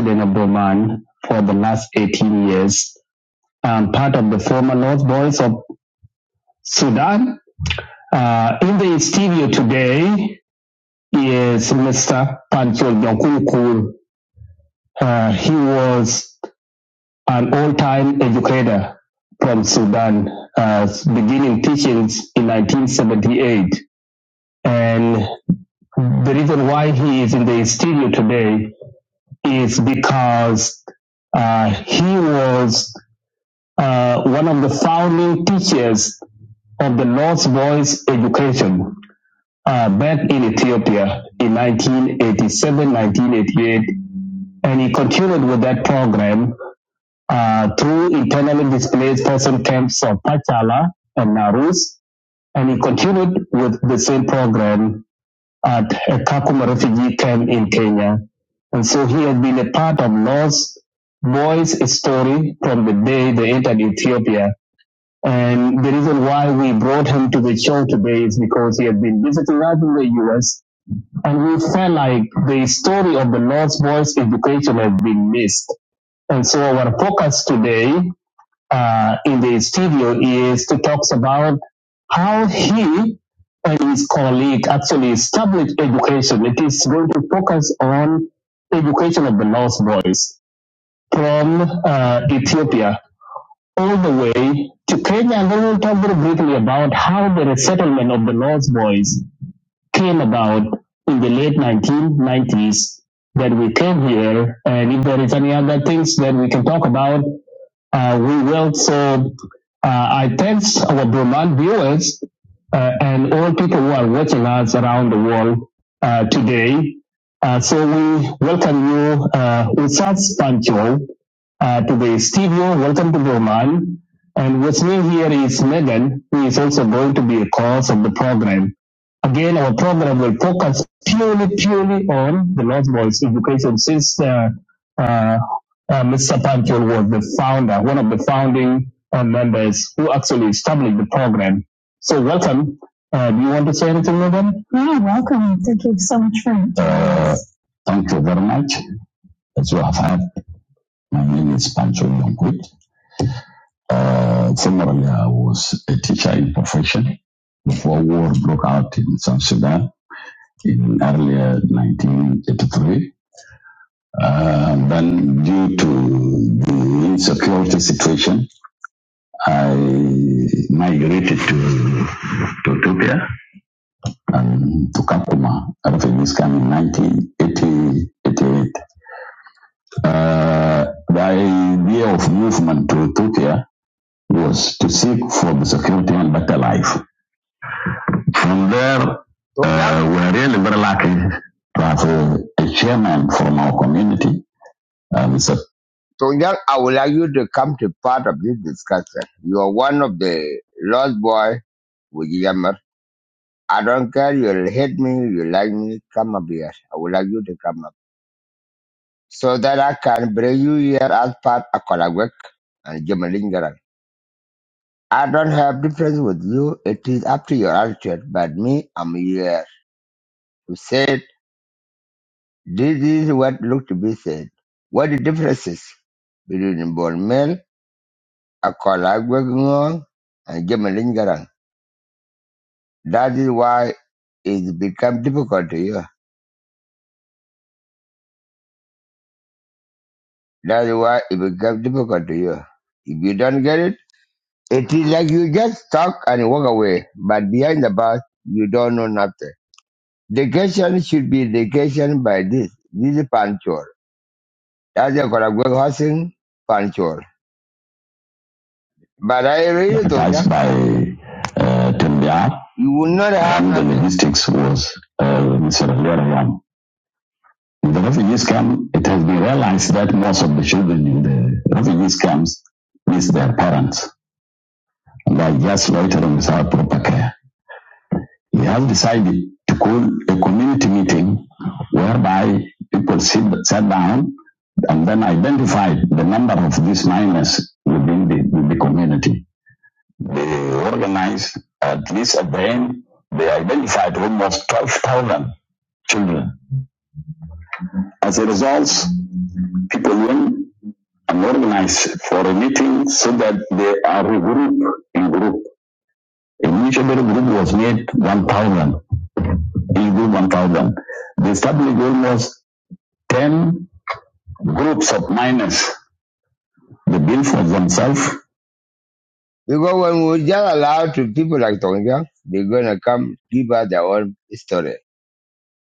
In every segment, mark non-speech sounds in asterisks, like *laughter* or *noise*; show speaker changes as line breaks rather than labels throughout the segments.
been a Brahman for the last 18 years. i part of the former North Boys of Sudan. Uh, in the studio today is Mr. Panchol Nyakunkur. Uh, he was an all-time educator from Sudan, uh, beginning teachings in 1978. And the reason why he is in the studio today is because uh, he was uh, one of the founding teachers of the North Boys education uh, back in Ethiopia in 1987, 1988. And he continued with that program uh, through internally displaced person camps of Pachala and Narus. And he continued with the same program at a Kakuma refugee camp in Kenya. And so he has been a part of North Boys' story from the day they entered Ethiopia and the reason why we brought him to the show today is because he had been visiting us in the US and we felt like the story of the Lord's boys' education has been missed. And so our focus today uh, in the studio is to talk about how he and his colleague actually established education. It is going to focus on education of the Lord's boys from uh, Ethiopia all the way to Kenya. And then we'll talk very briefly about how the resettlement of the Lost Boys came about in the late 1990s that we came here. And if there is any other things that we can talk about, uh, we will so uh, I thanks our Burman viewers uh, and all people who are watching us around the world uh, today. Uh, so we welcome you, uh, Usat Pancho, uh, to the studio. Welcome to Burman. And with me here is Megan, who is also going to be a cause of the program. Again, our program will focus purely, purely on the Lost Boys education since uh, uh, uh, Mr. Panchal was the founder, one of the founding uh, members who actually established the program. So welcome. Uh, do you want to say anything, Madam? Yeah, welcome. Thank you so much for having Uh, thank you very much. As you have heard, my name is Pancho Yonkwit. Uh, formerly, I was a teacher in profession before war broke out in South Sudan in early 1983. Uh, then, due to the insecurity situation, I migrated to, to Ethiopia and to Kakuma. Refugees came in 1988. Uh, the idea of movement to Ethiopia was to seek for the security and better life. From there, uh, we were really very lucky to have a, a chairman from our community, uh, Mr. So I would like you to come to part of this discussion. You are one of the lost boy with Yammer. I don't care. You'll hate me. You like me. Come up here. I would like you to come up so that I can bring you here as part of Kolagwek and Gemalingaran. I don't have difference with you. It is up to your attitude. But me, I'm here to say it. this is what looked to be said. What the differences between Bolmel, Akolagwek Ngong, and Gemalingaran? That is why it become difficult to you. That is why it become difficult to you. If you don't get it. It is like you just talk and walk away, but behind the bus, you don't know nothing. Dedication should be dedication by this. This is punctual. That's a Koragwe housing punctual. But I really don't Advertised think by uh, Tim you will not have and the logistics was uh, Mr. Leon Yam. With the refugees camp, it has been realized that most of the children in the refugees camps miss their parents and are just loitering without proper care. We have decided to call a community meeting whereby people sit, sat down and then identify the number of these miners within the, the community. They organized, at least at the end, they identified almost 12,000 children. As a result, people went and organized for a meeting so that they are regrouped in group. Initially, the group was made 1,000, in group 1,000. They established almost 10 groups of miners. They build for themselves. Because when we just allow to people like Tongjang, they're gonna come give us their own story.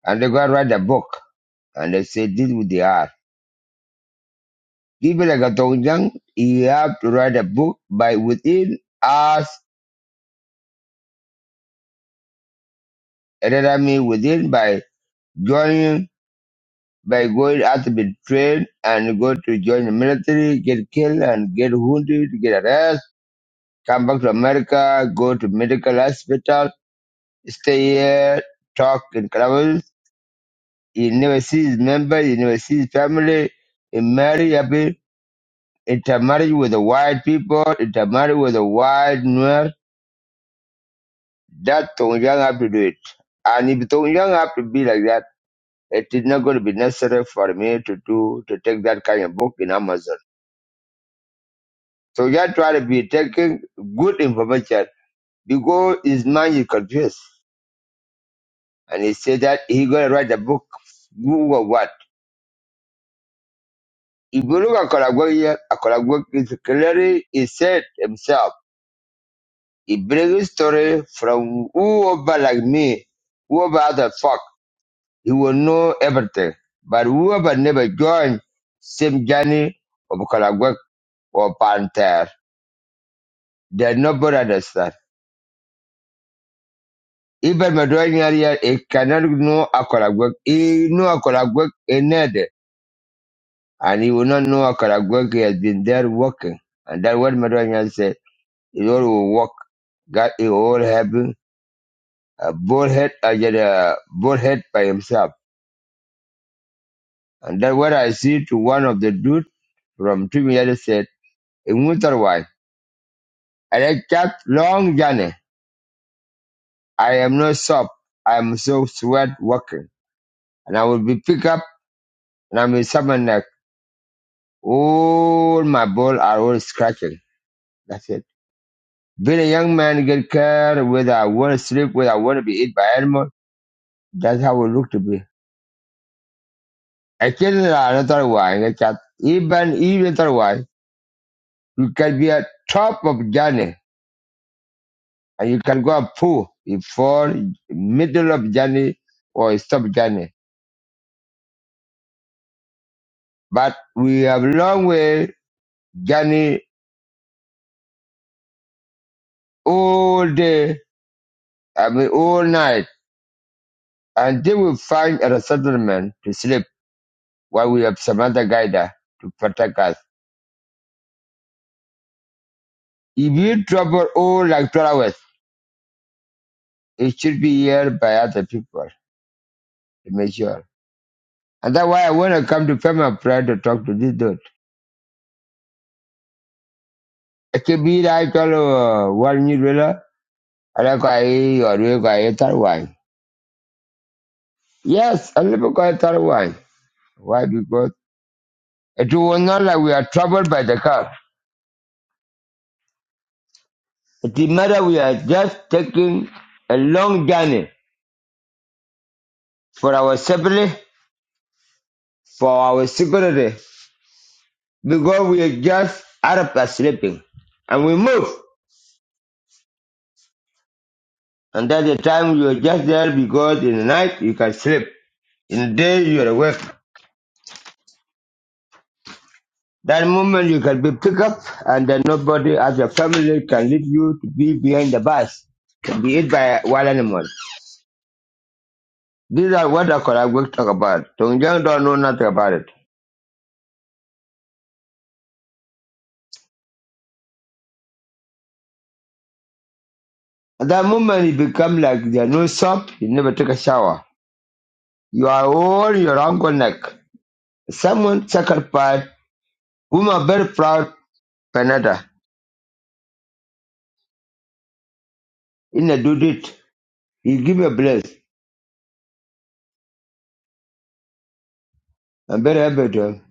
And they're gonna write a book and they say this is what they are. People like Tongjang, you have to write a book by within us, rather I mean within by joining by going out to be trained and go to join the military, get killed and get wounded, get arrested, come back to America, go to medical hospital stay here, talk and travel. He never sees his members, he never sees his family. He marry happy, intermarry with the white people, intermarry with the white nuer. That Tong Yang have to do it. And if Tong Yang have to be like that, it is not going to be necessary for me to do to take that kind of book in Amazon. So just try to be taking good information because his mind is confused. And he said that he gonna write a book. Who or what? If you look at Kalagwagi, is clearly, he said himself, he brings story from whoever like me, whoever other fuck, he will know everything. But whoever never joined same journey of Kalagwag or Panther, they nobody understand. Even Madrid area, he cannot know a Kalagwag. He know a Kalagwag in there, and he will not know a Kalagwag he has been there working. And that's what Madrid said. It all will work. God it all happen. A bullhead, I get a bullhead by himself. And that's what I see to one of the dude from Trinidad said, in winter wine. And I kept long journey. I am no soft. I am so sweat working. And I will be pick up and I'm in summer neck. All my ball are all scratching. That's it. Being a young man get care whether I want to sleep, whether I want to be eaten by animal. That's how it look to be. Again, another way, like that even even other way, you can be at top of journey and you can go up poor before middle of journey or stop journey. But we have long way journey all day, I mean all night, and then we find a settlement to sleep while we have some other guide to protect us. If you travel all like 12 hours, it should be here by other people to make sure. And that's why I want to come to Pema Prayer to talk to this dude. I can be like all uh, one new ruler. and I got a or you got a third wine. Yes, i little got a third wine. Why? Because it was not like we are troubled by the car. It is matter we are just taking a long journey for our safety, for our security, because we are just out of sleeping. And we move. And that's the time you are just there because in the night you can sleep. In the day you are awake. That moment you can be picked up and then nobody as your family can leave you to be behind the bus, can be eaten by wild animals. These are what I the Koragwek talk about. Tongjang don't know nothing about it. At that moment you become like there no soap, you never take a shower. You are all your uncle neck. Someone sacrificed whom are very proud Panada in a do it. He give a bless. I'm very happy to him.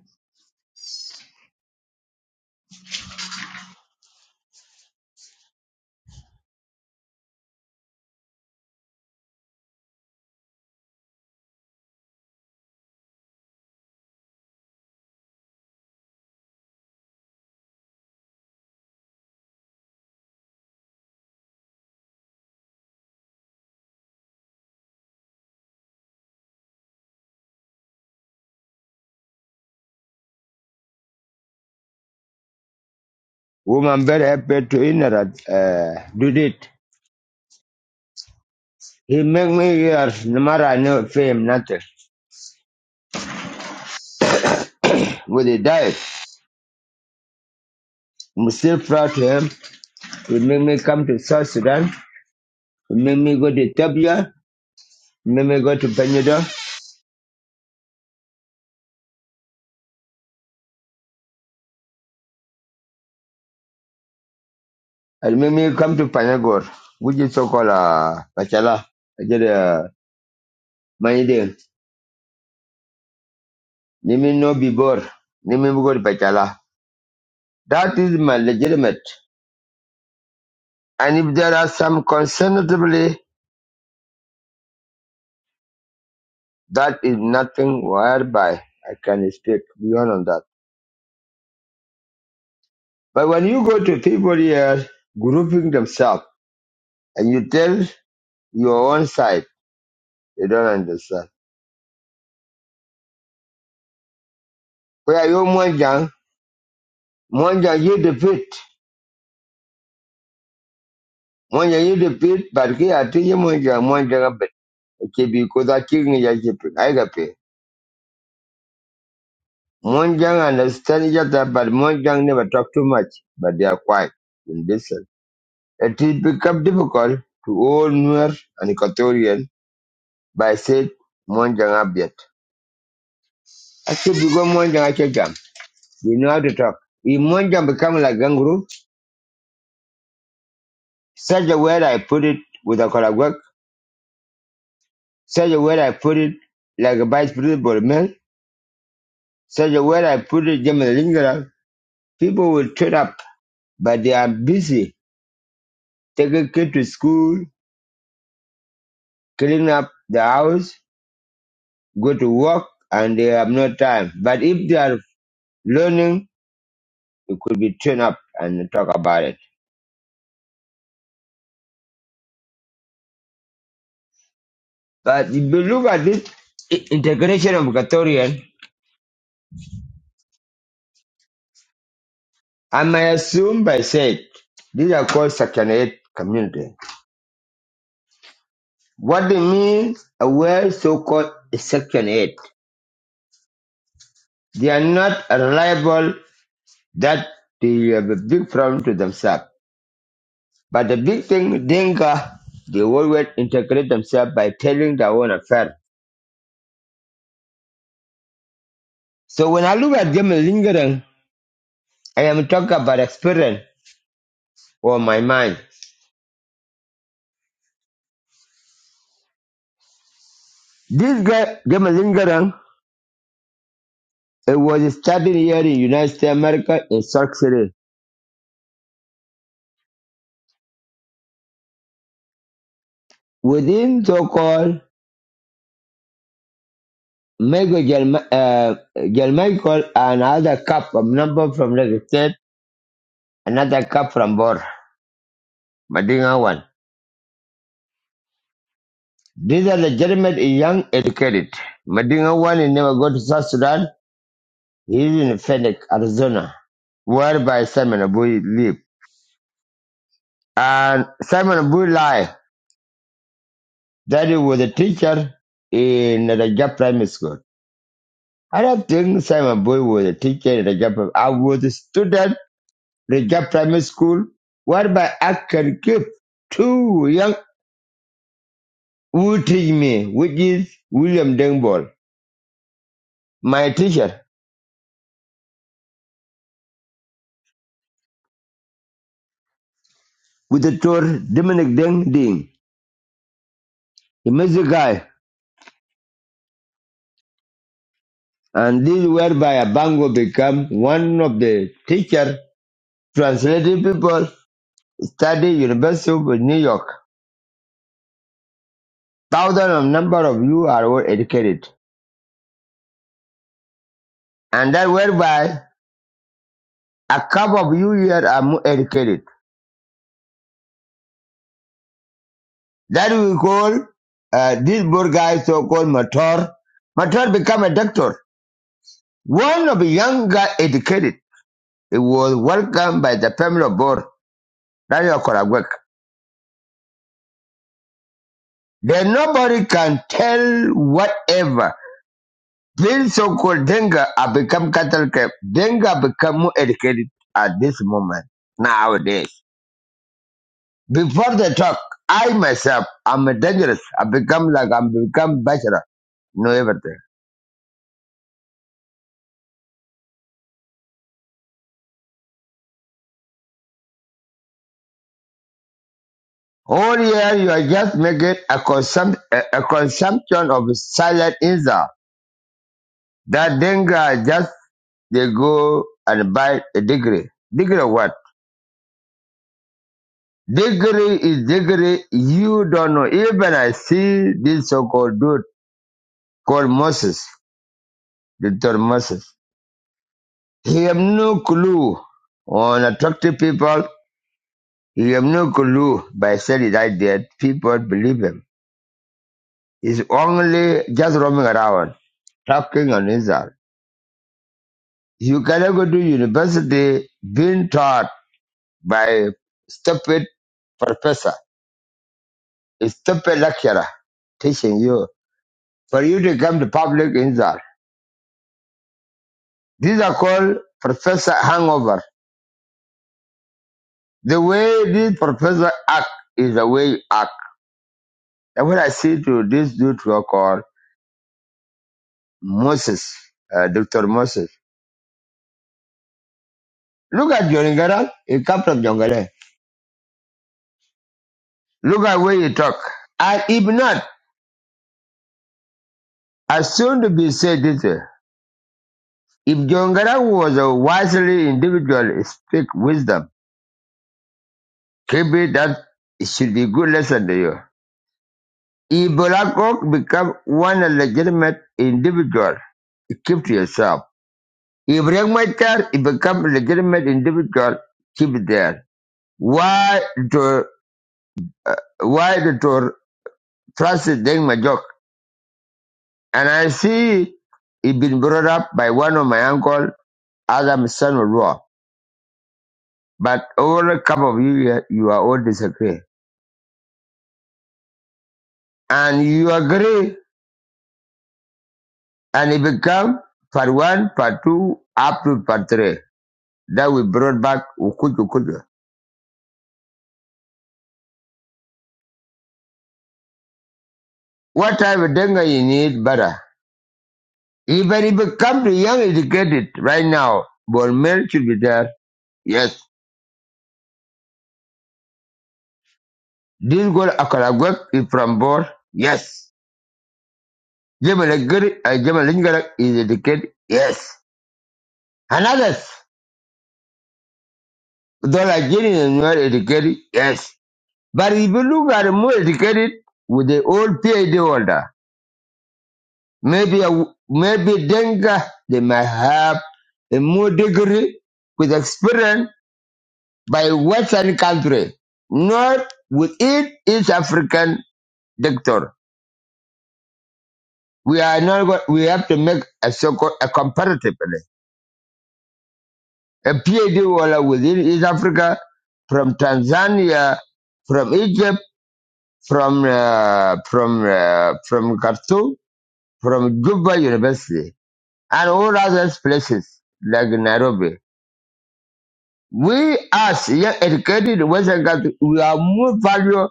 Whom I'm very happy to in a uh, do it. He make me years, no matter I never pay nothing. When he died, I'm still proud to him. He make me come to South Sudan. He make me go to Ethiopia. He make me go to Panada. And make me come to Panagor, which is so-called uh, Pachala. I get uh, my name. Let me know before. Let me go to Pachala. That is my legitimate. And if there are some concernably, that is nothing whereby I can speak beyond on that. But when you go to people here grouping themselves and you tell your own side, they don't understand. Where you, Monjang? Monjang, you defeat. Monjang, you defeat, but here I tell you, Monjang, Monjang, a bit. Okay, because I kill me, I keep it. I got pay. Monjang understand each other, but Monjang never talk too much, but they are quiet and listen. It will become difficult to all Nuer and Equatorian by saying Monjang Abiat. I keep you go Monjang, I check them. You know how to talk. If Monjam become like kangaroo, such a word I put it with a color such a word I put it like a vice principal man, such a word I put it German lingala, people will turn up, but they are busy taking kids to school, cleaning up the house, go to work, and they have no time. But if they are learning, it could be turned up and talk about it. But if you look at this i- integration of Equatorian. I may assume by said, these are called Section 8 community. What they mean, a well so-called Section 8. They are not reliable that they have a big problem to themselves. But the big thing, Dinka, they always integrate themselves by telling their own affair. So when I look at them lingering, I am talking about experience or my mind. This guy, Gemma Lingering, it was studied here in United States of America in South City. within so-called Michael Gel- uh, Michael another cup from number from Lagos State, another cup from Bor, Madinga one. These are legitimate young educated. Madinga one he never go to South Sudan. He is in Phoenix, Arizona, whereby Simon Abu live. And Simon Abu lie that he was a teacher in the Rajab Primary School. I don't think Simon Abu was a teacher in the Rajab. I was a student Rajab Primary School, whereby I can keep two young who teach me, which is William Dengball, my teacher, with the tour Dominic Deng Ding, the music guy. And this whereby Abango become one of the teacher translated people study University of New York. Thousand of number of you are well educated. And that whereby a couple of you here are more educated That we call uh, this poor guy so-called Mator. Mator became a doctor. One of the young guy educated. He was welcomed by the family of Bor, Daniel Koragwek. Then nobody can tell whatever. These so-called Denga have become cattle camp. Denga become more educated at this moment, nowadays. Before the talk, I myself, I'm a dangerous. I become like I'm become bachelor. Know everything. All year you are just making a, consum- a, a consumption of silent insult. That dengue just they go and buy a degree. Degree what? Degree is degree. You don't know. Even I see this so-called dude called Moses, Dr. Moses. He have no clue on attractive people. He have no clue by saying that idea. People believe him. He's only just roaming around, talking on insult. You cannot go to university being taught by stupid professor, a stupid lecturer teaching you for you to come to public insult. These are called professor hangover. The way these professor act is the way you act. And what I see to this dude who are called Moses, uh, Dr. Moses. Look at Jongara. He come from Jongara. Look at where he talk. And if not, I soon to be said this. If Jongarang was a wisely individual, speak wisdom. Maybe that should be a good lesson to you. If Bolakok become one legitimate individual, keep to yourself. If Rengmacher become legitimate individual, keep it there. Why to why to trust Deng Majok? And I see it been brought up by one of my uncle, Adam son of law. But all a couple of you here, you are all disagree. and you agree, and it become part one, part two, up to part three. That we brought back ukutu ukutu. What type of dengue you need better? Even if it come to young educated right now, bone meal should be there. Yes. This girl Akalagwek is from Bor. Yes. Jemalagiri, uh, Jemalingala is educated. Yes. And others, though like Jenny is not educated. Yes. But if you look at the more educated with the old PhD holder, Maybe, a, maybe Denga, they might have a more degree with experience by Western country, not within East African doctor. We are not. go- We have to make a so-called a comparatively a PhD holder within East Africa, from Tanzania, from Egypt, from uh, from uh, from Khartoum, from Juba University, and all other places like Nairobi. We as young educated Western countries, we are more valuable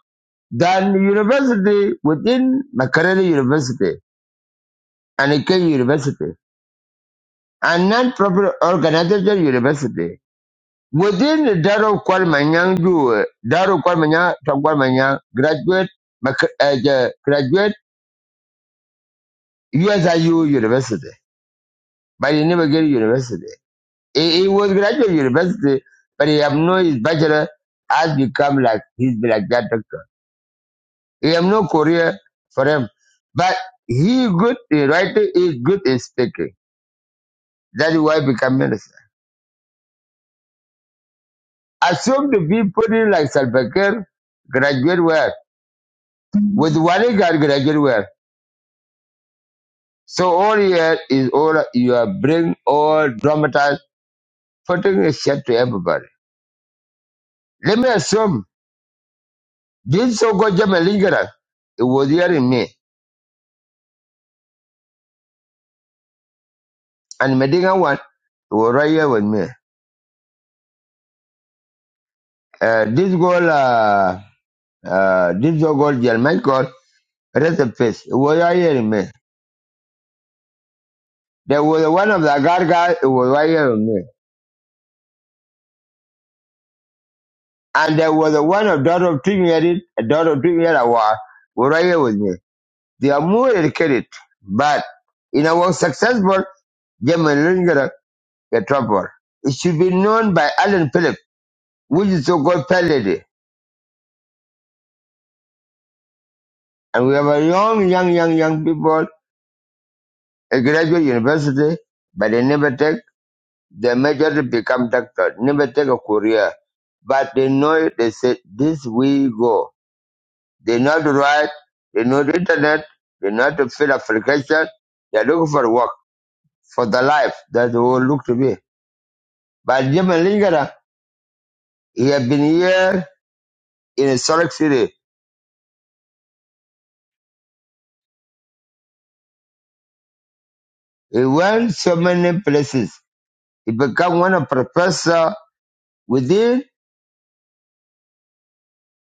than university within Makerere University and Ike University and non-profit organization university. Within the Daro Kwalmanyang, Ju- Daro Kwalmanyang, Tom Kwalmanyang, graduate, Mak- uh, the graduate USIU University, but he never get university. He, he was graduate university, but he have no his bachelor has become like he's like that doctor. He have no career for him. But he good in writing, he good in speaking. That is why he become minister. Assume to be put in like Salvakir, graduate where? With one guy graduate where? So all here is all you are bring all dramatize, putting a shit to everybody. Let me assume this so called Jama Lingara, it was here in me. And Medina one, it was right here with me. Uh, this girl, uh, uh, this girl, German Rest in peace. It was right here in me. There was one of the God guys. it was right here with me. And there was one of daughter of Trinity, a daughter of Trinity was, was right here with me. They are more educated, but in our was successful, German Linger the trouble. It should be known by Alan Phillips, which is so called Palady, And we have a young, young, young, young people, a graduate university, but they never take They majorly become doctor, never take a career. But they know it, they say, this we go. They know the right, they know the internet, they know to fill application, they're looking for work, for the life. that what it look to be. But Jim Lingara, he had been here in a Salt Lake City. He went so many places. He became one of professor within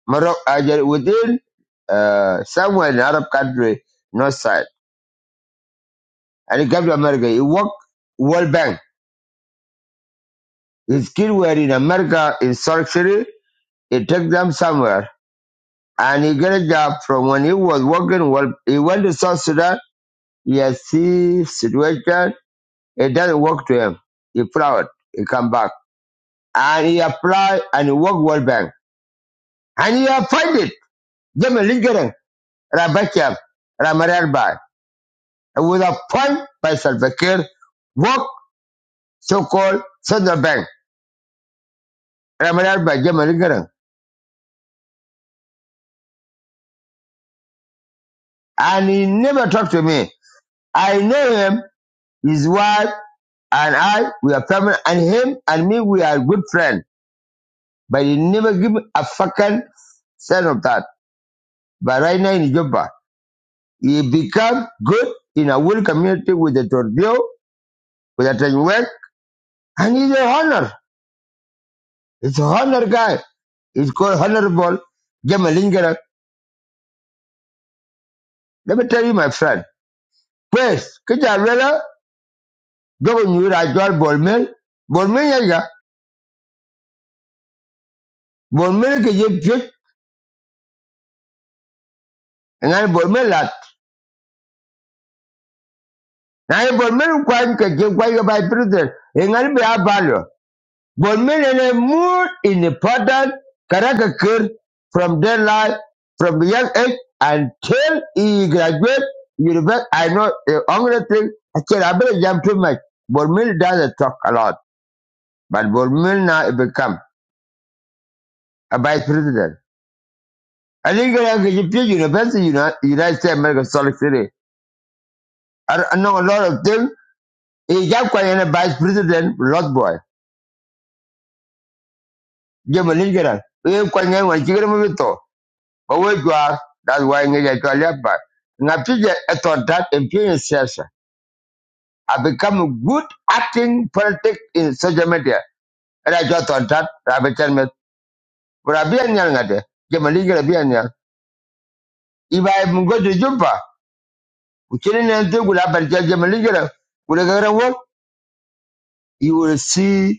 Morocco, uh, within uh, somewhere in Arab country, north side. and he came to America. He worked World Bank. His kids were in America in surgery. He took them somewhere and he got a job from when he was working. Well, he went to South Sudan. He has see situation. It doesn't work to him. He proud. He come back and he applied and he worked World Bank and he appointed them in Lincoln, Rabakiam, Ramararba. He was appointed by Salva Kiir, work so-called Central Bank, Ramararba, Jim Lincoln. and he never talked to me. I know him, his wife, and I, we are family, and him and me, we are good friends. But he never give me a fucking cent of that. But right now in Juba, he become good in a whole community with the Torbio, with the Tanyuek, and he's a honor. He's a honor guy. He's called Honorable Gemalingera. Let me tell you, my friend. Pues, Kijalwela, Gogo Nyura, Jol Bolmel, Bolmel Yaga, Bolmel que yo ngani bolme lat ngani bolme kwan ke ke kwa yo by prison ngani be abalo bolme ne more in important karaka kir from their life from young age until he graduate university i know the only thing i can i better jump too much bolme doesn't talk a lot but bolme now become a vice president I think I can get university, you know, United States American Solid City. I, I know a lot of things. He got quite a vice president, lot boy. jema ni garan e kwa nge wa chigre mo to ba we are that why nge ya to leba na pije eto that influence sasa i become a good acting politic in social media And I jwa to that rabe chan But bia nyal ngade jema ni gara bia nyal iba mo go de jumpa uchini ne nte gula bar jema ni gara gula gara wo you will see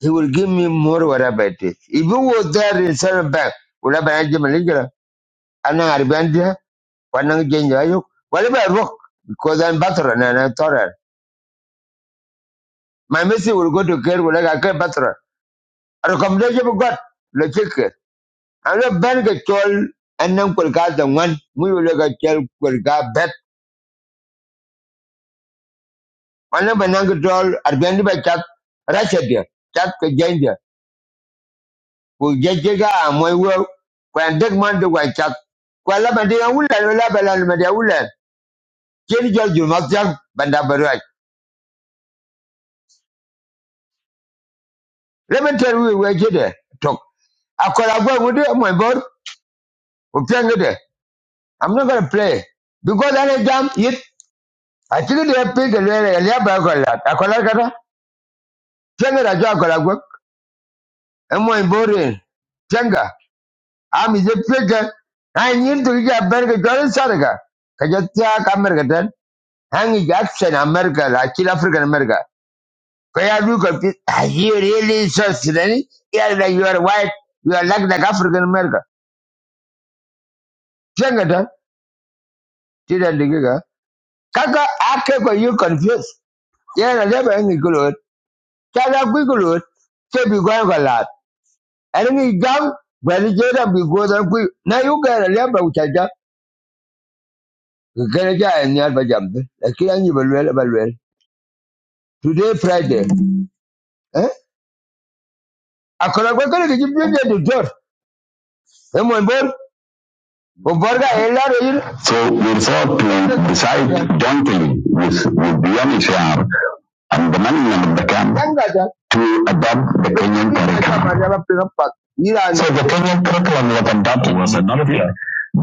he will give me more whatever it is if you were there in seven back gula bar jema ana arbendia wanang jenja ayuk Whatever I rok because I'm veteran and I'm tolerant. My message will go to care like I care veteran. A recommendation of God, the chicken. I'm not bank a toll and then could got the one we will look at tell could got bet. One of an angle toll at the end of a chat, Russia dear, chat the danger. We get jigger and we will. When that man do I chat. Kuala Madia Ulan, Ula Balan Madia Ulan. Jenny George Mazak, Bandabarai. Let me tell you where you there. Talk. I call a boy with it, my boy. We playing it there. I'm not gonna play. Because I need jam it. I think they have paid the way and they have a lot. I call a gata. Tenga da job call a work. And my boy. Tenga. I'm is a figure. I need to get a better Jordan Saraga. Kajatia America then. Hang is absent America, like kill African America. Kaya look at this. Are you really so silly? Yeah, that you are white. You are like the African America. Tenga then. tida digiga kaka ake ko you confused yana leba ngi kulot tada ku kulot ke bi gwan galat ani ngi jam bani jeda bi godan ku na yu gara leba utaja gara ja en yar ba jambe lakini anyi balwel balwel today friday eh akora ko kare ki bi de jor e mon bor So we thought to decide jointly with, with the UNHCR and the management of the camp to adopt the Kenyan curriculum. So the Kenyan curriculum was adopted was adopted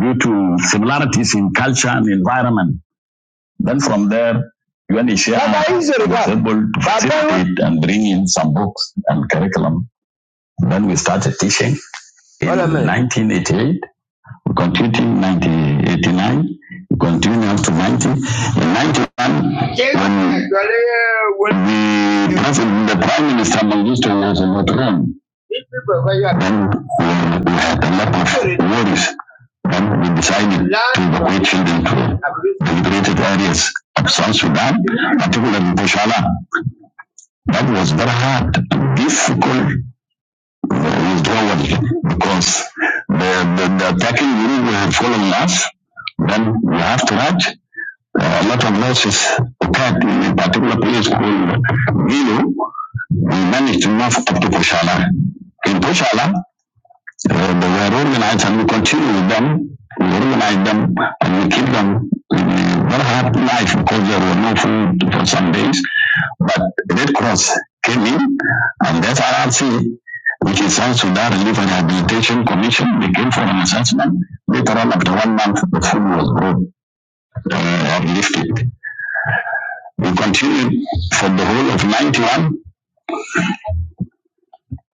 due to similarities in culture and environment. Then from there, UNHCR Baba was able to facilitate and bring in some books and curriculum. Then we started teaching in 1988 we continued 90, 89, we continued up to 90. In 91, when when the, president, the prime minister Mengistu was in the throne, then we, we had a lot of worries. Then we decided to evacuate children to liberated areas of South Sudan, particularly Bushala. That was very hard and difficult He's globally because the, the, the attacking unit will follow us. Then we have to have uh, a lot of losses attacked in a particular place called Vilo. We managed to move up to Pushala. In Pushala, when they were organized and we continue with them, we organize them and we keep them in a very hard life because there was no food for some days. But Red Cross came in and that's RRC, which is South Sudan Relief and Rehabilitation Commission, they came for an assessment. Later on, after one month, the food was brought uh, or lifted. We continued for the whole of 91.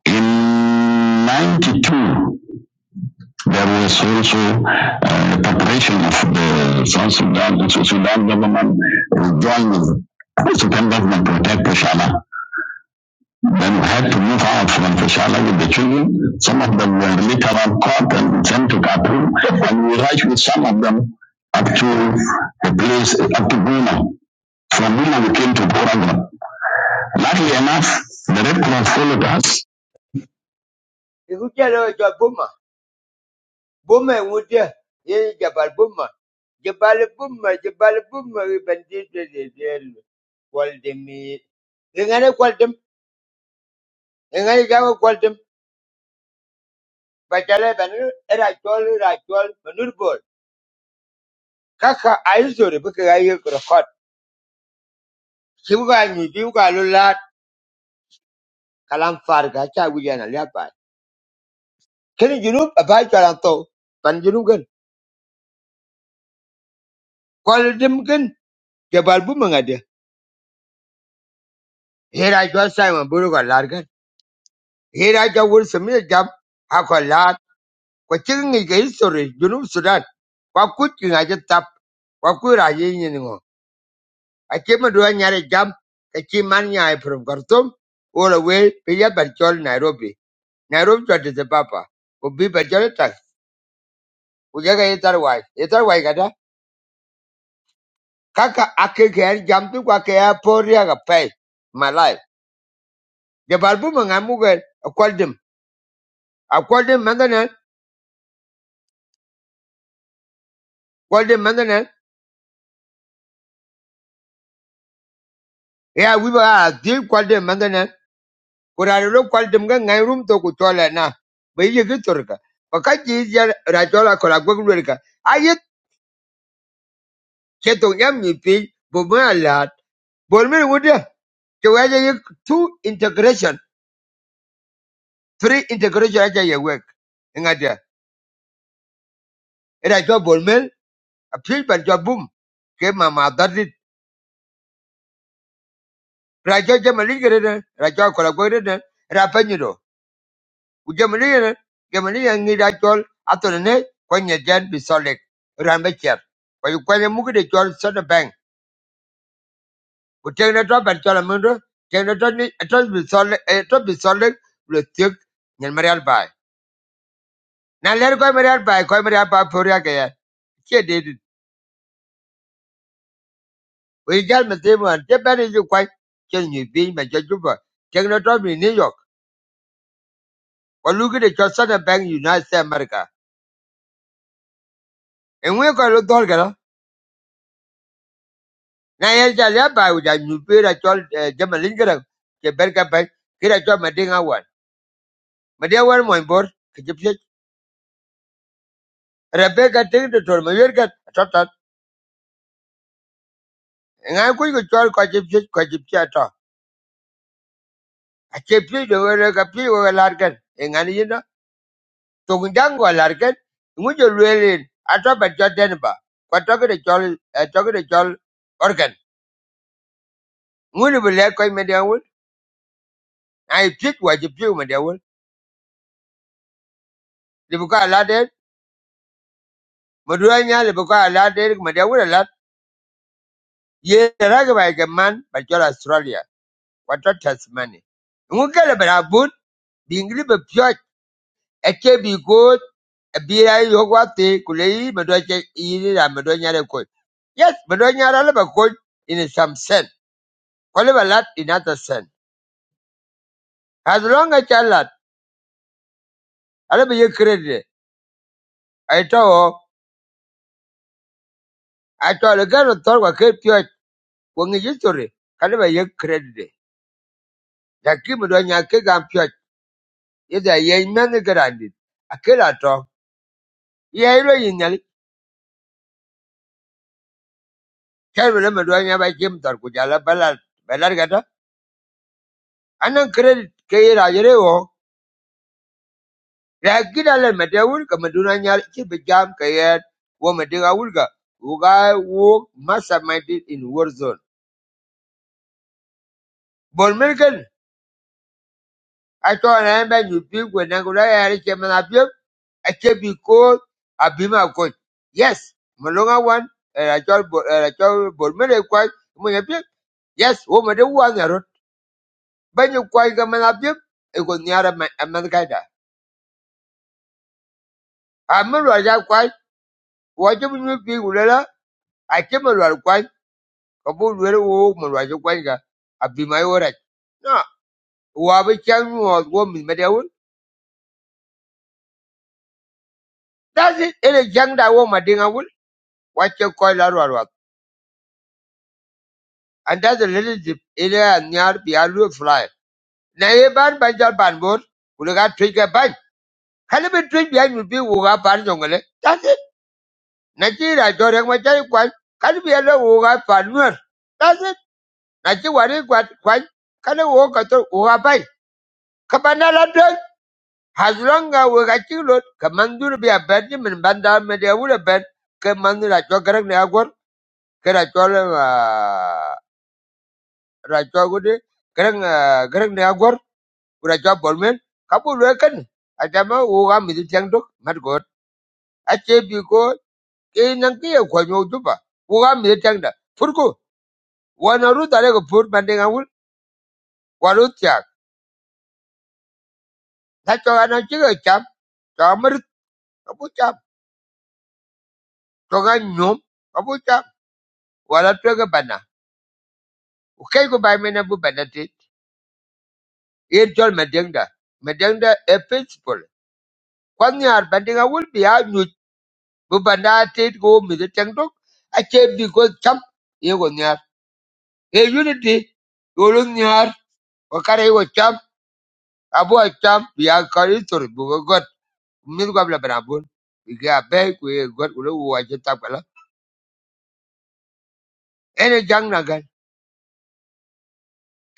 In 92, There was also uh, preparation of the South Sudan, the Sudan government uh, joined with the Sudan government to attack Peshala. Then we had to move out from Peshala with the children. Some of them were later on caught and sent to Khartoum. And we arrived with some of them up to a place, uh, up to Guma. From Guma we came to Korangra. Luckily enough, the Red Cross followed us. Buma ŋudia ye Jabal Buma, Jabal Buma, Jabal Buma bandito de delu. Kwaldimi. Ingane kwaldim, ingane jawe kwaldim. Bajale banu era chol era chol manur bol. Kaka aizore buka gaye krokot. Kibuka nyu biuka lulat. Kalam farga cha wujana liapa. Kini junub abai chalanto. Pan junub gan. Kwaldim gan. Jabal Buma ngade. Era chol Simon Buru kwa largan. Here I just will submit a job. kwa chikin ngi ka history junub sudan kwa kut ki ngaje tap kwa ku ra ye nyi ngo a che ma do nyare jam ka chi from khartoum all the way pe ya nairobi nairobi to de papa ko bi bar chol tak ku ya ga ye tar wai kada kaka ake ke yar jam tu kwa ke ya ya ga pai my life The bar bu ma ngamu ga kwal dim a kwal dim mandanen kwal dim mandanen ya wi ba a dil kwal kurare lo kwal dem ga ngai rum to ku tola na bai ye gi turka ko ka ji jar ra tola ko la gwag lurka ayit ke to yam mi pi bo ma lat bol mi wuda to wa yi two integration three integration aja ye wek ngada ra to bol mel a pi ban to bum ke ma ma dadit ra to je ma ligere ra to ko la gwag ra Ujemini, Gemini and Nidachol, Athene, Quenya Jan be solid, Rambacher. But you quenya Mugi Chol Soda Bank. We take the drop and Cholamundo, take the Tony, a top be solid, a top be solid, will thick, and Marial by. Now let go Marial by, go by Poria. She did it. We got Massimo and Japan is you quite killing you being my judge. Take the drop in New York. Or look at the Chol Soda Bank, United States America. And we're going to look all na ya ja ya ba u ja nyu pe ra chol eh, jama lingara ke berka ba ke ra chol ma dinga wan ma dia wan mo bor ke jip se rabe ting de tor ma yer ka tot tot nga ku ko chol ko jip se ko jip se to a che pi de wa ka pi wa lar ka nga ni na to ngang wa lar ka ngu jo le le a to ba cho den ba ko to ke de chol eh, to ke de chol organ ngu ni bu le ko ma dia wan ai pit wa jip se ma dia wan le bu ka la de ma du nya le ka la de ma dia wan ye ragwaga man ba jol Australia wato Tasmania ngukele bara but bingli be pyo eke bi go bira yo gwate kulei medo che iri ra medo nyare ko yes medo nyara le ba ko in some sense kole ba lat in other sense as long as you lat ale be ye credit ai to o, ai to le garo tor wa ke pyo ko ngi history kale ba ye credit da ki medo nyake gam pyo ida ye men grandi akela to ye ilo Kevin Maduanya by Jim Tarkujala Ballad Ballargata and then credit Kay Rajereo Rakidal Matawul Kamadunanya Chibijam Kayat Womadiga Wulga Uga Wok Masterminded in war zone. Milken I told him that you pick when Nagula Chemanapio I can be called Abima coach. Yes, Malonga one and I told I told Bon Milken Yes, woman, the one, but you quite come and up you. It was near a man, amelwazi akwany wajibunyo piny wulela ate melwal kwany ka bu lwela woo melwazi kwany ka abimayi worach no wabi chang nyuɔɔt wo min mede wul that's it ene jaŋ da wo ma diŋa wul wache kɔc la ruaruak and that's a little zip ene a nyar bi a lu fly na ye ban ban jal ban bor wule ka ban kani bi tuj bi a nyul bi wo ka ban jongole that's it na chi ra jɔ rek ma chari kwany kani bi a le wo ka pan nuer that's it na chi wari gwat kwany kana wo ka to wo ka pai ka ba na la dön has long ga wo ka chi lot ka man dur bi a bet ni min ban me de wu le ka man ra cho garang ne agor ka ra cho le ah, ra cho gu garang garang ne agor ra cho bol ka bu le kan a da ma wo ga mi tiang dok mat go a che bi ko ke nan ke ko nyu du ba wo ga mi tiang da fur ko wa na ru da le ko fur ban ga wul wa ru tiak ta cho ga chi ga cham Abuja toga nyom abuja wala twege bana ukei ku bai mene bu bana ti ye jol madengda madengda e principle kwan nyar bandinga wul bi a nyu bu bana ti go mi de teng dok a che bi go cham ye go nyar e unity yolu nyar ko kare go cham abu a cham bi kari tor bu go got mi go bla bana bun bi ga be ku ye got ulo wa je ta ene jang na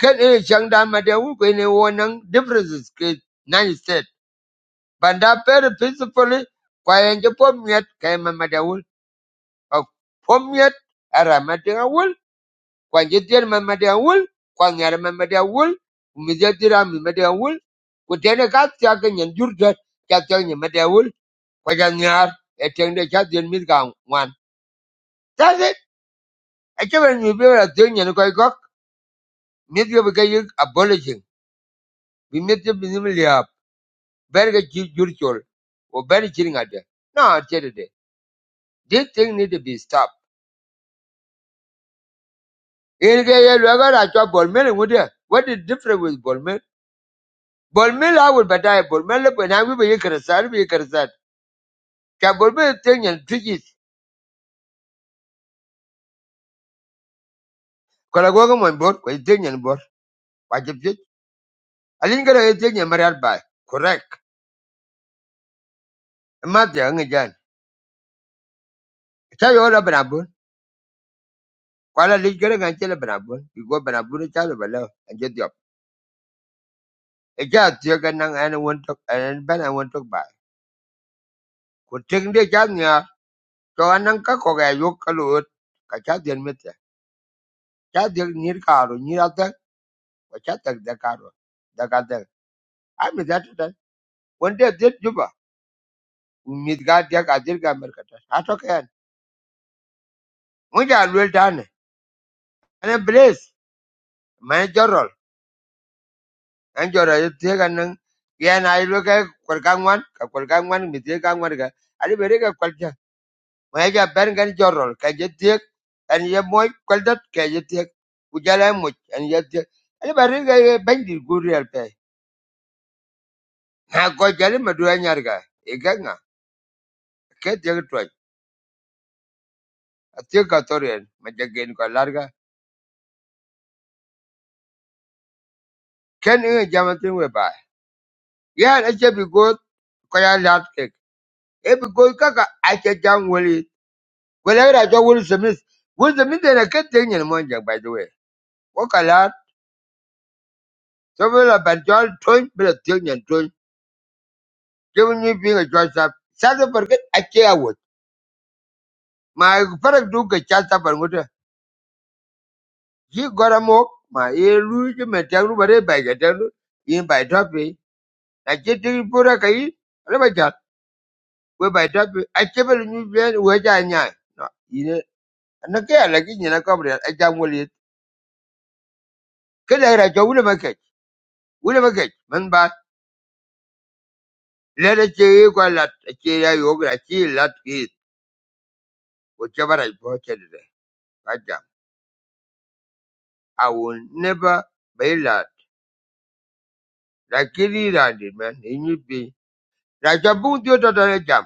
Kat ina shang da ma dai wu kwe ne wo nang differences ke nine state. Banda very peacefully kwa yanji pom nyet kaya ma ma dai wul. Kwa pom nyet ara ma dai wul. Kwa nje tiyar ma ma dai wul. Kwa nyara ma ma dai wul. Umize tira mi ma dai wul. Kutene kat siya ka nyan jurda kya tiya nyan ma dai wul. Kwa jan nyar eteng de kya tiyan mit ka ngwan. That's it. Eche ben mi bebe la tiyan nyan koi kok. Mit yo bika yik abolishing. Bi mit yo bi nim liap. very ju- judicial or very chilling idea. No, Chetade, this thing need to be stopped. In the year, we got a job, Bolmel, would you? What is different with Bolmel? Bolmel, I would battle Bolmel, but now we were Yekarasar, we Yekarasar. Can Bolmel thing and tricky? Kolagoga on board, we thing and board, what you fit? I didn't get a thing and married by. Correct. A Mother, young again. Tell you all about Abun. Kuala Liga and Chela Banabun, you go Banabun, Chalabala, and get the up. A cat, you can and I won't talk, and Ben, I won't talk by. ku tek de cha nya to anan ka ko ga yo ka lo ka cha den me te cha de ni ka ro ni ra ta ko cha ta de ka ro da ka de a mi da ta won de de ju ba mi ga de ka dir ga mer ka ta a to ka yan mu ja lo ta ne ana bles ma jorol an jora yo te ga nan ya na i lo ka kwal ka ngwan ka kwal ka ngwan mi te ka ngwan ga ari bere ka kwal ma ya ben gan jorol ka je tiek an ye moy koldat ka je tiek ku jala moy an ye tiek ani bari ga ben dir gurial pe ha go jale ma du anyar ga e ga nga ke tiek toy a tiek ka torien ma je gen ko larga ken e jamatin we ba ya na che bi go ko ya lat ke e bi go ka ka a che jam woli ko la ra jo wol semis wol semis de na ke tiek nyen mo je by the way ko ka lat so bi ban jol toy bi la tiek nyen to given me being a joint staff. Sasa forget a chair My parents do get chance up and water. He got a mock, my ear lose him and tell nobody by the tell in by toppy. I get to put a kay, never chat, where by toppy. I keep a new plan where I know. No, you know, and a care like in a cover, I jam will it. Can I write a William Cage? William Cage, man, but let a chair go a lot, a chair yoga, a chair lot is, whichever I bought it. eh, I will never bail lakini randi man inyi pi na cha bung tio to to jam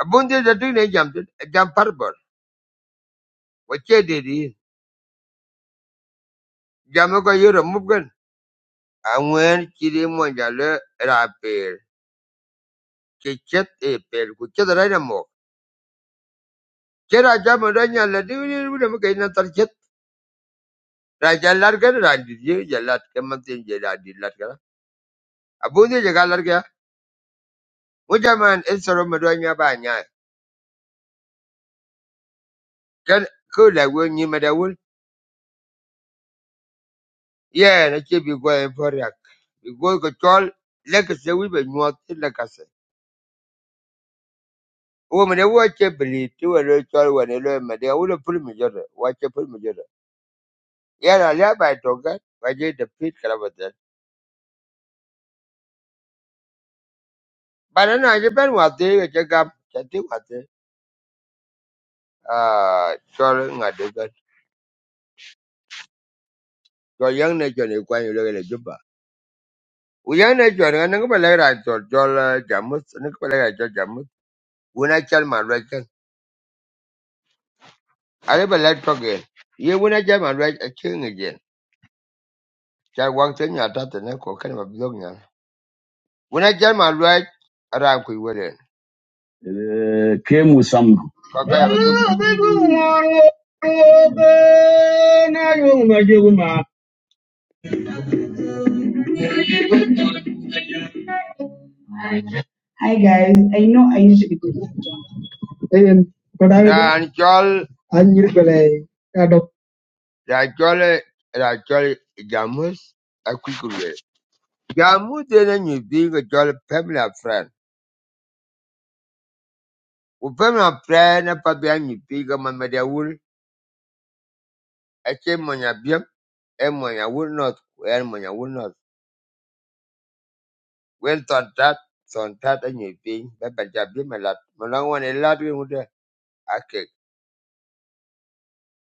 a bung tio to tine jam to jam parbor wa che de di jam e ko yoro mubgan a ngwen chiri mo ja le ra pe che chet e pe ku che da na mo che ra jam ra nya le di ni bu mo ke na tar chet ra ja lar ga ra je ja ke man tin je ra di lat ga a bung je ga ga mo en soro mo do nya ba nya ken ko la wo nyi ma da Yeah, na ce bi gwa en poriak. Bi go ko chol le ke se wi be nyuat ti le ka se. Wo me ne wo che bili ti wo le chol wo ne le me de wo le pul mi jore. Wa che pul mi jore. Ya na le ba to ga wa je de pit kala ba de. Ba na na je ben wa ti ke che gam che ti wa ti. Ah, chol nga de ga. Chol yang ne chol ne kwa yo le le juba. Wo yang ne chol nga ne ko ba le ra chol chol eh, jamus ne ko ba le ra chol jamus. Wo na chal ma lo ken. Ale ba le to ge. Ye wo na chal ma lo a chen ge. Chai wang ten ya ta ne ko kan ma blog nya. Wona jal ma lwaj aran ku weden. Ko ga ya du. Ayen Ran chol anjir bele adop ra chol ra chol jamus a ku Jamus de ne ni bi ga chol family and friend. U family and friend na pa bi an ni bi ga ma me da wul. A che mo nya bi e mo nya wul not e mo nya wul not. Wen ton tat ton tat a ni bi ba ba ja bi me lat. Mo la won e lat wi mu de.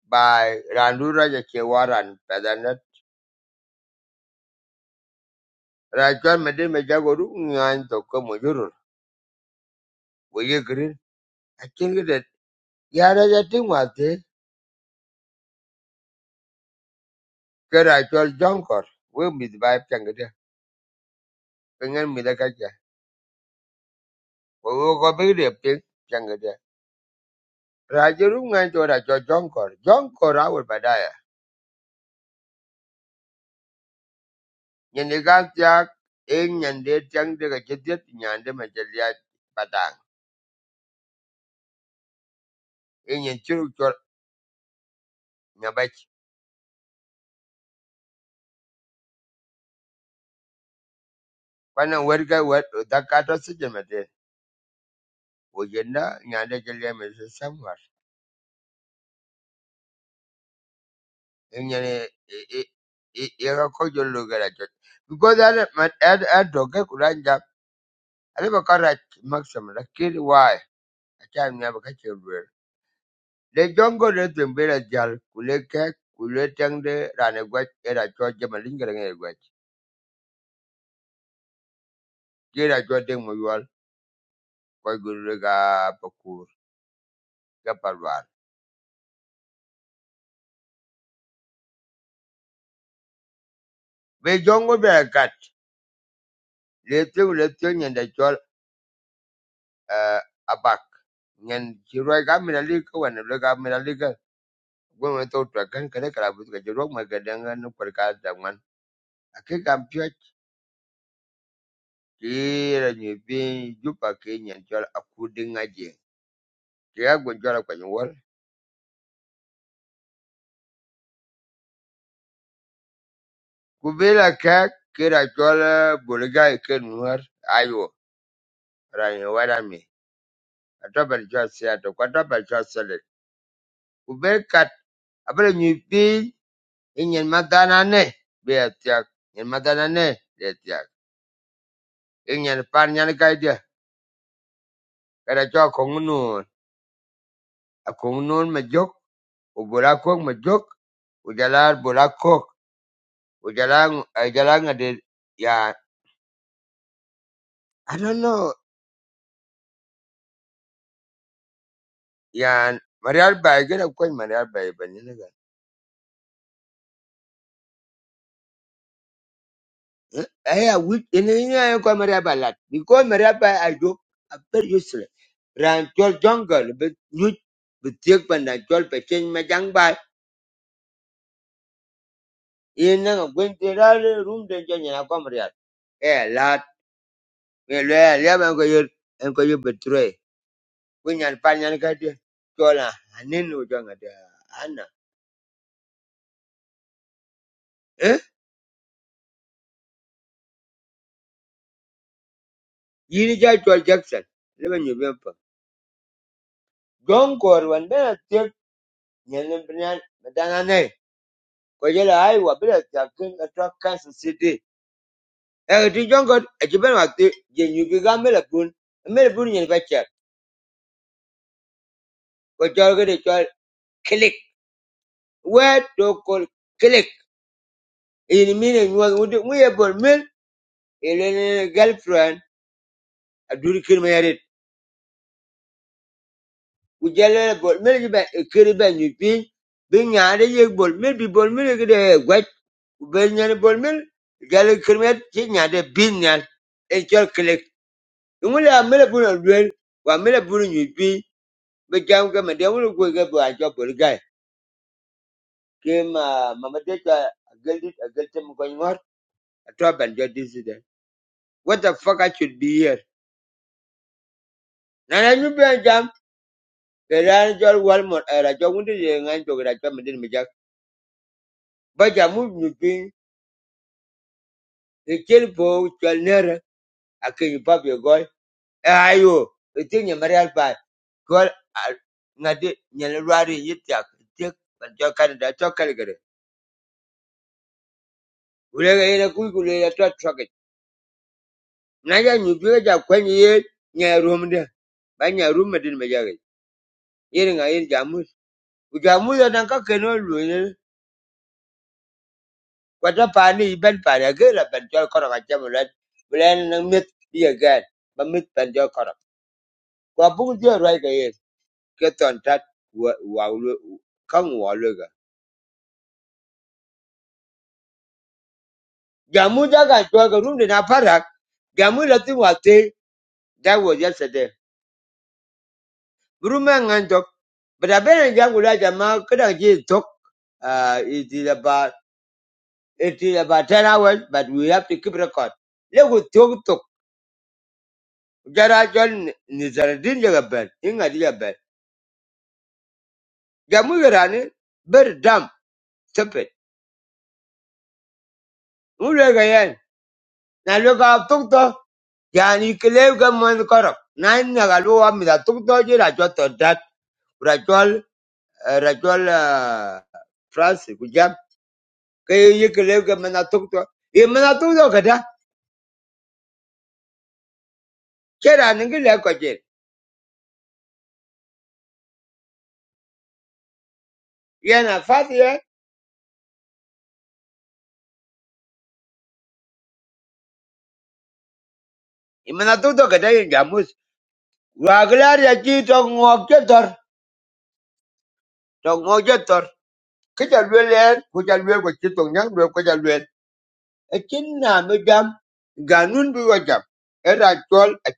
by Randura Jachewaran Padanet. Rajan Medin Majaguru Nyan Toko Mujuru. We agree. I think that Yara Yatin was there. Kerachal Jonkor. We be the vibe Changada. Pingan Midakaja. We will go big the pink Changada. Rajuru Nyan to Rachel Jonkor. Jonkor our Badaya. Yenigantia in Yande Changda Jetit Yande Majalia Badang. In Yenchuru Nyabach. When I work, I work with the cat Wojenda nyanda Jeleme is somewhere. Inyane ira kojo lugera jot. Because ada man ada ada doge kuranja. Ada bakara maximum lakini why? Acha mna bakache lugera. Le jongo le tembera jal kuleke kuletangde rane gwach era choje malingera ngere gwach. Kira choje moyal koy gurega pakur kapalwar. Be jongo be kat. Le tu le tu nyanda uh, abak nyen ci roy ga mi na li ko wan lo ga mi na li ga gwe wan to to kan kan ka bu ga jiro ma ga dan an ko ka da man ake ga pyo ci ra ni bi ju ke nyen jol aku de ngaje ke ga go jol ko ni wor ku be la ka ke ra jol bu ke nuar ayo ra ni wa da mi ato ba jol si ato ko ato jol se ku be kat abra ni bi e nyen ma ne be atia nyen ma da ne Inyan pan nyan kai kada cho kong nun a kong nun ma jok u bula kok jok u jalar bula kok u jalang I don't know yan Marial bai gada koi Marial bai ban eh a wit in ni ya Marial bai lat because Marial Bay, I do a very useless ran chol jungle but you but tiek ban dan chol pe chen ma jang bai in na gwen tirar room den jo nyana ko Marial eh lat we lawyer liaba ko yo en ko yo betray we nyan pa nyan ka de chola anen o jonga de ana eh yini ja chol jackson le ben yo ben pa gon kor wan ben tek nyan en nyan madana ne ko je la ai wa bela ta kin atwa kansas city e ti jongo e ti ben wa ti je nyu bi ga mele bun mele bun nyen ba cha ko chol ga de chol click we to call click in mine nyu wa mu ye bol mel ele girlfriend a duri kirma Ujele bol mil be kiri be nyu pi bi nyaade ye bol mil bi bol mil gide gwaj be nyen bol mil gale kirmet ti nyaade bin nyal en chol klik ngule a mil bu lwel wa mil bu nyu pi be jam ga me de ngule go ga bo a jo bol gai kim uh, mama de ta geldi gelte mu ko ngor to ban jo diside what the fuck i should be here nana nyu be jam Kerana jual wal mot era jauh ni dia ngan jual kerja mending macam baca mu nyupi Ichil bo chwal nere ake yi pap ye gol. E ayo, iti nye marial bai. Gol al ngadi nyele rwari yitiak. Itik man chokal da chokal gare. Ulega yene kuy kule ya tuat chokit. Naja nyubiga ja kwenye ye nye rumde. Ba nye rumme din mejage. Yene nga yene jamus. Ujamus ya nanka keno lwenye. Kwata pani iben pani ake la ben chol koro kachamu lad. Bulen nang mit biya gad. Ba mit ben chol koro. Kwa bungu diyo rwai gare. keton tat wa wa lu- kan wa luga jamu daga to ga room de na parak jamu latin wa te that was yesterday room ngan dok but abena jangula jama kada ji tok uh it is about it is about 10 hours but we have to keep record lego tok tok jara jon nizardin jaga ben inga diga ben jamu garani ber dam sepet ulega yen na luka tok tok Yani kileb ga korok nan na galu wa mi da rajol doji ra jwa to dat ra jwal eh, ah, France ku jam kileb ga mana tuk kera ni gile ko je yana fati ye ye mana jamus wa glar ya ki to ngok je tor to ngok je tor ke ja lwe le ku ja lwe ko ki to nyang lwe ja e ganun bi wa jam a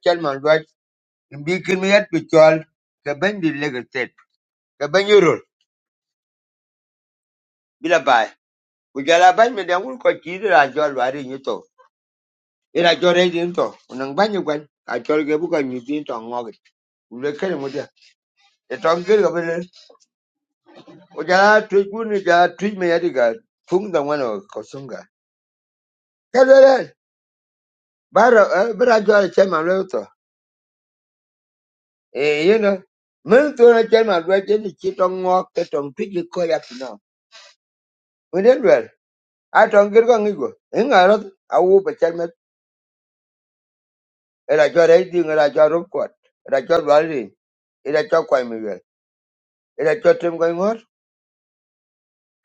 mbikin mi yat pi chol ka ban di Lagos State ka ban yorol bila bai ku jala ban mi dan wul ko ti di la chol wari ni to ira chol re din to unang ban yu kwan a chol ge bu ko ni din to ngog ku le ken mu dia e to ge ga bele ku jala tu ku ni ja tu mi yat ga fung da wano ko sunga ka le bara bara chol che ma le to e you know min to na che ma do che ni chi to ngog ke to pi ko yak no a tong ger ko ngi ko en a ro a wu pe chen me era cho re di ngara cho ro ko era cho ba ri era cho kwa mi ge era cho tem ko ngor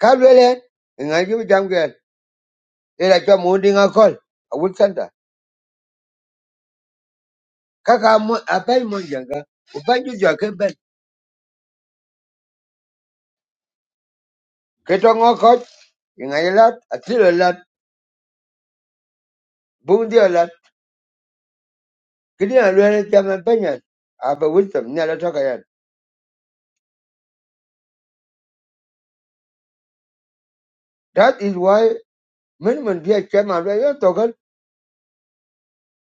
ka le le ngai gi jam ge era cho mu di nga kol a wu chen da mo a pe mo janga u pa ju jo ke ben ke to ngo ko ngai lat a ti le lat bu di lat ki a le jam pe nya a ba wu tem ne la to that is why minimum men chairman chema re yo to ko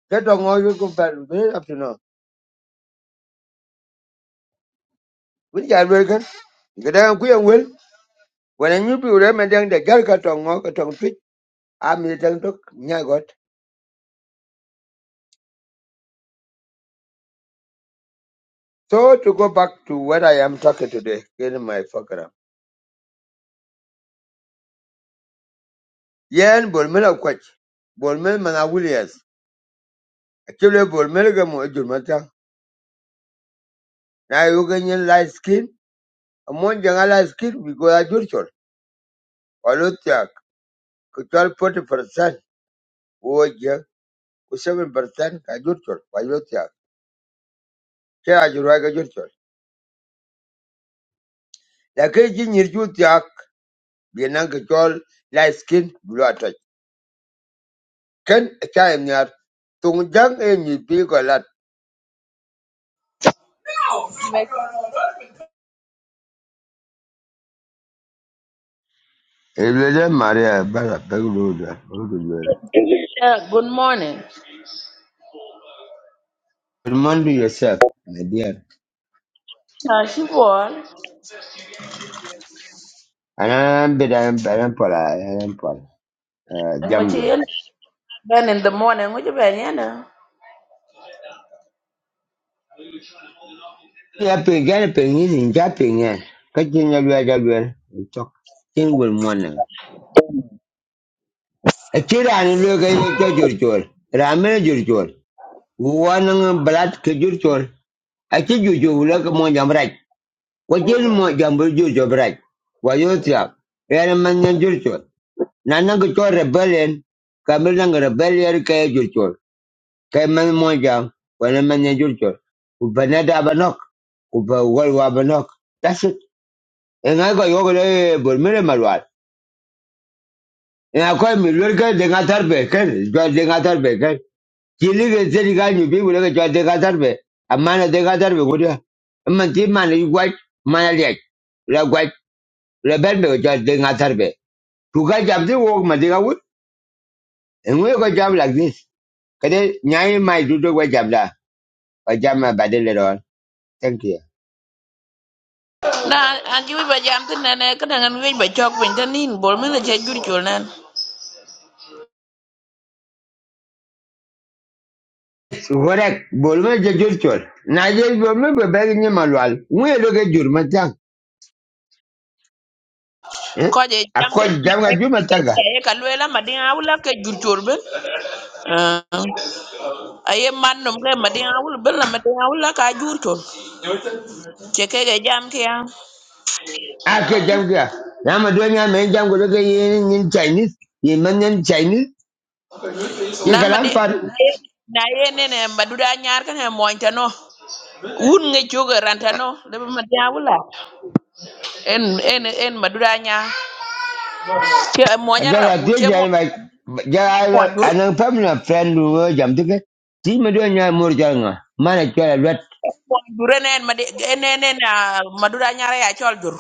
ke to ngo yu up to now Wen jal wel ken. Ga da ku yang wel. Wen nyu pi re ma dang de gal ka tong ngo ka tong twit. A mi dang tok nya got. So to go back to what I am talking today. Get in my program. Yen bol mela kwach. Bol mel mana Williams. Akile bol mel ga mo ejur mata. Na yu ga nyen light skin. Amon jang a light skin we go ajur chol. Alo tak. Ko chol 40% wo je. Ko 7% ka ajur chol. Wa yo tak. Ke ajur wa ga ajur chol. La ke ji nyir ju tyak. bienang ke chol light skin blue attack ken cha em nyar tung jang em ni pi ko lat
Make
ebele maria bala baglu da baglu da remind yourself my dear
uh, she born.
ana beda beda pola ana pola
And when
jam
she
dia
in then in the morning, what you been you know?
ya pe gane pe ni ni ja pe ni ka jin ya ya ja ya tok kin gol mona a kira ni lo ga ye jo jor jor ra me jor jor wana blood ke jor jor a ki jo jo lo ka mo jam ra Wajil mo jambu jujo braj. Wajutia. Yana manya jurcho. Nana kucho rebellion. Kamil nang rebellion kaya jurcho. Kaya man mo jam. Wana manya jurcho. Ubanada abanok. Uba walwa abanok. That's it. And I got yoga le bulmire malwal. And I call me lurka dengatar beken. Jwa dengatar beken. Kili ke zeli ganyu bi wule ke jwa dengatar be. Amana dengatar be gudia. Amanti mana yu gwaj. Mana liak. La gwaj. La ben be jwa dengatar be. To go job the work Madiga wood, and we go job like this. Kade nyai my dudu go job la, go job my bad little one. Thank you.
Nah, and you be jam to nene, kada ngan we be chok pin to nin bol mi le che jur chul nan.
Gorek, bolme je jurchol. Na je bolme be bagi ni malwal. We lo ge jur matang. Eh?
Ko je jam kan
Akoj jam ga jur mataga.
e ka luela madin awla ke jur chul ben. Aye man nom ke madin awul ben la madin awla ka jur chul. Che ke ge jam ke ya.
Ake jam ga. Na ma do nya me jam go lo ge yin Chinese. Yin man yin Chinese. Ke
Na madin
kalam par.
na ye nene maduda nyar kan e moñ tano. Un nge choga rantano, lebe madin awla. En en en maduda nyar. Ci moña
Ajaga
rabu, ci
tie jai
moña
mai. Jaga
moñjur,
anang family friend wo jam tiket. Ti ma do nya mur jal nga. Mana kala
moñjur enen made enen maduda nyara ya chol jur.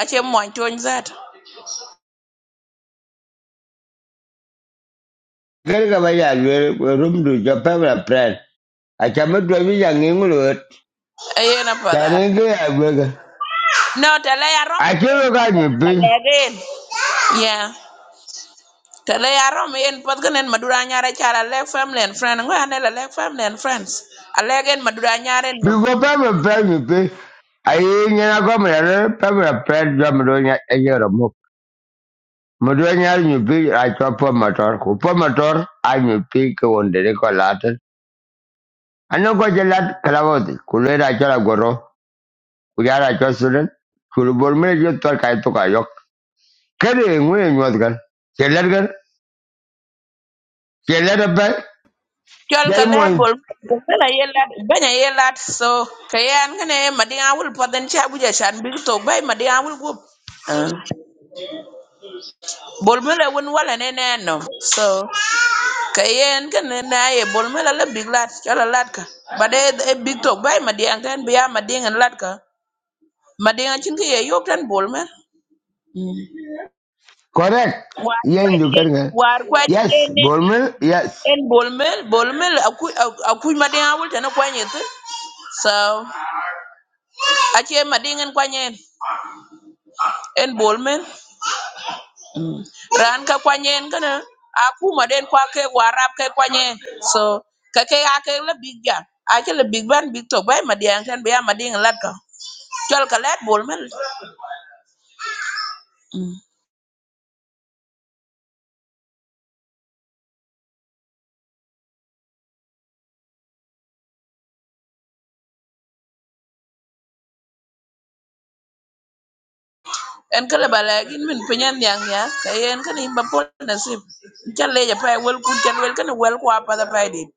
Ace moñ tony zat.
Garga ba ya lwer rumdu jo pebra pren. Acha medwa bi ya ngingulwet.
Ayena pada.
Chanenge ya gwega.
No tele ya rom
Achebe ka nyipi.
again. Yeah. Tele ya rom yen pat ganen maduda nyara chara le family and friend. Ngo ane la le family and friends. Alegen maduda nyara num.
Biko pebra pren nyipi. Ayi nyina komi yare pebra pren jo mdonya ejero muk. Mdonya nyipi achwa po motor. Kupo motor a nyipi ke wondere kwa latin. Ano ko jelat kalawoti. Kulwera achala goro. Kujara achala sudan. Kulubur mire jo tol kai tuka yok. Kere ngwe nyuat gan. Chelar gan. Chelar
Chol ka
That
le bol bena yelat bena yelat so kayan gane madinga wul pat den chabuja shan big to bay madinga wul gup. Bolmela wen wala ne ne no. So kayen kan na ye bolmela la big lat chala latka. But e e big talk bay madiang ten biya mading and latka. Mading achin ke ye yok ten bolmel. Mm.
correct.
War
Yeah, you
quite
can.
war quite
Yes,
en
Borman, yes.
en bolmel bolmel aku aku mading awul ten kwanyet. So achi mading en kwanyen en bolmel. Mm. ran ka kwanyen kana Aku maden kwa ke warap ke kwanyen so ka ke a ke la big ja a ke la big ban big to bay madian kan be amading lat ka chol ka lat bol men Mm. en ka le bala gin min pinyen yang ya ka yen kan imba pol nasib chal le ja pay wel kun chal wel kan wel kwa pa da pay dit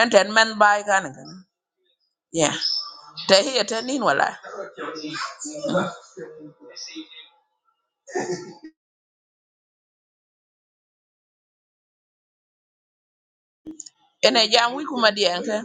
en ten men bay kan kan ya ta hiya ta nin wala ene jam wi kuma dian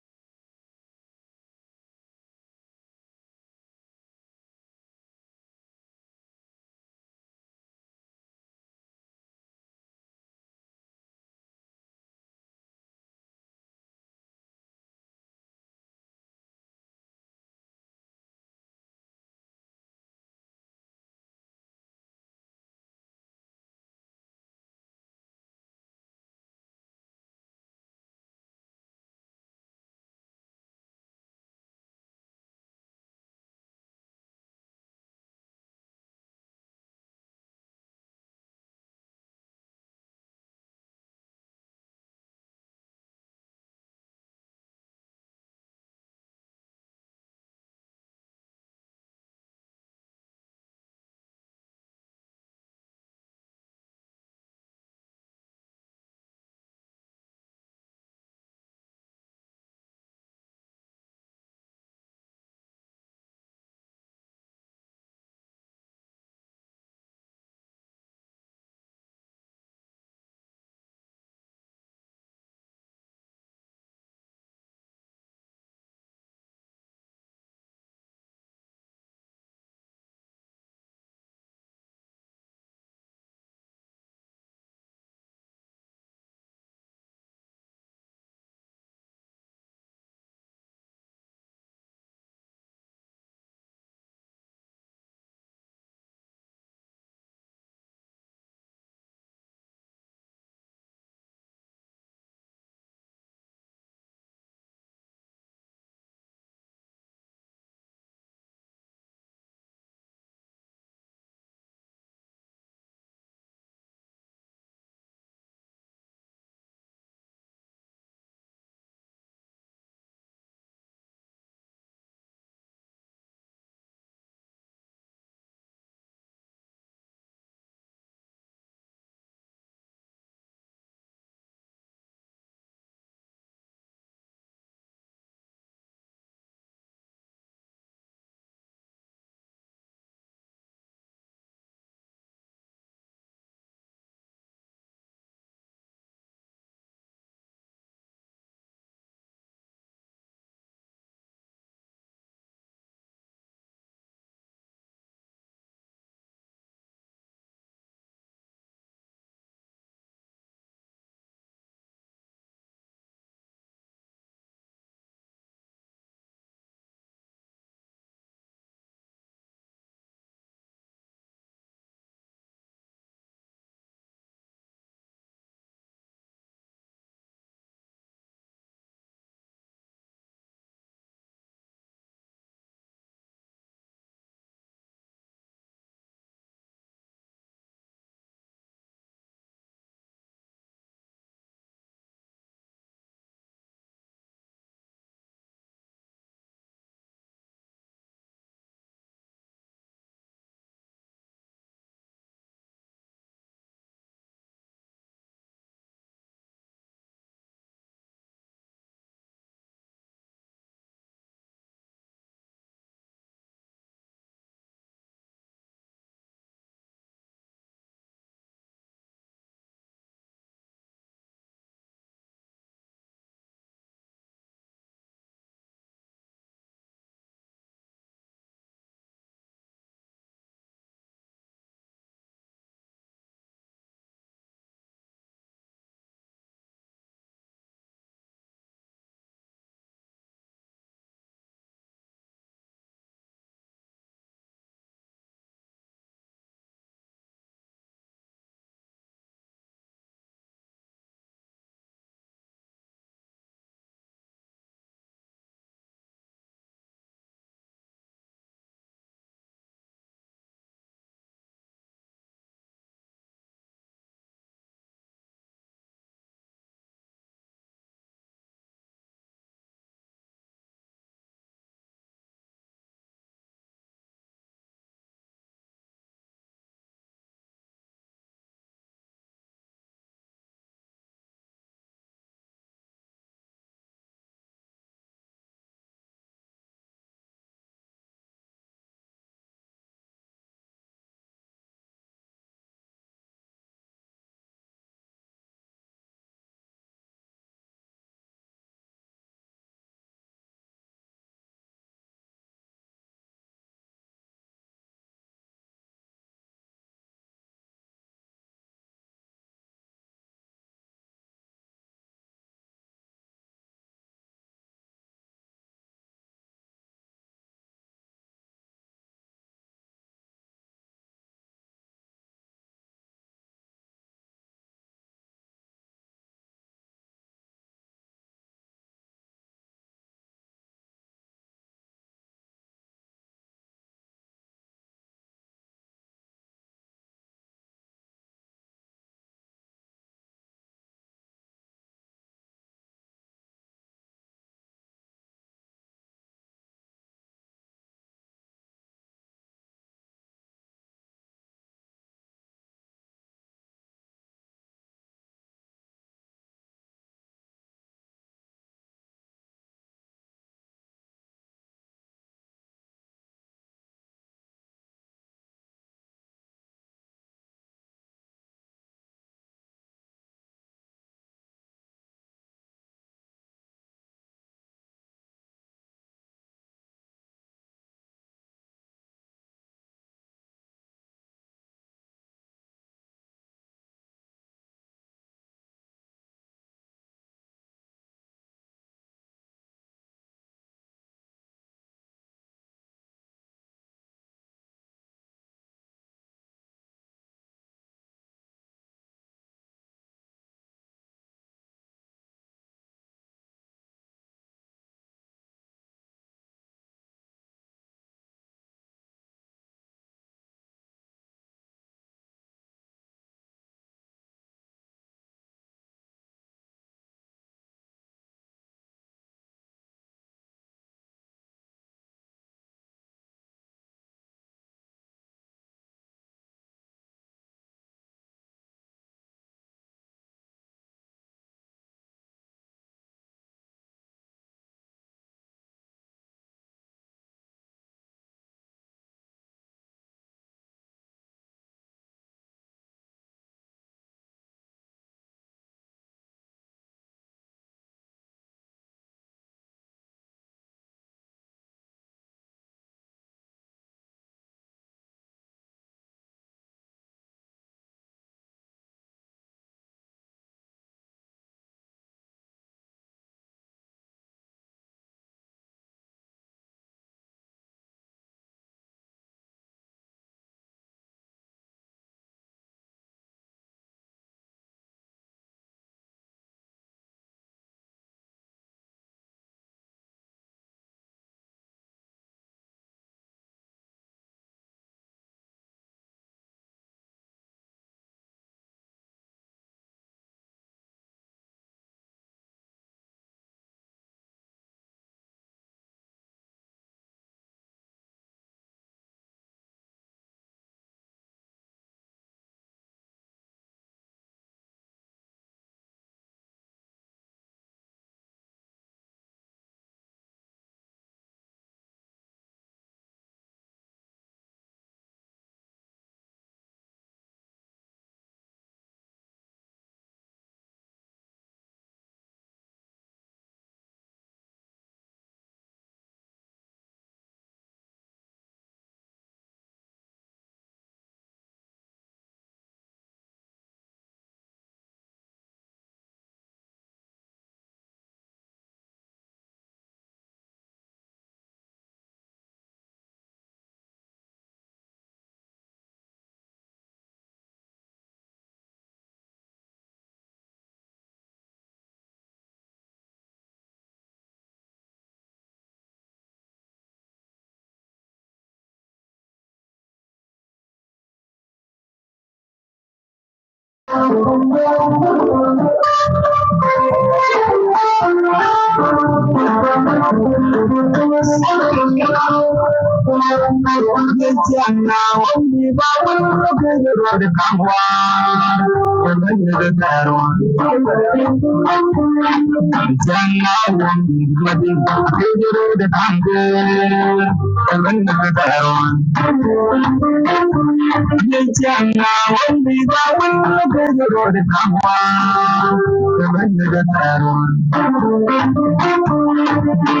*laughs*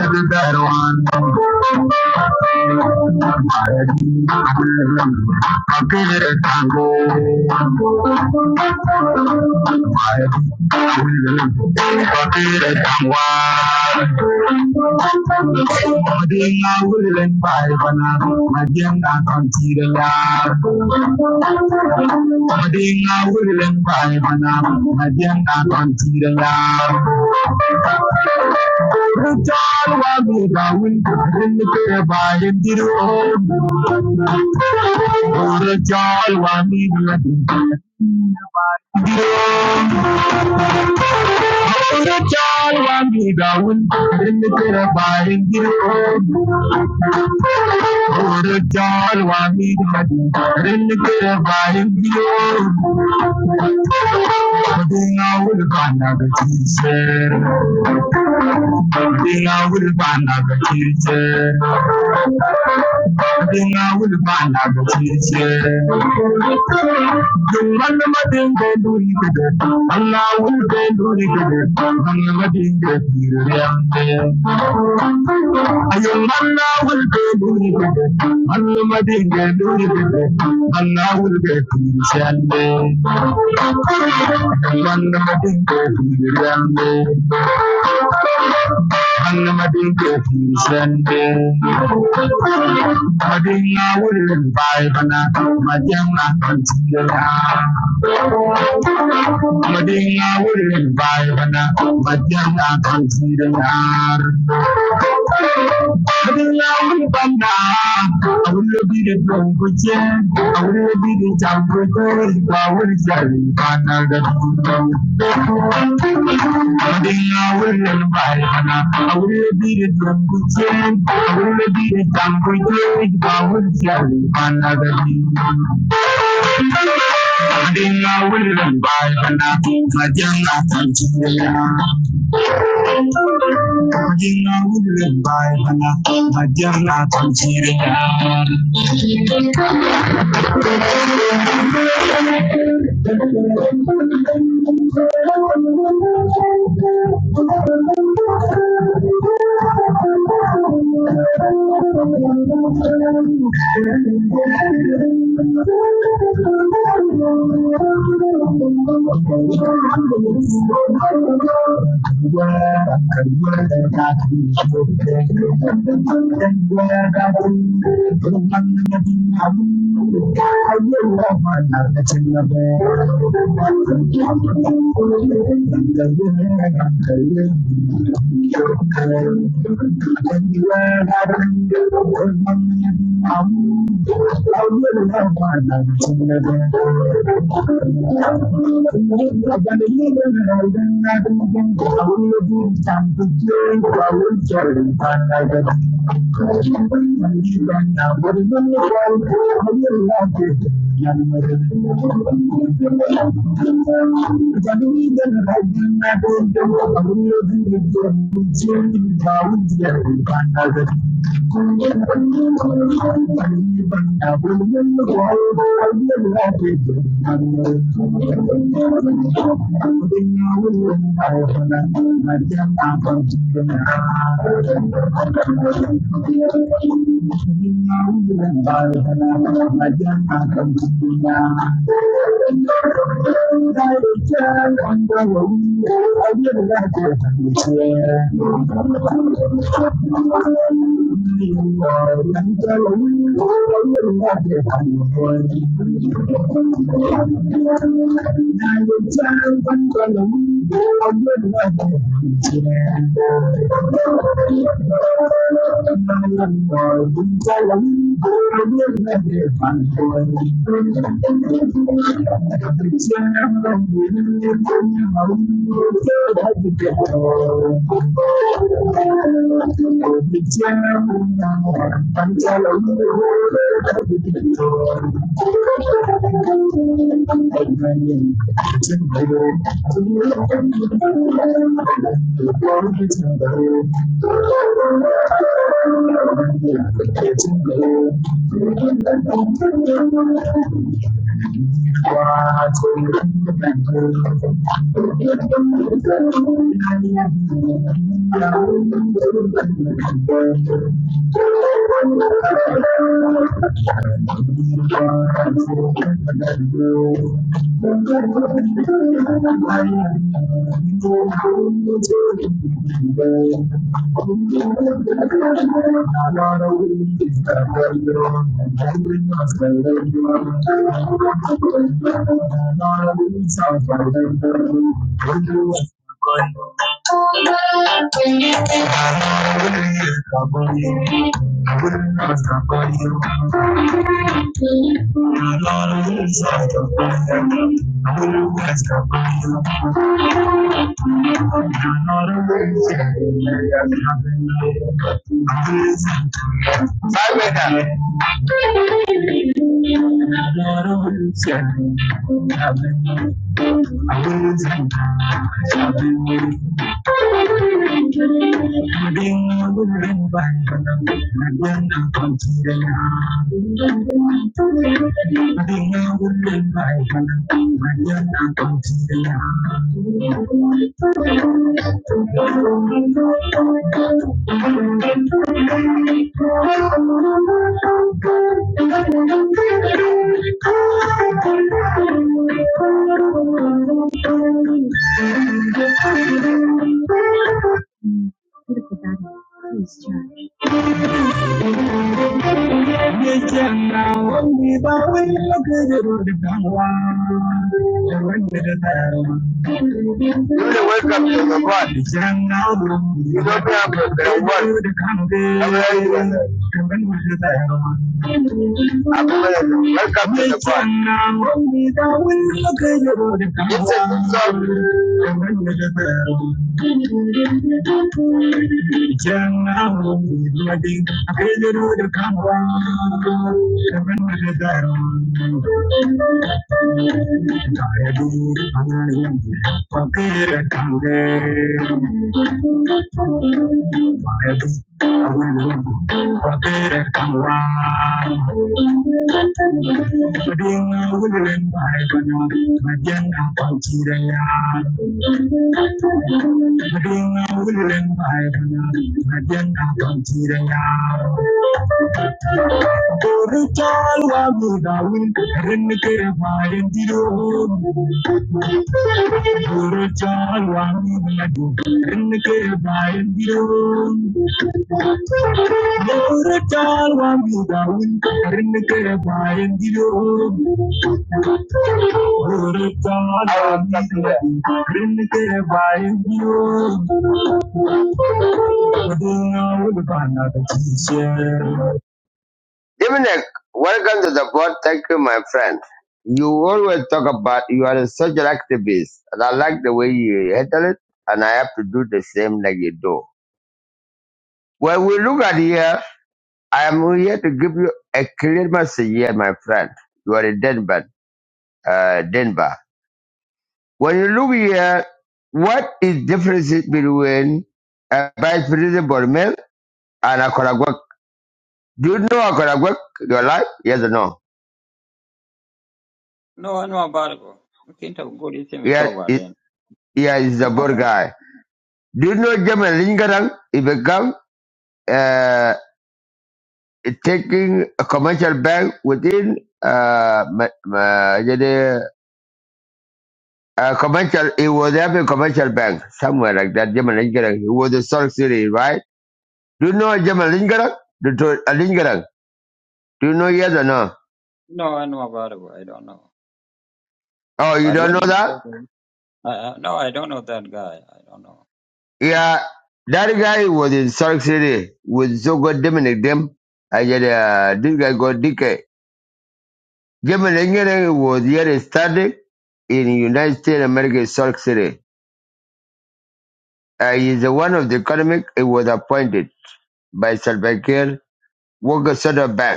everyone. Madina will and by Bana, Madina Considerar. Madina will and by Bana, Madina Considerar. The child will be going in the pair by in the road. The child will be Chal wangi daun, in Rachel Wangidawun, Rinnikira Baringirpon. Rachel Wangidawun, Rinnikira Baringirpon. Dinawul Banaga Teacher. Dinawul Banaga Teacher. Dinawul Banaga Teacher. Thank you. Hannamadingo Sende Madina Wooden Bibana Madana Contina Madina Wooden Bibana Madana Contina Madina Wooden I will be the drum I will be the jump I will be the I Thank you. Baibana, Bajarna Tanjira. Thank you. Thank you. Thank you. Thank you. Thank you. Thank you. You're not amazing. Amazing. You're not amazing. Amazing. Ding, ding, bang, bang, bang, bang, bang, ding. Ding, ding, bang, bang, bang, bang, bang, bang, ding. Critical battle. Please charge. Welcome to the God. You don't have to the Wake up to welcome to the God. It's a song. Thank you. I will go. I better come on. I'm being a willing buyer, but I'm being a conscientious buyer. I'm being a willing buyer, but I'm being a conscientious buyer. Go reach all over the world, and get my end in. Go reach all over the world, and get my end in. Oratal Dominic, welcome to the board. Thank you, my friend. You always talk about you are a social activist, and I like the way you handle it, and I have to do the same like you do. When we look at here, I am here to give you a clear message here, my friend. You are in Denver. Uh, Denver. When you look here, what is difference between a vice president Bormel and a Koragwak? Do you know a Koragwak? Your life? Yes or no?
No, I know about it. bro. We can talk good thing we
Yes,
talk about
it,
then.
He is
I
a
know
board
about it.
guy. Do you know German Lingarang? He become uh, taking a commercial bank within uh, Ma- Ma- Uh, commercial, he was having a commercial bank somewhere like that, German Lingarang. He was in Salt City, right? Do you know German Lingarang? Do, do, uh, Lingarang. Do you know yes or no?
No, I know about it. bro. I don't know.
Oh, you
But
don't
when
know
you
that?
say that, I, I, no, I don't know that guy. I don't know.
Yeah, that guy was in Salt City with so good Dominic Dim. I said, uh, this guy got DK. German Lingarang was here studying in United States of America, Salt City. Uh, he's one of the economic, he was appointed by Salvador Walker Soda Bank.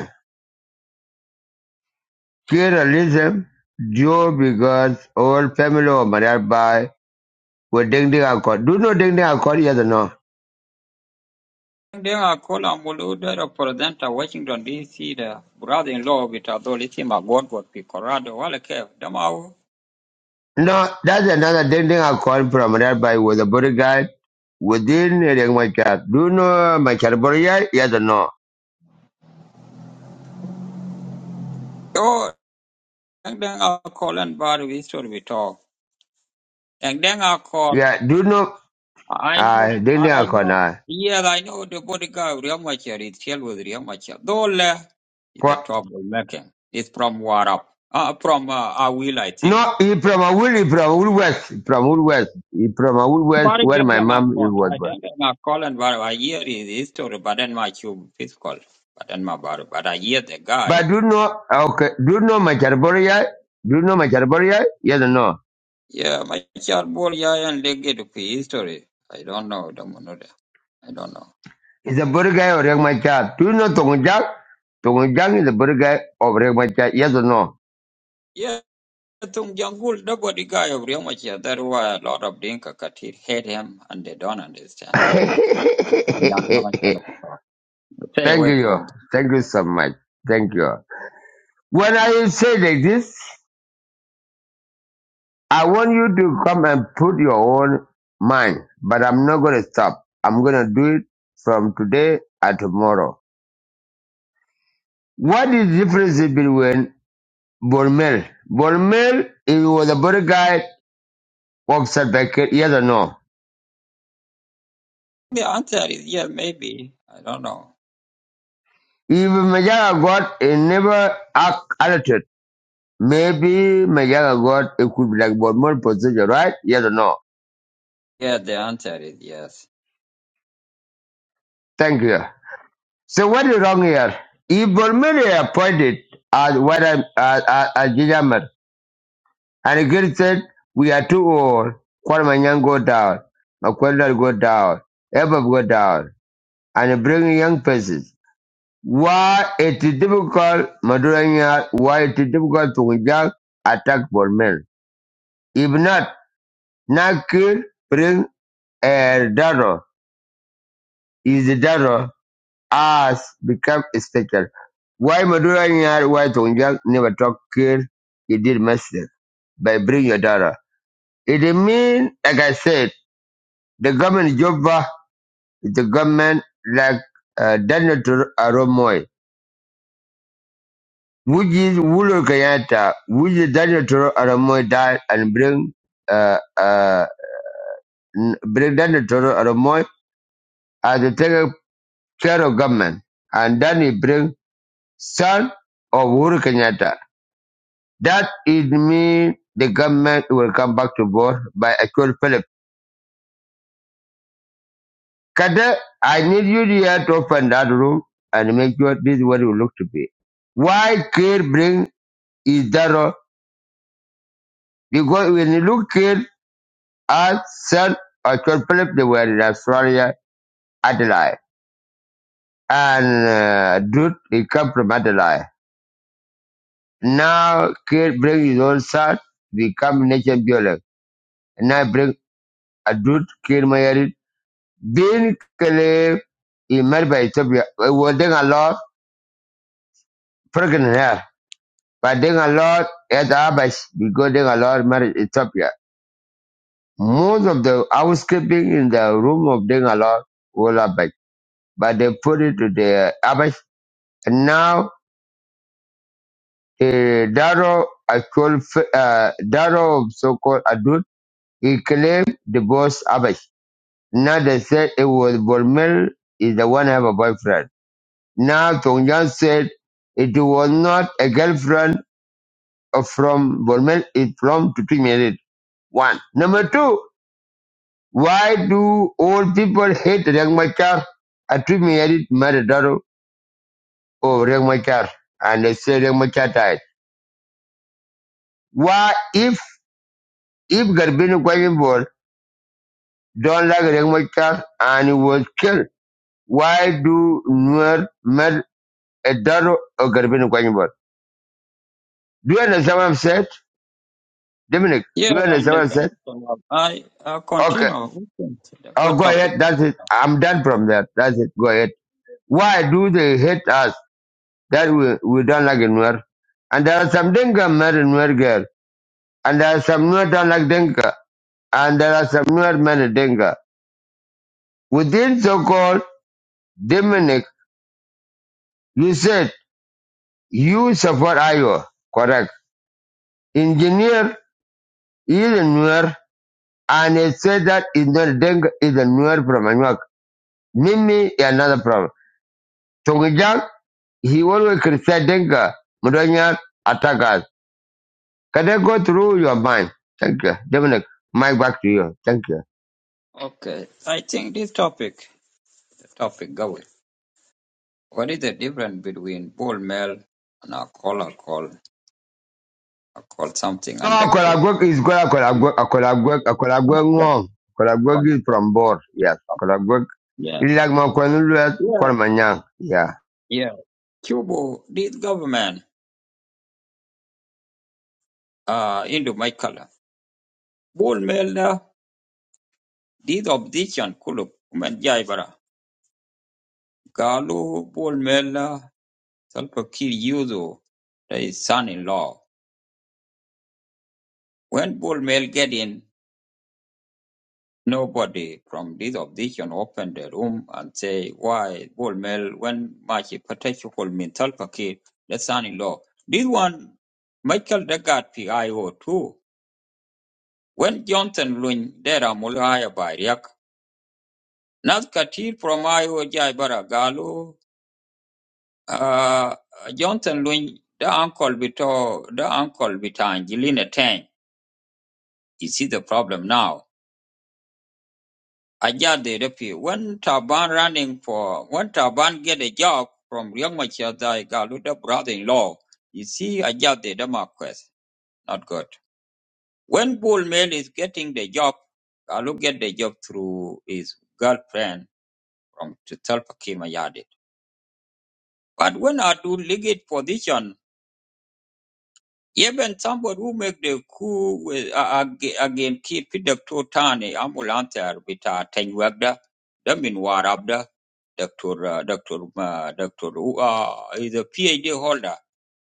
Cannibalism grew because all family were murdered by with Ding Ding Akon. Do you know Ding Ding Akon? Yes or no?
Then I call Mulu, the representative Washington D.C., the brother-in-law with Adolithium Agwagwa, Colorado, Wallake, Damau.
No, that's another Ding Ding Akon from murdered by with a bodyguard within a Ring Machar. Do you know my Machar bodyguard? Yes or no?
Oh, and then I call and bar we story we talk. And then I call.
Yeah, do you know
I
Ah,
know,
Ding Ding
I
Akon?
know.
Uh,
Yeah, I know the body guy, Riamachar, it's hell with Riamachar. Dole is a
for,
troublemaker. It's from Warap, uh, from uh, Awil, I think.
no, he from a wood, he from wood west, from wood west, he from a wood west
But if
where
them
my
can
mom is
call,
was
I
born.
think I are call and but I hear his history, but then my cube is called, but then my bar, but I hear the guy.
But do you know, okay, do you know my Machar bodyguard? Do you know my Machar bodyguard? Yes or no?
Yeah, my child boy, yeah, and they get the history. I don't know, the monoda. I don't know.
He's a bird guy of Riek Machar. Do you know Tongue Jack? Tongue Jack is a bird guy of Riek Machar. Yes or no?
Yeah. Tung Jongul, nobody guy of Riomachi. That's why a lot of Dinka Katir hate him and they don't
*laughs*
understand.
Thank
They don't know what color to talk. Stay away
you.
from them.
Thank you so much. Thank you. When I say like this, I want you to come and put your own mind, but I'm not going to stop. I'm going to do it from today and tomorrow. What is the difference between Bormel? Bormel, he was a bird guy of Salvador. Yes or no?
The answer is yeah, maybe. I don't know.
If Majaga got it never act alerted, maybe Majaga got it could be like Bormel procedure, right? Yes or no?
Yeah, the answer is yes.
Thank you. So what is wrong here? If Bormel is appointed as what I'm as as, as Gijamat, and the girl said we are too old, Kwalamanyan go down, Makwendal go down, Eva go down, and bring young persons. Why it is difficult, Maduranya, why it is difficult to attack Bormel? If not, Nakul brings a dado, Is the daughter has become a special. Why Madura Nyar why Tongjang never talk kill? He did mistake by bring your daughter. It means, like I said, the government Jobba is the government like uh, Daniel Toro Aromoy, which is Wulu Kenyatta, which is Daniel Toro Aromoy died and bring uh, uh, n- bring Daniel Toro Aromoy as the federal government, and then he bring son of Uhuru Kenyatta. That it mean the government will come back to board by actual Philip. Kade, I need you here to open that room and make sure this is what it will look to be. Why Kir bring Idaro? Because when you look Kir as son of actual Philip, they were in Australia, Adelaide. And uh, Dude, he come from Adelaide. Now Kir bring his own son, become nation builder. Nabreg adut kir mayari bin kele i mer ba Ethiopia. We ding a lot pregnant here. But ding a lot at Abash because ding a lot mar Ethiopia. Most of the housekeeping in the room of ding a lot will Abash. But they put it to the Abash. And now the Daro actual f- uh, Daro of so-called adult he claimed divorced Abash. Now they said it was Bormel is the one have a boyfriend. Now Tongan said it was not a girlfriend of- from Bormel, it from to be married. One. Number two, why do old people hate Rangmachar? A to married Maradaro or Rangmachar. And they say Rangmachar died. Why if if Garbino Kwajimbor don't like Rangmachar and he was killed, why do Nuer murder a daughter of Garbino Kwajimbor? Do you understand what I'm saying? Dominic,
Yeah,
do you
I
understand what I'm
understand.
saying?
So, I uh,
Okay,
continue. We can-
Oh,
Good
go
topic.
ahead. That's it. I'm done from that. That's it. Go ahead. Why do they hate us? That we, we don't like Nuer. And there are some Dinka married Nuer girl. And there are some Nuer don't like Dinka. And there are some Nuer married Dinka. Within so-called Dominic, you said you support Iowa. Correct. Engineer is a Nuer. And it said that is not Dinka, is a Nuer from Anuak. Mimi is another problem. Tongijang He always criticized Denga, Mudanya attackers. Can I go through your mind? Thank you. Dominic, Mike, back to you. Thank you.
Okay. I think this topic, topic going. What is the difference between bull male and a call a call, a call something
No,
and actual?
Akolagwek is good. Akolagwek, Akolagwek, Akolagwek Ngong. Akolagwek is from Bor. Yes, Akolagwek.
Yeah.
It's like my Kwanulat,
Yeah,
Kwanmanyang. Yeah.
Yeah. Cuba did government uh into my color. Bol mela did opposition kulu kuman jaibara. Galu bol mela salpa kir yuzu his son-in-law. When bol mel get in, nobody from this opposition opened the room and say why bol mel when machi potential min salpa the son-in-law. This one Michael Degard PIO too. When Johnson Lun Dera Mulaya Bariak Nas katir from Iowa jai bara galu uh, Johnson Lwin the uncle bito the uncle bito Angelina Tang. You see the problem now. Aja de repi when Taban running for when Taban get a job from young Machar jai galu the brother-in-law. You see Aja de the Marquess. Not good. When Bull Mail is getting the job, Galu get the job through his girlfriend from Tulpa Kim Ayadit. But when I do league position Yeben somebody who make the coup with a again keep the totani ambulancer with a ten wagda the min war abda doctor uh, doctor uh, doctor who uh, is a PhD holder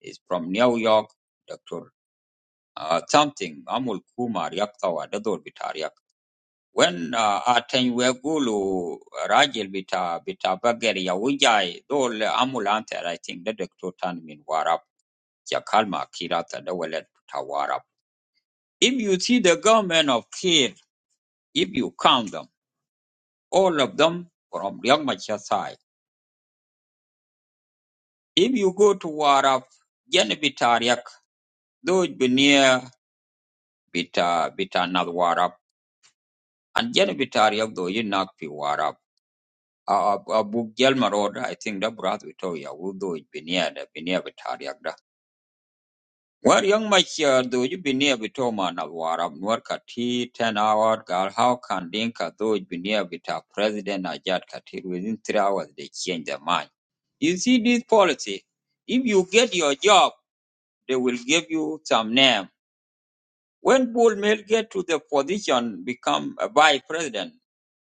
is from New York doctor uh, something amul kumar yaktawa dador bitariak when uh, aten wegulu rajil bita bita bagari ya dol ambulance, I think the doctor tan min warab ya kalma kirata da walad if you see the government of Kiev, if you count them, all of them from Liang Machar side. If you go to Warab, Jen Bitariak, those near Bita Bita Nad Warab, and Jen Bitariak though you not be Warab. Abu Gelmarod, I think the brother Vitoria, who though it be near the be near Bitariak. Well, young much uh, do you be near Bitoma na warab nuarka ti ten hour gal how can Dinka though it be near Bita President Ajat Katir within three hours they change their mind. You see this policy, if you get your job, they will give you some name. When Bull Mill get to the position, become a vice president,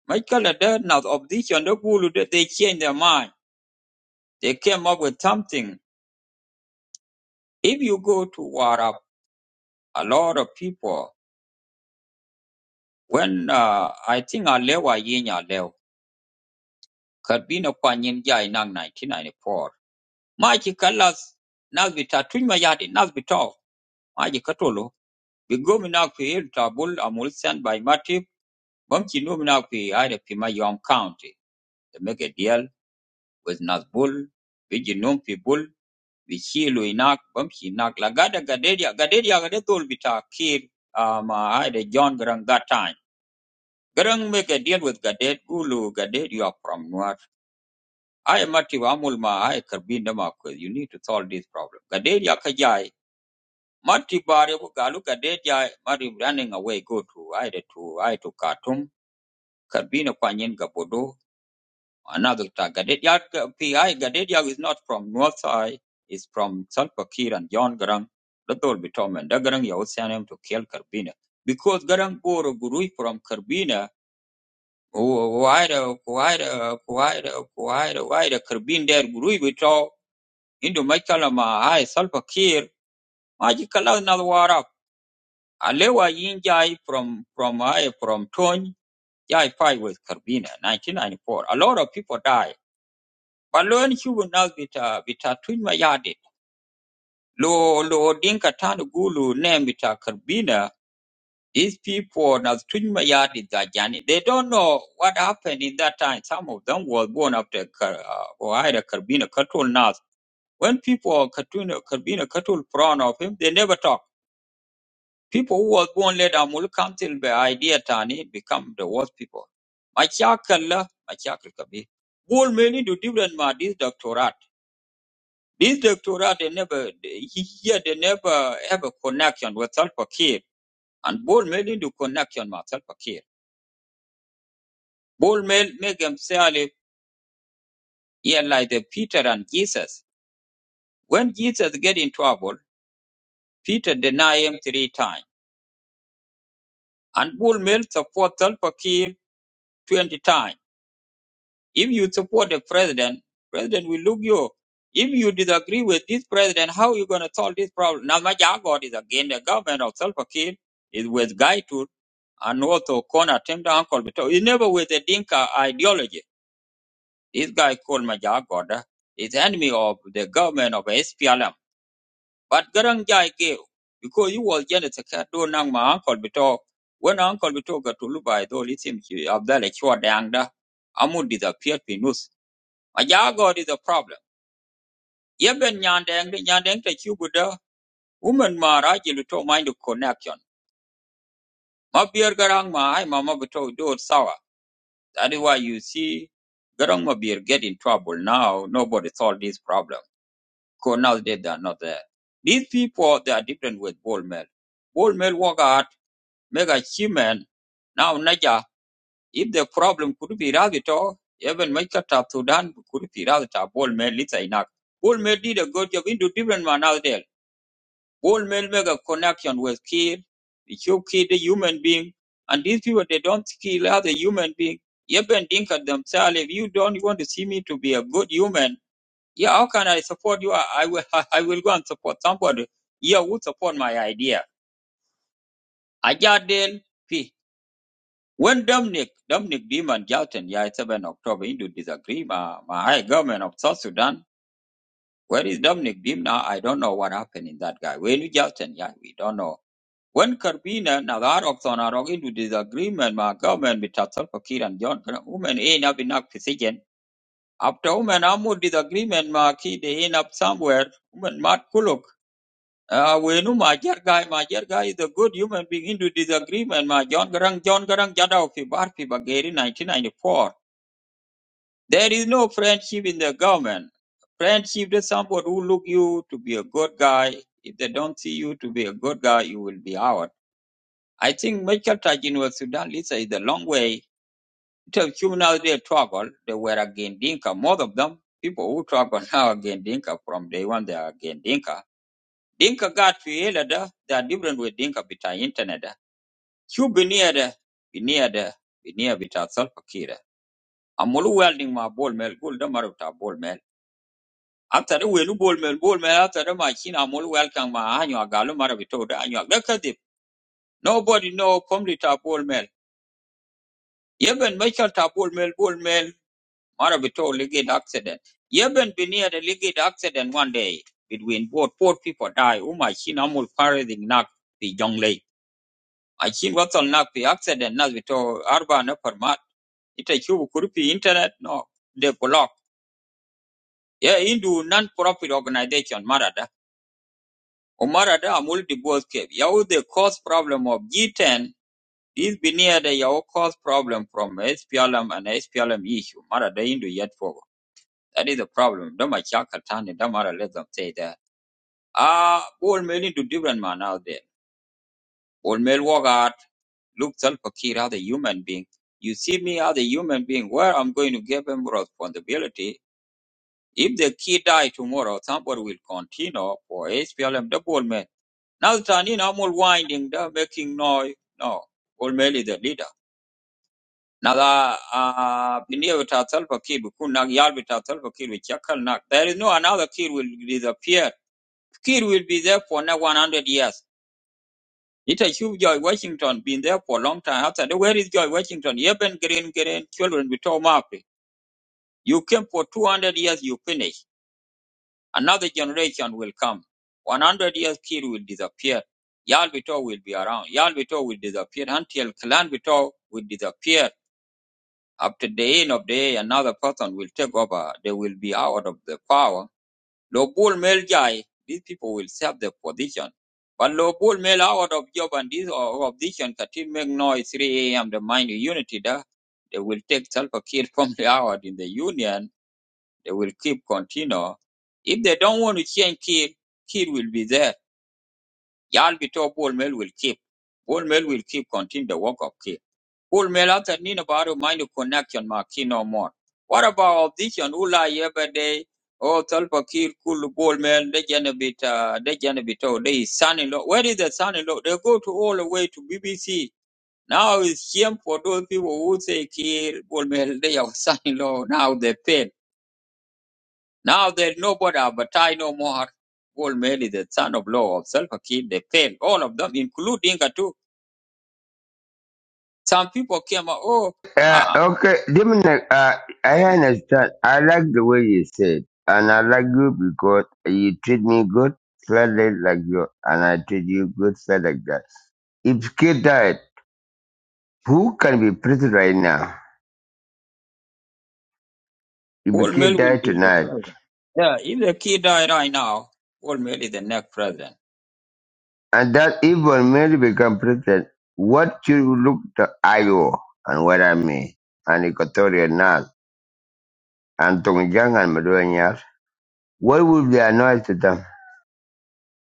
Michael Adair now opposition the Bull they they change their mind. They came up with something. If you go to Warab, a lot of people When uh, I think Alewa Yinya Leo, Karbino Kwanyin Ja in 1994, Maji Kalas Nazbita Tunma Yadi Nazbito, Maji Katolo, Bigomina Kuil Tabul Amulsan by Matip, Bumchinumina Kui Ida Pima Yom County, They make a deal with Nazbul, Bijinum Pibul, Vichilu Inak, Bumchinak, Lagada Gadedia, Gadedia Gadetol Bita Kir, um, uh, Ida John Garang that time. Garang make a deal with Gadet, Ulu Gadet, you are from Nuer. aya mati wa amul ma aya karbi da ma kwezi. you need to solve this problem gade ya kajai. jai mati bare bu galu gade jai mati running away go to aya da to aya to katum karbi na kwanyen ga bodo another ta gade ya pi aya gade ya is not from north side is from salpakir and john garang da dol bitomen da garang ya usanem to kill karbina because garang boro gurui from karbina why the why the why the why the why the karbin der gurui bito. Indo Michael Mahai Salva Kiir, Magical Nawara, Alewa Yinjai from from I from Tony, Jai fight with Carbina, 1994. A lot of people die. But learn Huguenot Vita Vita Twinma Yadi, Lo Lo Dinka Tan Gulu name bita Carbina, these people now Twinma Yadi Dajani. They don't know what happened in that time. Some of them was born after Kar- uh, or either Carbina Katul Nas. When people are Katuna Carbina Katul proud of him, they never talk. People who was born later will come till the idea tani become the worst people. Machakala, machakal kabi. Bull many do different ma this doctorate. This doctorate they never they- here they never have a connection with self-care. And bull many do connection with self-care. Bull men make himself yeah, like the Peter and Jesus. When Jesus get in trouble, Peter deny him three times. And bull men support self-care 20 times. If you support the president, president will look you. If you disagree with this president, how you going to solve this problem? Now, Majagod is again the government of Salva Kiir is with Guy Gaitu and also Kona Temda Uncle Beto. He's never with the Dinka ideology. This guy called Majagod is enemy of the government of SPLM. But Garangjai gave, because he was just a cat, do nang my Uncle Beto. When Uncle Beto got to Lubai, though, listen, Abdallah Chua Dangda, Amu disappeared Pinus a ja god is a problem ye ben nyandeng de nyandeng te chu woman ma ra jilu to mind the connection ma beer garang ma ai mama ma do sour that is why you see garang ma beer get in trouble now nobody solve this problem because nowadays they are not there these people they are different with bold men bold men work hard make achievement now naja if the problem could be ravito even make a tap to dan could be ravita bold men lisa inak bold men did a good job into different man out there Goldman make a connection with kid. They show kid a human being. And these people, they don't kill other human being. You can think of themselves, if you don't want to see me to be a good human, yeah, how can I support you? I, I will *laughs* I will go and support somebody. Yeah, who support my idea? Ajadel P. When Dominic, Dominic Beeman Jalton, yeah, 7 October, into disagree, my, my high government of South Sudan, where is Dominic Beam now? I don't know what happened in that guy. Where is Jalton? Yeah, we don't know. When Carbina Nagarobson are into disagreement with government with Salva Kiir and Johnson, women end up in a position. After women are more disagreement, ma ki they end up somewhere. Women mat kuluk. Uh, we know my dear guy, my dear guy is a good human being into disagreement. My John Garang, John Garang Jadao fi Barfi Bageri 1994. There is no friendship in the government. Friendship is someone who look you to be a good guy. If they don't see you to be a good guy, you will be out. I think Michael Tajin was Sudan Lisa is a long way. It was criminals they struggle. They were against Dinka. Most of them, people who struggle *laughs* now against Dinka from day one, they are against Dinka. Dinka got created. uh, They are different with Dinka bita internet. uh. You be near the, be near the, be near bita self kira. Amulu welding my ball mill, gold maruta ball mill. After the wheel ball mill, ball mill, after the machine, Amulu welcome my annual galu marabito, the annual. Look at it. Nobody know complete ball mill. Yeben Michael ta bull mill bull mill mara bito ligid accident. Yeben be near the ligid accident one day between both four people die. Uma chin amul pare the nak the young lake. I chin what's on nak the accident nas bito arba na permat. Ita chubu kurupi internet no They block. Yeah, Hindu non-profit organization Marada. O Marada amul divorce cave. Yau the cause problem of G10 is be near the Yao cause problem from SPLM and SPLM issue. Marada Hindu yet for That is the problem. Don't Doma Chakatani, Damara let them say that. Ah, old male into different man out there. old male walk out, look self-fakir as a human being. You see me as a human being, where I'm going to give him responsibility. If the kid die tomorrow, somebody will continue for HPLM, the old man. Now Tani, I'm all winding, they're making noise. No, old male is the leader. Now, uh, Pineo Tatal Fakir, Kunak Yalbi Tatal Fakir, with Chakal Nak. There is no another kid will disappear Kid will be there for now 100 years. It a George Washington been there for a long time. After that, where is George Washington? Even green, green children with Tom Murphy. You came for 200 years, you finish. Another generation will come. 100 years, kid will disappear. Yal Vito will be around. Yal Vito will disappear until Clan Vito will disappear. After the end of the day, another person will take over. They will be out of the power Low ball male guy, these people will save the position. But low ball male out of job and this opposition can make noise 3 a.m. the mind unity da. They will take Salva Kiir *laughs* from the out in the union. They will keep continue. If they don't want to change Kiir, Kiir will be there. Yalbito ball male will keep. Ball male will keep continue the work of Kiir. Ul mela tani baru mind connection ma kino more. What about opposition? Ula yebede o talpa kir kul bol mel de jana bit uh, de jana oh they son in law. Where is the son in law? They go to all the way to BBC. Now it's shame for those people who say kir bol mel they are *laughs* son in law. Now they fail. Now there's nobody advertise no more. Bol mel is the son of law of self kir. They fail all of them, including Inga too. Some people came out. Oh.
Uh, okay, Dominic, uh, I understand. I like the way you said, and I like you because you treat me good, felt like you, and I treat you good, felt like that. If kid died. Who can be president right now? If a
Paul
kid
Mill will
died
be the
tonight,
president. Yeah, if the kid die right now, Paul Mill is the next president.
and that evil man become president, what should you look to Iowa and what I mean, and Equatorial North, and Tongjang and Maduanyar? What would be annoyed to them?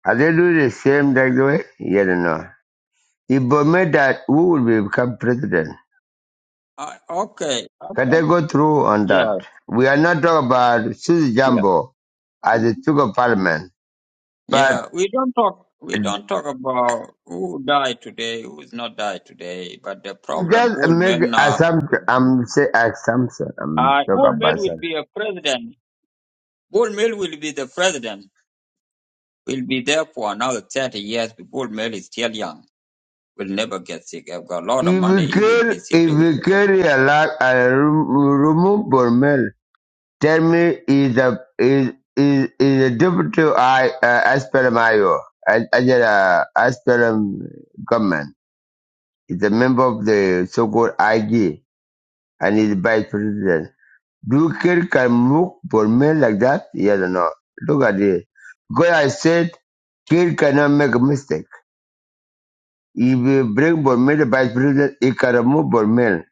Are they doing the same like the way? Yes or no. If Burma died, who will be become president?
Uh, okay.
Can
okay.
they go through on that?
Yeah,
We are not talking about Susie
yeah,
Jumbo as the Speaker of Parliament, but
yeah. We don't talk. We don't talk about who died today, who's not died today. But the problem,
Just
Paul
make
Mill now will
assumption.
be.
I'm say assumption. I'm
Uh,
talk
Paul Mill
about
will
assumption.
be a president. Paul Mill will be the president. Will be there for another thirty years. Paul Mill is still young. Will never get sick. I've got a lot of
If
money.
you
He will be
kill,
sick.
if
They will
you
take him.
carry
For.
a lot, a remove Bormel. Tell me, is a is is is a deputy I uh, Aspelum Ayo, I I did a Aspelum government. Is a member of the so-called IG and is vice president. Do kill can move Bormel like that? Yes or no? Look at this. Because I said, kill cannot make a mistake. He will bring Bormel the vice president. He can remove Bormel,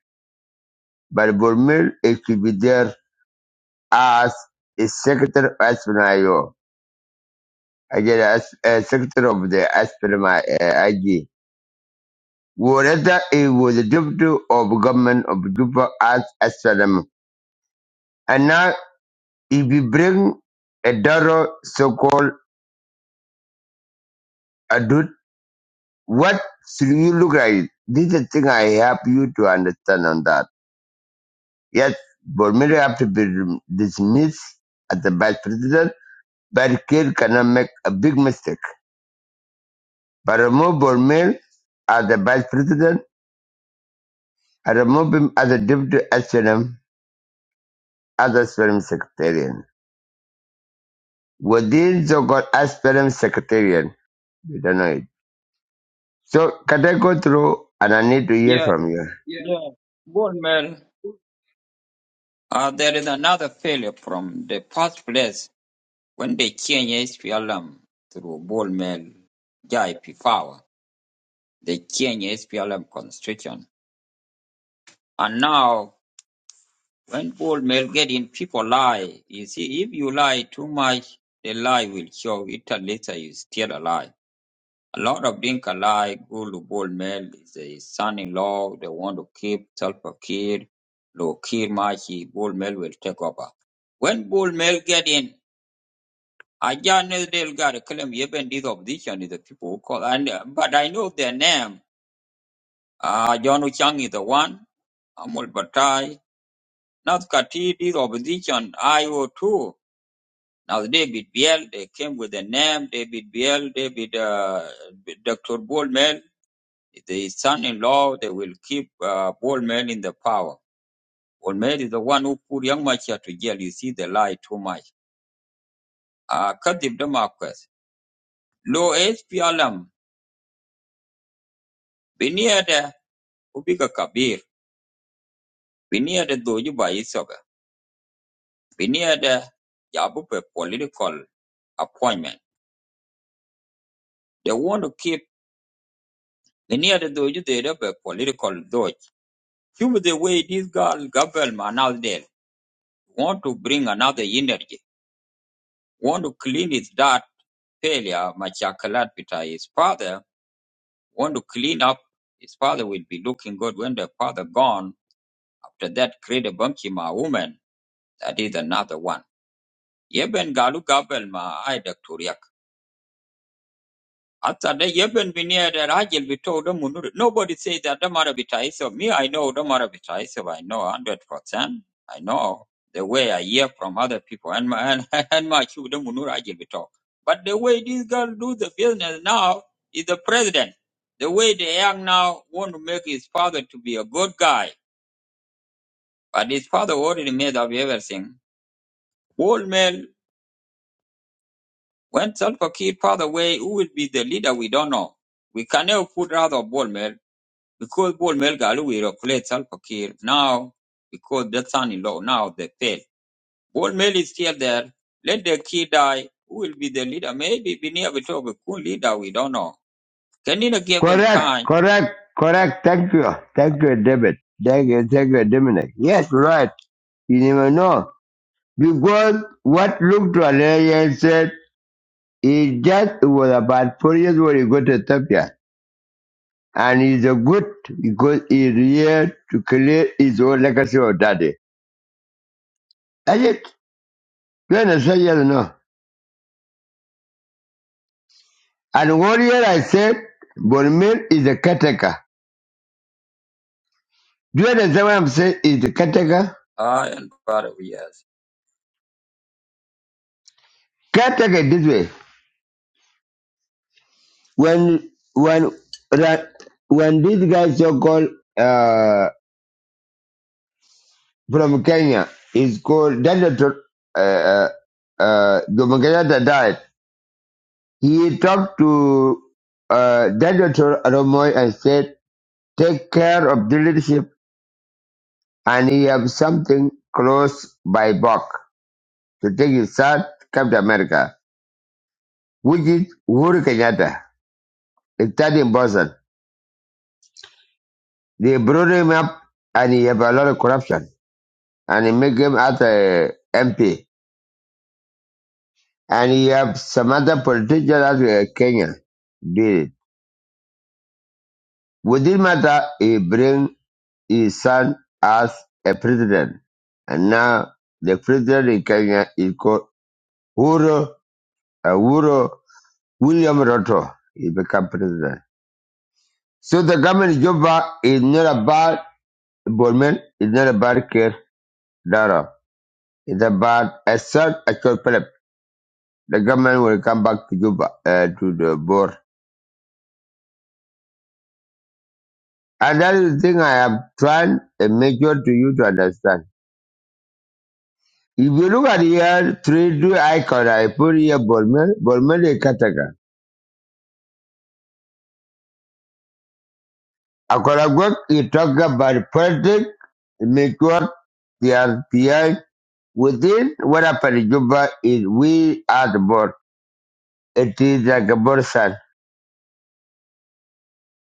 but Bormel he should be there as a secretary of Aspinayo. Again, as a secretary of the Aspinama uh, IG. Whereas he was the deputy of government of Juba as Asylum. And now if you bring a Doro so-called adult, what should you look like? This is the thing I help you to understand on that. Yet, Bormir, after being dismissed as the vice president, Barricade cannot make a big mistake. But remove Bormir as the vice president and remove him as a deputy SPLM, as a SPLM secretariat. Within the God SPLM secretariat, we don't know it. So, can I go through and I need to hear
Yeah.
from you?
Yeah, Bournemouth, uh, there is another failure from the first place when they change SPLM through Bournemouth Jai power. They change SPLM constitution. And now, when Bournemouth get in, people lie. You see, if you lie too much, the lie will show it and later you still alive. A lot of Dinka-like Gullah male is the son-in-law. They want to keep Tulpa Kid. Lo Kid Machi, Bullmel will take over. When Bullmel get in, I just know they'll got to claim even this opposition is the people who call. And, uh, but I know their name. Uh, John Chang is the one. Amul Batai. Now Kati, this opposition, IO2. Now David Biel, they came with the name David Biel, David, uh, Dr. Bullmel. The son-in-law, they will keep uh, old man in the power. Old man is the one who put young Machar to jail. You see, they lie too much. Uh, Kadib Damakwas. Lo SPLM, Biniada, Ubiga Kabir, Biniada Dojuba Isoga, Biniada Yabupe political appointment. They want to keep Biniada Doju, they have a political dodge. Human the way this girl, government now Manaldel, want to bring another energy, want to clean his dirt failure, Machakalapita, his father, want to clean up. His father will be looking good when the father gone. After that, create a Bamchima woman. That is another one. Yeben galu gabel ma ai After they even when near the Rajil, we told them, "Munur." nobody says that the Marabitai. So me, I know the Marabitai. So I know 100%. I know the way I hear from other people and my, and, *laughs* and my children, Munur Rajil, we talk. But the way this girl do the business now is the president. The way the young now want to make his father to be a good guy. But his father already made up everything. Old male, when Salva Kiir father away, who will be the leader? We don't know. We can cannot put rather Bolmel because Paul Melga we replace Salva Kiir now because the son-in-law now they fail. Paul Mel is still there. Let the kid die. Who will be the leader? Maybe Binia will talk a cool leader. We don't know. Can you not give him
Correct,
time?
correct, correct. Thank you. Thank you, David. Thank you, thank you, Dominic. Yes, right. You never know. Because what looked to Alaria and said it just was about four years when he got to Ethiopia. And he's a good because he's here to clear his own legacy of daddy. That's it. Do you understand? Yes or no? And what year I said, Bonmir is a caretaker. Do you understand what I'm saying? Is a caretaker?
Ah, and part of yes.
Caretaker this way. When, when, ra- when this guy so called, from Kenya is called Dr. Uh, uh, Jomo Kenyatta died. He talked to uh, Dr. Romoy and said, take care of the leadership and he have something close by back to take his son to come to America, which is Uhuru Kenyatta. He studied in Boston. They brought him up and he have a lot of corruption and he make him as a MP. And he have some other politician as uh, Kenya did it. Within matter, he bring his son as a president. And now the president in Kenya is called Uhuru, uh, Uhuru William Ruto. He become president. So the government in Juba is not about Bolman, it's not about Kir Dara. It's about a certain actual Philip. The government will come back to Juba, uh, to the board. And that is the thing I am trying to make sure to you to understand. If you look at here, three two icon I put here Bolmel, Bolmel is Kataka. Akoragwak, you talk about politics, make sure the RPI within what happened in Juba is we are the board. It is like a board son.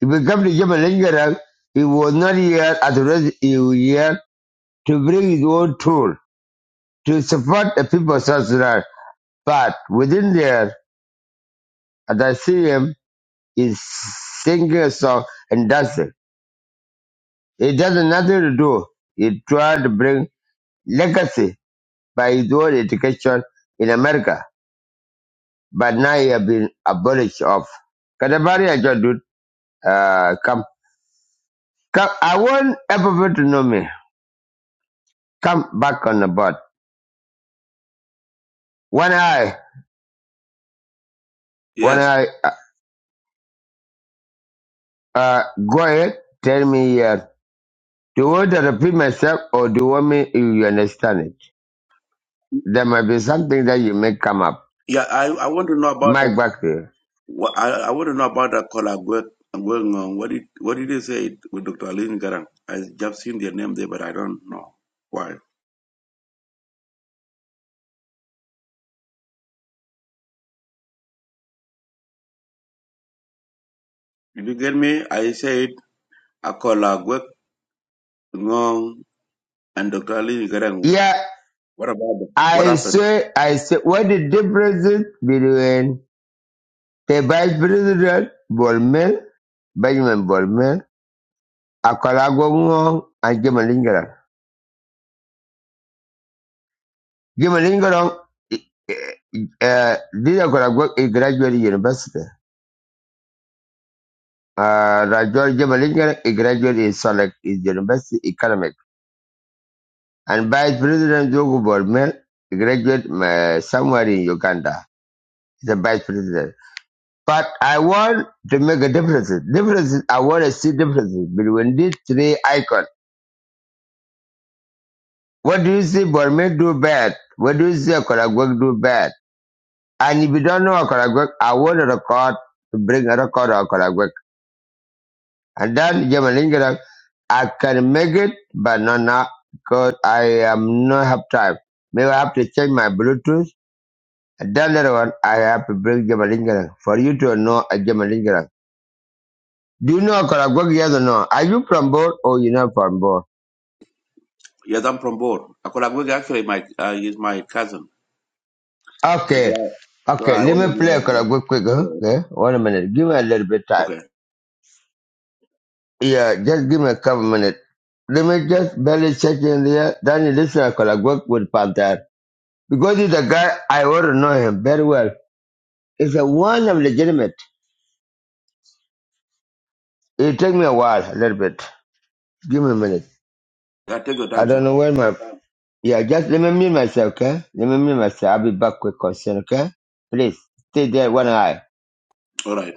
If you come to Juba Lingerang, he was not here at the rest he was here to bring his own tool to support the people of South Sudan. But within there, as I see him, he's singing a song and dancing. It does nothing to do. He tried to bring legacy by his own education in America, but now he has been abolished of. Kadabari Ajo, dude, uh, come. Come, I want everyone to know me. Come back on the board. When I, when
Yes.
I, uh, uh, go ahead, tell me, uh, do you want to repeat myself or do you want me, if you understand it? There might be something that you may come up.
Yeah, I, I want to know about that.
Mike back to you.
wha- I, I want to know about that collab work- going on. What did what did you say it with Dr. Aline Garang? I just seen their name there, but I don't know why. Did you get me? I said I call a work on and Dr. Aline Garang.
Yeah,
What about them? What
I
happened?
say, I say, what the difference between the Vice President Bolmel, Benjamin Bolmel, Akolagwong, and Jim Lingaran. Jim Lingaran, uh, this Akolagwong, he graduated university. Uh, Rajol Jim Lingaran, he graduated in Solek, is university economic. And Vice President Jogo Bolmel, he graduated uh, somewhere in Uganda. He's a Vice President. But I want to make a difference. Difference. I want to see differences between these three icons. What do you see Borme do bad? What do you see Okoragwek do bad? And if you don't know Okoragwek, I want a record to bring a record of Okoragwek. And then Jemalinga, I can make it, but not now because I am not have time. Maybe I have to change my Bluetooth. And then later on, I have to bring Jemalinga for you to know a Jemalinga. Do you know Karagwag? Yes or no? Are you from Bor or you're not from Bor?
Yes, I'm from Bor. Akolagwek actually my uh, is my cousin. That's
Okay.
why. So
Okay,
I
let
want to
me play
know.
Karagwag quick, huh?
Okay.
Okay, one minute. Give me a little bit time.
okay.
Yeah, just give me a couple minutes. Let me just barely check in there. Then you listen to Karagwag with Pantar. Because he's a guy, I already know him very well. He's a one of legitimate. It'll take me a while, a little bit. Give me a minute.
Yeah, take your
I
time, sir.
don't know where my... Yeah, just let me mute myself, okay? Let me mute myself. I'll be back quick, concern, okay? Please, stay there one eye.
All right.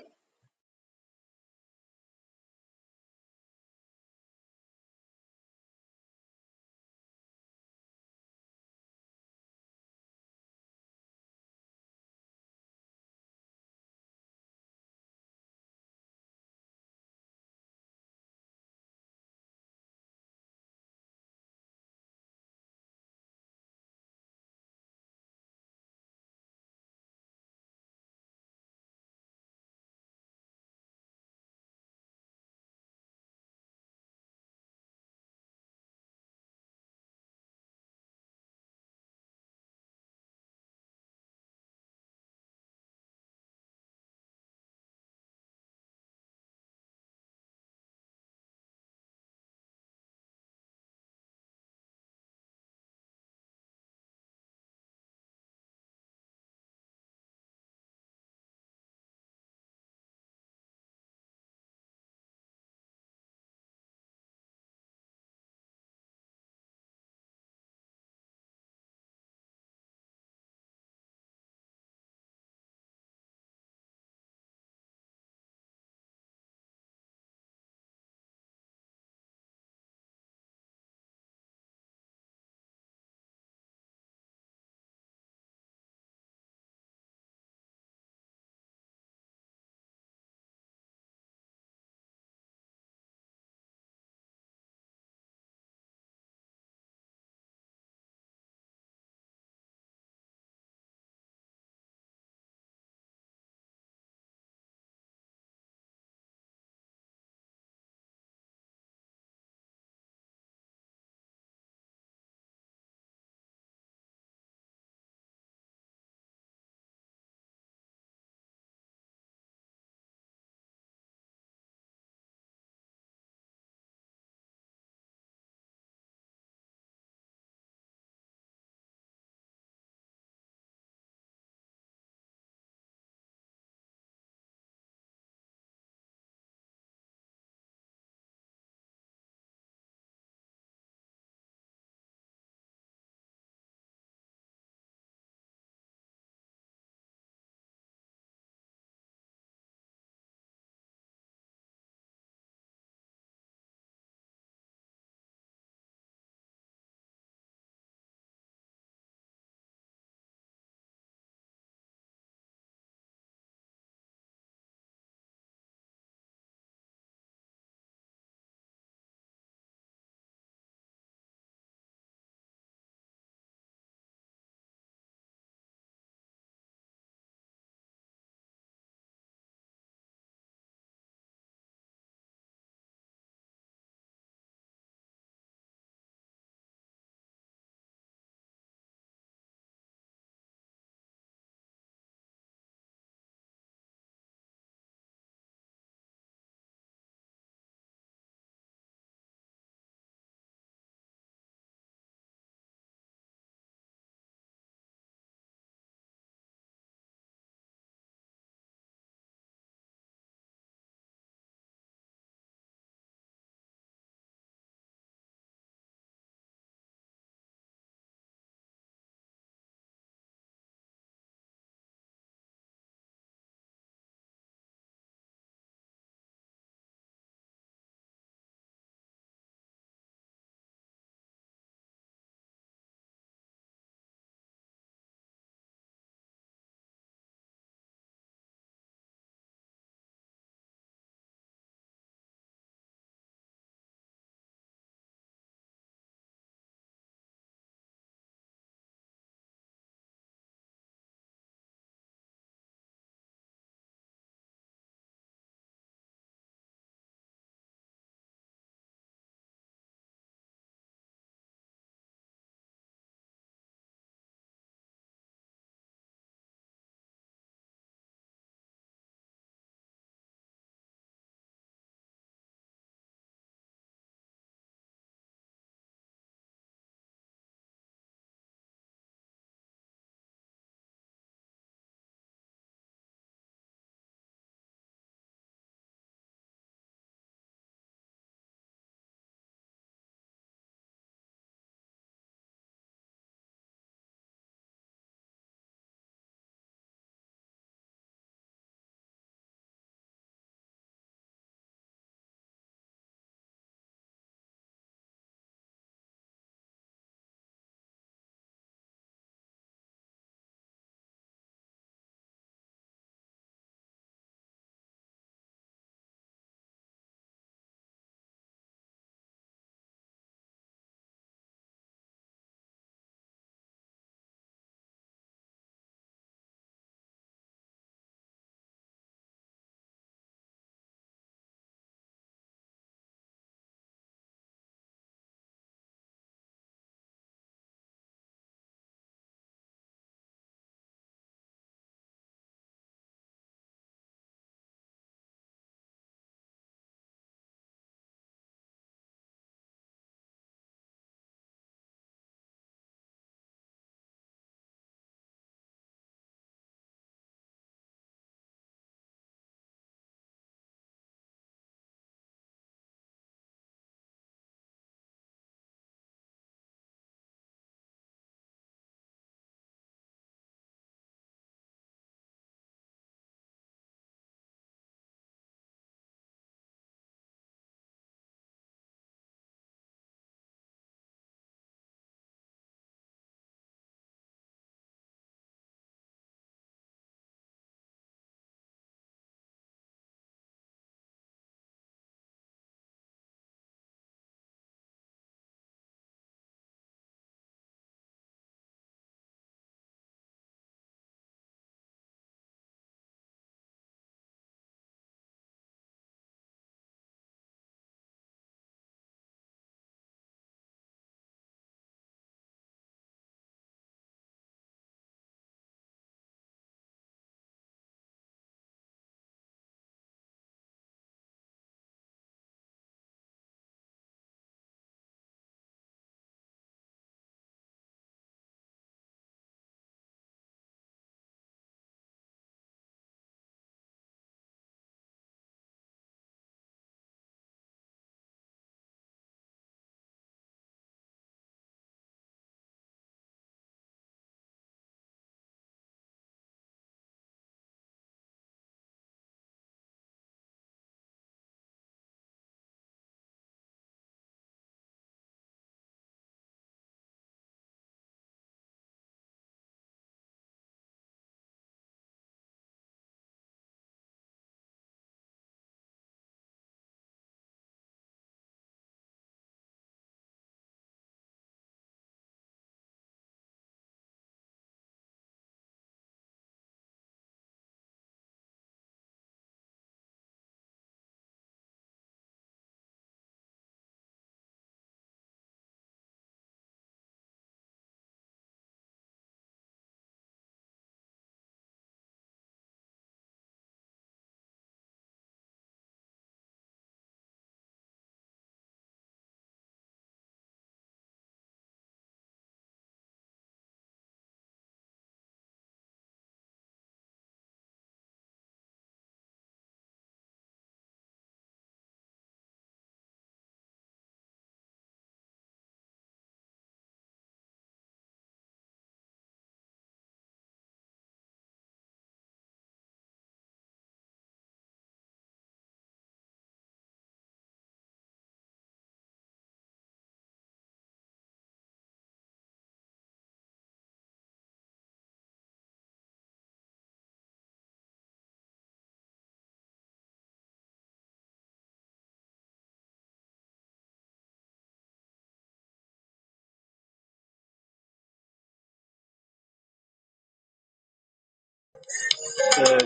Uh,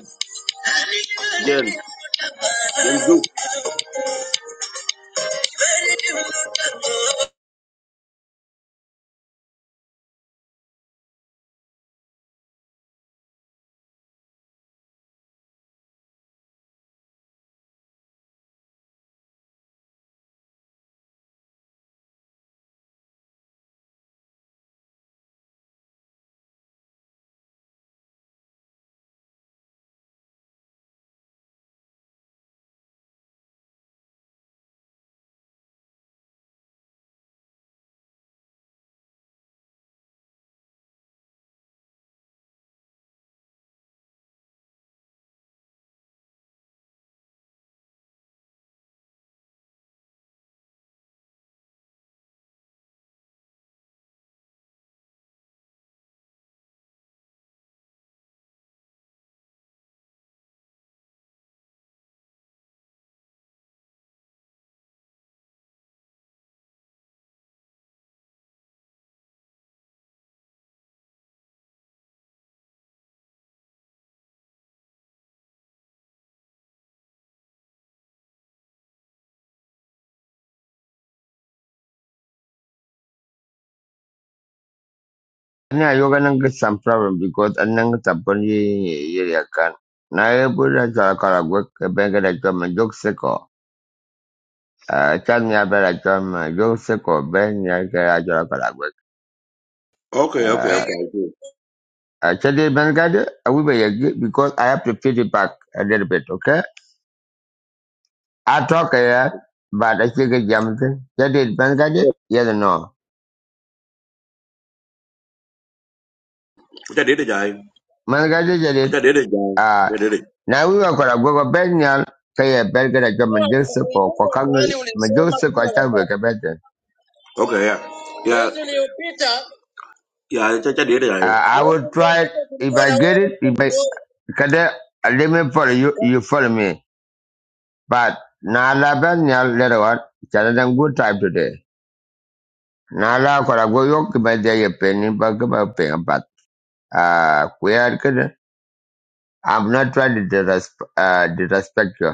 Jen, Jen, do.
Ina yoga nanga some problem because ananga taponi yeriakan. Na ebura jala kala gwek benga da jama jok seko. Uh, chan ya bela jama jok seko ben ya kala jala kala gwek.
Okay, okay,
Uh,
okay. I do.
I tell you ben I will be yagi because I have to feed it back a little bit, okay? I talk here, but I think a jam thing. Jadi ben gade yes or no.
cha dede jai
Man gade jadi.
cha dede jai cha dede
na wiwa kwara gwogo bed nyal ka ye bed gada jo
Kwa
majilsi ko ko
kukumbuka
kang
pale ulisoma
majilsi ko
kila
cha we
wakati.
ka bed then.
okay yeah yeah Mwezi uliopita, yeah cha cha dede jai
uh,
mwezi
i will try it
uliopita
if
tulikuwa
i
na
get
wewe
it
hapo
if i
mdogo.
kada uh, let me follow you you follow me but na la bed nyal later on chana dan good time today na la kwara gwogo yo ki ba de ye pen ba ka ba pen but uh kwere kada I'm not trying to disrespect, uh, disrespect you.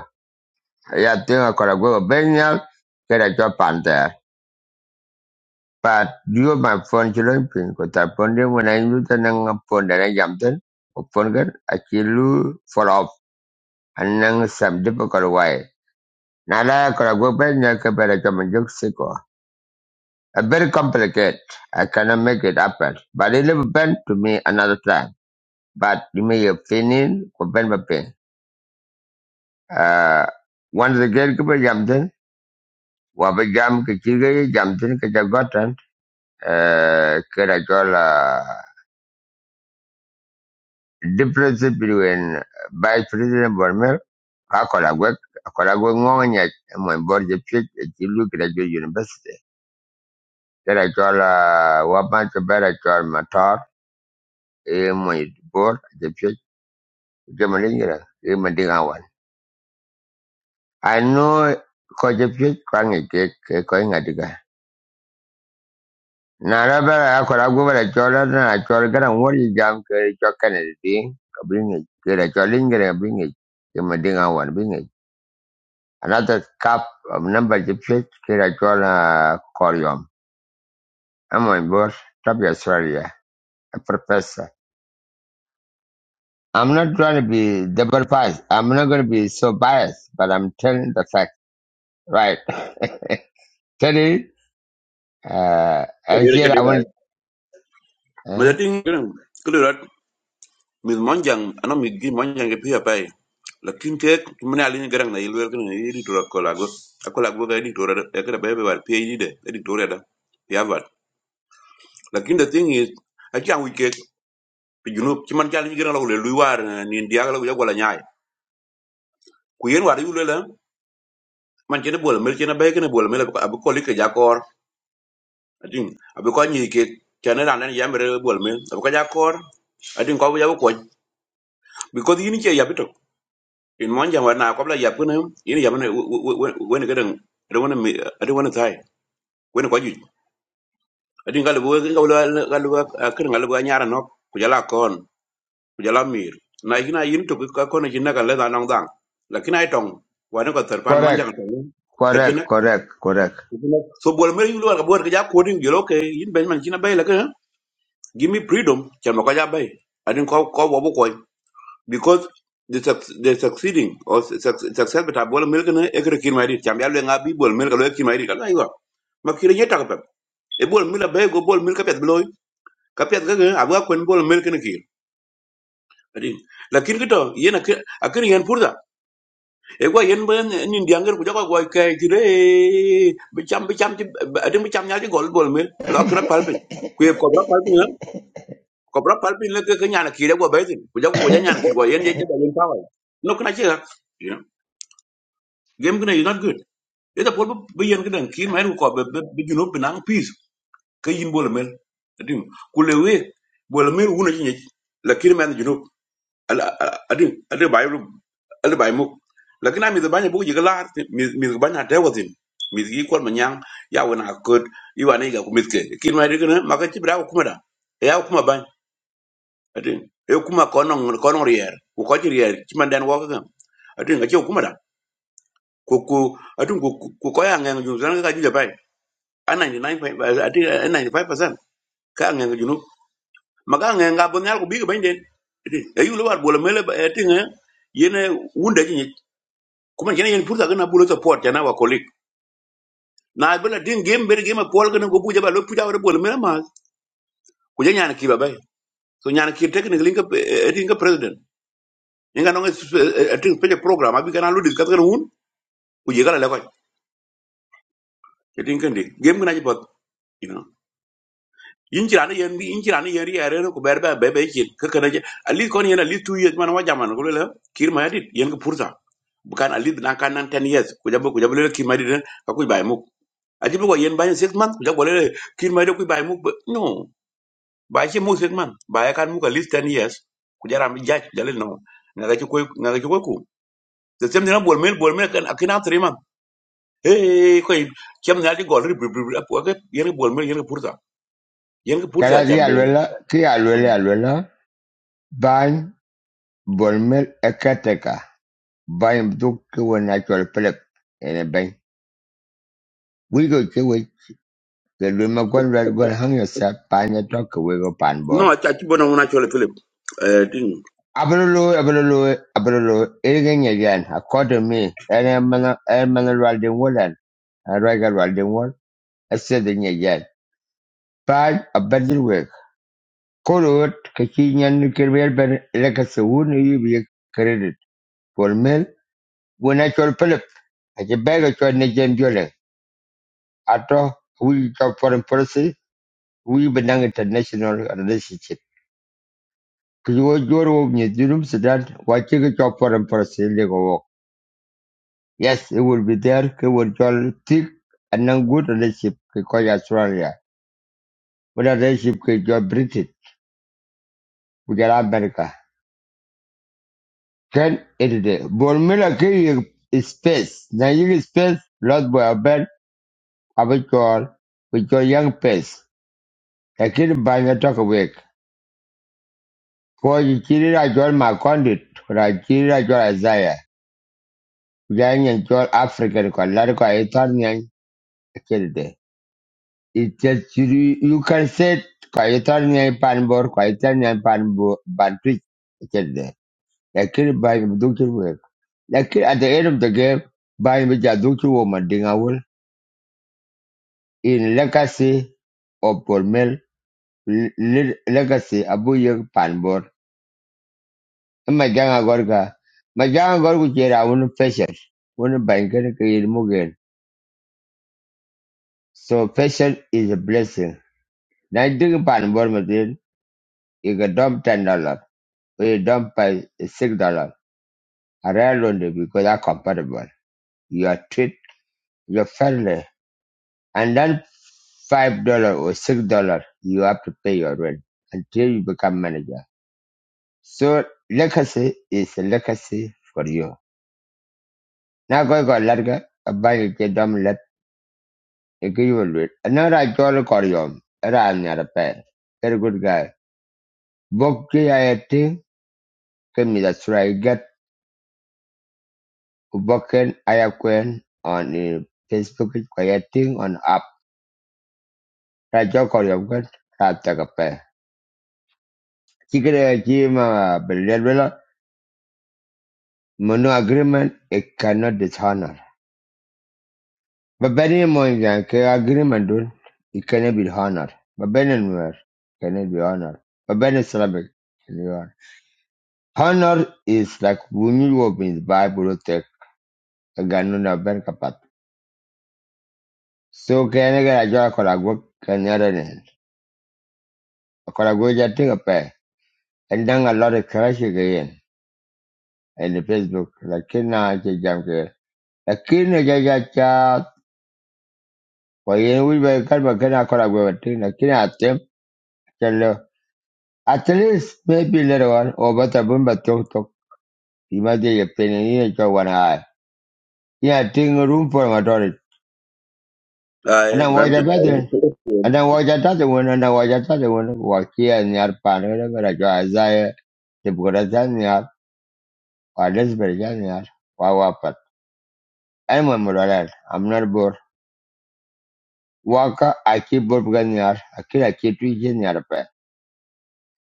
Yeah, think I could have go bed nyal, get a job But you are my phone children pin ko ta phone de when I knew the nang phone that I jump in. O phone girl, I chill fall off and nang some difficult way. Nala kora go back na ka bera kama juk siko. A very complicated. I cannot make it happen. But it never been to me another time. But you may have feeling ko ben ba pin. Uh, once the girl ko ba jumped in. Wa ba jam ke chige jumped in ke Uh, kera difference between Vice President Bonmel, Kakolagwek, Kakolagwek Ngonganyet, and my board of chief at Chilu Graduate University. Then I told uh, Wapan Chabar, I told Matar, and my board the chief, Gemalingra, Gemadingawan. I know Kojapit Kwangi Kik, Koingadiga. Naraba, Kakolagwek, I told her, I told her, and what is Jam Kerry Chokan and Ding, bring it, Kerry Cholingra, bring it, Gemadingawan, bring it. Another cup of number defeat Kirajola Corium. I'm on board. Top your yeah. a professor. I'm not trying to be double biased. I'm not going to be so biased, but I'm telling the fact. Right. Tell it. Uh,
cha
I
dede cha
said I
dede
want.
jai mà giờ
Uh,
tiếng cái này cái điều đó mình mong rằng anh mình cái mong rằng cái phía bay là kinh tế mình là liên cái rằng này luôn cái này đi tour có là go có là go cái đi tour đó cái là bé bé vào phía đi đấy đi tour đó phía vào là kinh tế tiếng is I can't wait. pi junub ci man jall ñu gëna la wulé luy war ni ndi yagala yu wala ñaay ku yeen war yu le la man ci ne bol mel ci ne bay gëna bol mel ab ko li ke jakor adin ab ko ñi ke ci ne daan yamre bol mel ab ko jakor adin ko yaw ko because yini ci yabito in mon jam war na ko la yab gëna yini yam ne wone gëdën ada wona mi ada wona tay wona ko ju adin galu galu galu kër galu ñaara nok ku jala ko kujala mir na hina yin to ka kono jinna kan leda nong dang lakini ai tong wane ko terpan mon
correct.
jang tong ka
Correct.
jinna
Correct. Correct.
so bol mer yulu ka bor ka ja ko din gelo ke yin ben man jinna bay la ka give me freedom chan ko ja bay adin ko ko bo bo ko because they suc- the succeeding or suc- suc- success beta bol mer kana e kre kin mari cham ya le nga bi bol mer ka lo kin mari ka la yo ma kire je ta ka pep e bol mer la bay go bol mer ka pet bloy ka pet ka ga abga kon bol mer kana ki adin lakin kito yena akir yan purda e kwa yen ben ni ndianger ku jaka kwa kai tire bicham bicham ti adin bicham nya ti gol gol mil lo kra palpin ku e kobra palpin ha kobra palpin le ke nya na kire kwa bezin ku jaka ku nya na kire kwa yen je jaba yen power no kana che you know game gonna you not good e da pol bi yen gonna kin mai ku ko be be juno binang peace ke yin bol mil adin ku le we bol mil wuna nyi la kire men adi adi bai adi bai muk lakini mi banya buku jiga lar mi mi banya dewazin mi gi kwal manyang ya wana kod iwa ne ga kumitke kin ma dikene maka ci bra kuma da ya kuma ban adi e kuma kono kono rier ku ko rier ci man den wo ga adi ga ci kuma da ku ku adi ku ku ko ya ngang ju zan ga ju da bai a 99 adi 95% ka ngang ju nu maka ngang ga bon yar ku bi ga ban den adi ayu lo war bola mele adi ngi yene wunda kuma jana yin purta gana bulo support jana wa colleague na bela din game ber game pol gana go buja ba lo puja wa bol mena ma ku jana ki ba bai so nyana ki technically ka etin ka president inga no etin pe program abi kana lo discuss gana hun ku je gala la ko etin kan game gana ji pot you know yin jira yen bi yin jira ne yen yare ko ber ba be be ki ka kana je ali kon yen ali 2 years man wa jaman ko le kir ma yadit yen ka purta bukan ali na kan nan 10 years ku jabo ku jabo le kir ma yadit ka ku bai mu aji bu ko yen ba 6 months ku jabo le kir ma yadit ku bai mu no ba ci musik man ba ya kan muka list 10 years ku jara mi jaj dalil no nga ga ci koy nga ga ci koy ku de sem dina bol mel bol mel kan akina tri man hey koy kem na di gol rib rib rib ko ga yene bol mel yene purta yene
Cada
purta
día
chambe
aluela, que aluela, aluela, van volmer ecateca. Van duque un actual plep en el bain. We go to The luma gwan red gwan hang yourself pine a talk away go pan
no
board.
ta ci bono wona chole philip eh tin
Abrolo, abrolo, abrolo, irging again, according to me, and I'm an Raldin Woolen, and regular riding Wool, I said again. Pad a better work. Corot, Kakinian Kirwell, but like a wound you be credit. For mill, when I told Philip, I can beg a choice Nigerian dwelling. After we talk foreign policy, we belong international relationship. Kijiko Joro ni Junub Sudan wachiki cho foreign policy ligo wo. Yes, it will be there. Ki will cho thick and then good relationship ki ko ya Australia. Good relationship ki cho British ku jala America. Can it de. Bol mila ki yi space. Na yi space lot boy abel abichol with your young pace. Lakini the toka wek. Ko yi chiri ra jol ma condit. Ra chiri ra jol Isaiah. Kujayin jol African ko Italian. ko Ethiopian. Kiri Ita chiri, you can say, Kayatan Yan Panbor, Kayatan Yan Panbor, Bantwit, Kende. Lakini by Duki work. Like at the end of the game, by Mija Duki woman Dingawul, in legacy of Polmel, legacy Abu Yek Panbor. Majanga Gorga. Majanga Gorga Jera, one fashion. One banker, Kayin Mugen. So fashion is a blessing. Nineteen Panbor Madin, you got dumb ten dollars. When you don't pay six dollars, I rarely only because are compatible. You are treat your family, and then five dollars or six dollars you have to pay your rent until you become manager. So legacy is a legacy for you. Now go go larga abang ke dom let equivalent. Another I call Corium. Era I'm not a pair. Very good guy. Boki I think can be that's right. Get Boken I acquaint on uh, Facebook creating on app. Raja Korea Gun, Rata Kape. Chicken Jima Belela, Mono agreement, it cannot dishonor. But Benny Moinjan, agreement, dun, it cannot be honored. But Benny Nuer, cannot be honored. But Benny Slavic, can be honored. Honor is like when you open the Bible, take a ganuna Ben Kapat. So can I get a job for a work? Can I get it? For a good, take a pay. And then a lot of crash again. And the Facebook, like, can I get junk lakini hajajacha. Kwa hiyo we can make an akora gwati, lakini atem chalo. At least maybe later on, or but a bumba tok tok. Imagine your penny in your one eye. Yeah, ting room for my daughter. And
ay
then watch
banti
a
na
better. And then watch another one, and then watch another one. Walk here and your pan, whatever I draw as I, the Burazania, or Lesbergania, or Wapat. I'm a I'm not bored. Waka, I keep bored Ganyar, I kill a kid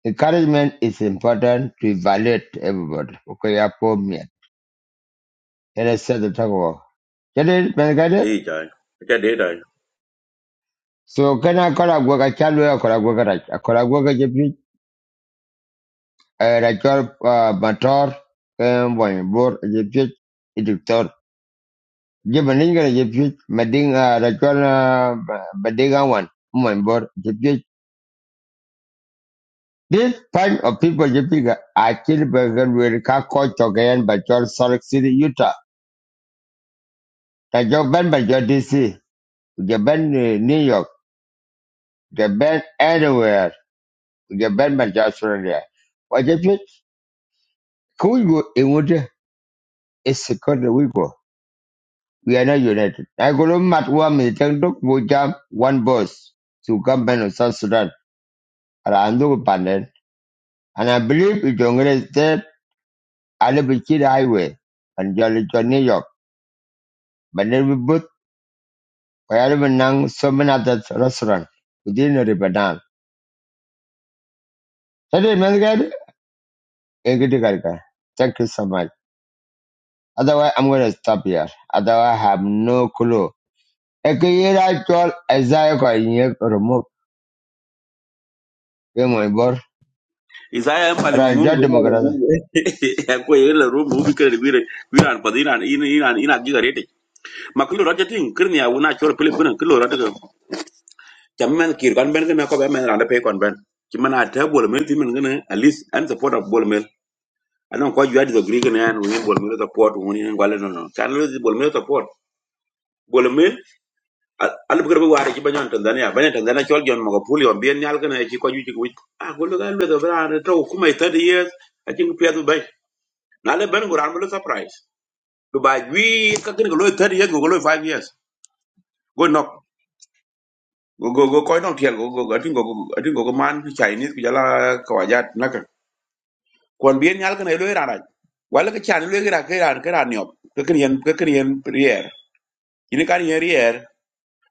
Encouragement is important to evaluate everybody. Okay, I call me. And I said the talk about. Jadi, mereka
hey jay ta de dai
So, kena kau gua kacau lu, kau gua kerat. Kau gua kerja pun. Racor motor, boy, bor, jepit, itu tor. Jadi mending kan jepit, mending racor mending awan, boy, bor, jepit. This bunch of people jepit actually bergerak kau kau cokayan bacor Salt Lake City, Utah. Kau ban bacor DC. We've been New York. We've anywhere. We've been to Australia. What if it? in would it's a country we are not united. I go to Mat Wam in Tengduk, we one bus to come back to South Sudan. And I know Pandan. And I believe it's on the state, I live in Kid Highway and Jolly to New York. But then we both, we are even so many other restaurants within the river down. That is, man, get Thank you so much. Otherwise, I'm going to stop here. Otherwise, I have no clue. Ekiyira chol Isaiah kwa inye remove yemo ibor
isaya en pale
ranja
mungu en pale
demokrata.
mungu ko yele ro mu bi kere wire wire an padina ina ina ina giga rete makulo rata tin kirni ya wona chole *laughs* philip kuna kulo rata cham men kir kon ben gena ko be men rande pe kon ben ci man a ta bol mel ti men gena at least an support of bol mel anon ko jwa do gri gena an woni bol mel support woni en gale no no kan lo bol mel support bol mel al bu garbe waare ci banyon tanzania banen tanzania chol jon mako puli on bien nyal gena ci ko ju ci ko a golo gal lo do bra an to kuma i 30 years a ci pe do bay na le ben guran bel surprise do ba wi ka gena lo 30 years go lo 5 years go knock go go go ko no tiel go go atin go atin go go man chinese ku jala kawajat naka kon bien nyal kana lo irara wala ke chan lo gira ke ran ke ran yop ke kin ke kin yen ini kan yen rier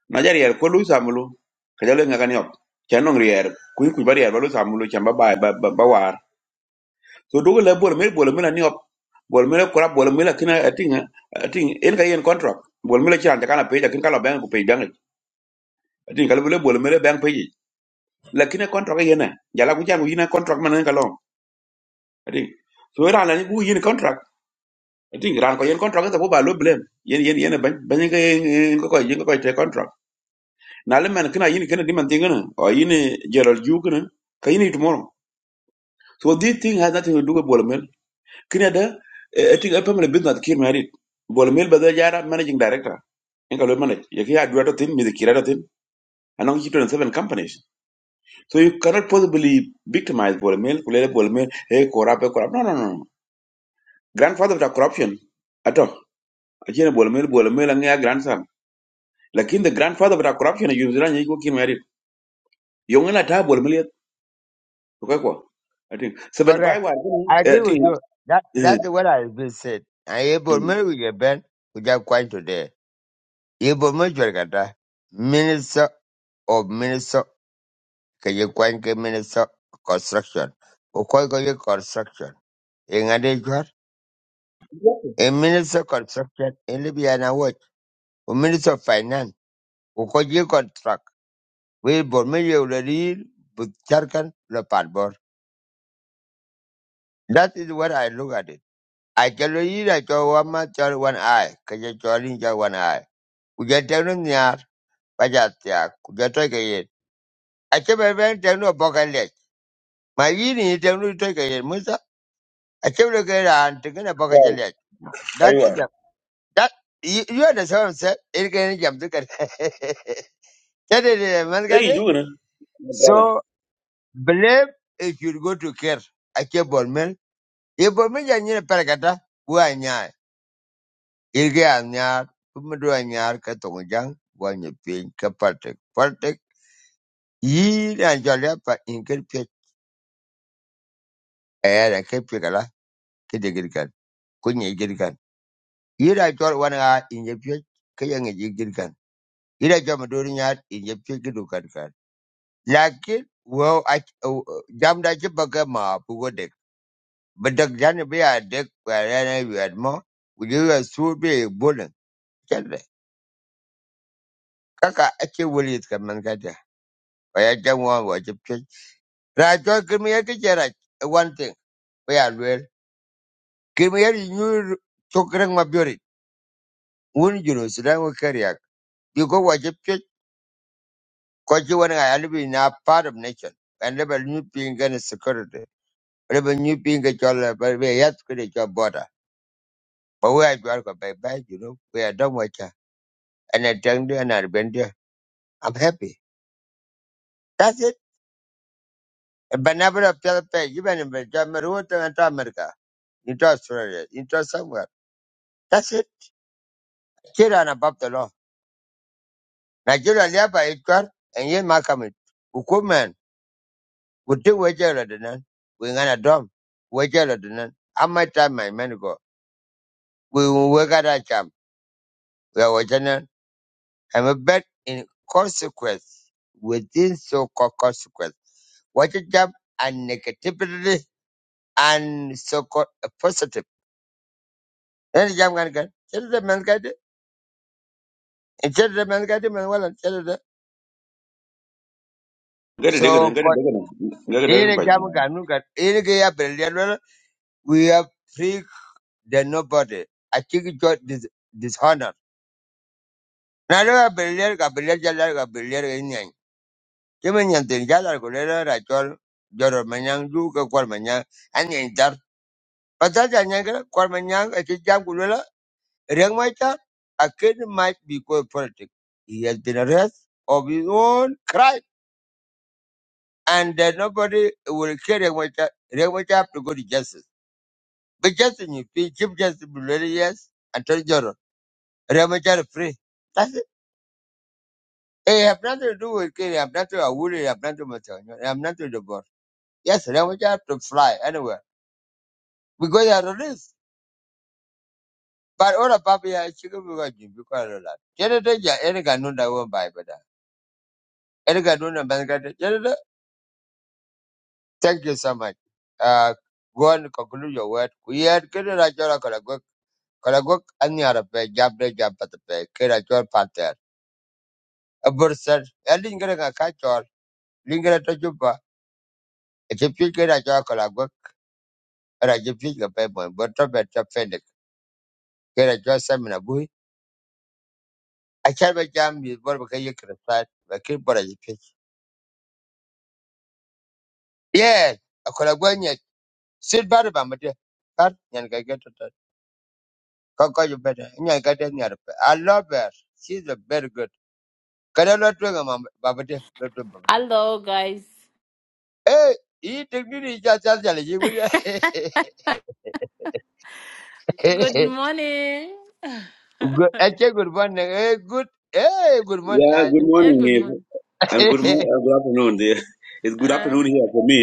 na jar rier ko lu samulu ke jalo nga kan yop chan nong rier ku ku ba rier ba lu samulu chan ba ba ba ba ba war so do le bol me bol me na ni yop bol me ko ra bol me la kina ating ating en ka yen contract bol me la chan ta kana pe ja kin kala ben ku pe dang ating kala bol bol me le ben pe la kina contract yen na jala ku chan ku yin contract man ka long ating so ran la ni ku yin contract I think ran ko yen contract ta boba lo blame yen yen yen ban ban ga yen ko ko yen ko te contract na le man kana yin kana diman tingana o yin Gerald Yu kana ka yin tomorrow so this thing has nothing to do with Bolomel kana da eh, I think a family business kir married Bolomel ba da jara managing director in ka lo manage ya ki adwa to tin mi de kira to tin anong chi 27 companies so you cannot possibly victimize Bolomel kulele Bolomel hey corrupt eh, corrupt no no no grandfather of the corruption ato achine Bolomel Bolomel ang ya grandson Like in the grandfather of corruption you yuzira nyi ko kin mari yong na ta bol mili ko ko i think seven five
Correct.
war
I
i
agree
think
with you. That
eh,
that's what I've been said. I able
mm,
me with get ben with just coin today. Able me chol minister of minister kaya kwany ke minister construction. Ukoy kaya construction. Ingade chol a minister construction in Libya na watch. A minister of finance. Ukoy contract. We Burmese already but Charkan no passport. That is what I look at it. I tell you, I tell one man, tell one eye, cause I tell you, one eye. We get tell them near, but that's yeah, get take I tell my friend, tell no bucket leg. My yini, tell no take it, Musa. I tell you, get on, take a bucket
right
leg. That's it.
aywa
That, you, you understand what I'm saying? It can jump to get. *laughs* That is, it, man,
hey
got it.
you gonna brother
So, believe if you go to care. I keep on. Ibo mi ja nyini parkata, bu a nyaai. Irgi a nyaar, bu mi du a nyaar ka tongo jang, bu a nyi piny ka partik. Partik, yii na jol ya pa in kir pyek, a ya da ka pyek ala, ka de girkan, ku nyi girkan. Yii na jol wan girkan. Yii na jol ma du ni nyaar, kan Lakin, wo a jam da ki ma bu bedak dek. Badak jani dek, wa rana yuad mo, wujiri wa kaka ëcï Willis ka mën këdë ëka jö ngö öcï pyec Raa cö kï mïa kï cïdhö wan thïn ëya lwel kï mïa dï nyutho cük rëng na beauty un Junior Sudan we keriak bicos wacë pyec köc cï wen ëa nïbï ïn a part of nation ën lëbë nyu pïny gënï security lëbë nyu pïny kï cöl ba yath kede cö border ba we ajwal ko ba You know, we adöm wëca ënë tëng dï ënë arïbën dï I'm happy that's it Banabra Pelpe, you've been in Jamaica, America. into Australia, into somewhere. That's it. Children above the law. Nigeria liaba itwar and yen makamit. Ukumen, kuti wejela dinan, we ngana dom, wejela dinan. Amma time my men go. We wegada cham, we are wajanan. I'm a bet in consequence, within so-called consequence. What a jam and negativity and so-called a positive. Then jam gan gan. Chelo de men gade, chelo de men gade men walan chelo de.
gari de gana
So
gari de gana gari de
Ere
ba
jam ganu gan ere ge ya belial we are free than nobody. I think it got dis dishonor. Na lo ya belial ga belial jala ga belial ga nyan. Kemen nyan ten jala ko le ra chol joro manyang du ka kwal manyang an nyan dar. Pata ja nyan ga kwal manyang e ti jam ku le reng mai ta a kid might be called politics. He has been arrested of his own crime and uh, nobody will care Reng Mai Ta. Reng Mai Ta have to go to justice. But just in you, Chief Justice Bulerius, and Attorney General, Ramachari free. That's it. Hey, I have nothing to do with Kenya. I have nothing to do with Awuri, I have nothing to Matanyo, I have nothing to Bor. Yes, Ramachari have to fly anywhere because they are released. But all the papi are chicken because you because of that. Jennifer, yeah, any Ganunda won't buy better. Any Ganunda Bangladesh, Jennifer, thank you so much. Uh, go on and conclude your word. We had Kiri Rajora Kalagok, Kalagok, and the other pay, Jabde Jabata pay, Kiri Rajor a bur sar a lingere ka ka chol lingere to juba e ke a ke ra chol kala go ra ke pi ke pe bon a to be to fe de ke ra chol sam na bu a cha be jam mi bor ke ye kre sa be ke bor ye pi ye a kala go nye sit bar ba mate kar nyan ka ke to to ko ko ju be de nyan ka de nyar pe i love her she's a very good kada lo to ga mam ba mate lo to ba mate
Hello, guys.
eh i te ni ja ja ja le ji
Good
*laughs*
morning.
Good. Ache good morning. Eh, good. Eh, good morning.
yeah good
Aje.
Eh,
morning
good
eh,
morning.
and good morning uh, good afternoon there *laughs* it's good
Uh,
afternoon here for me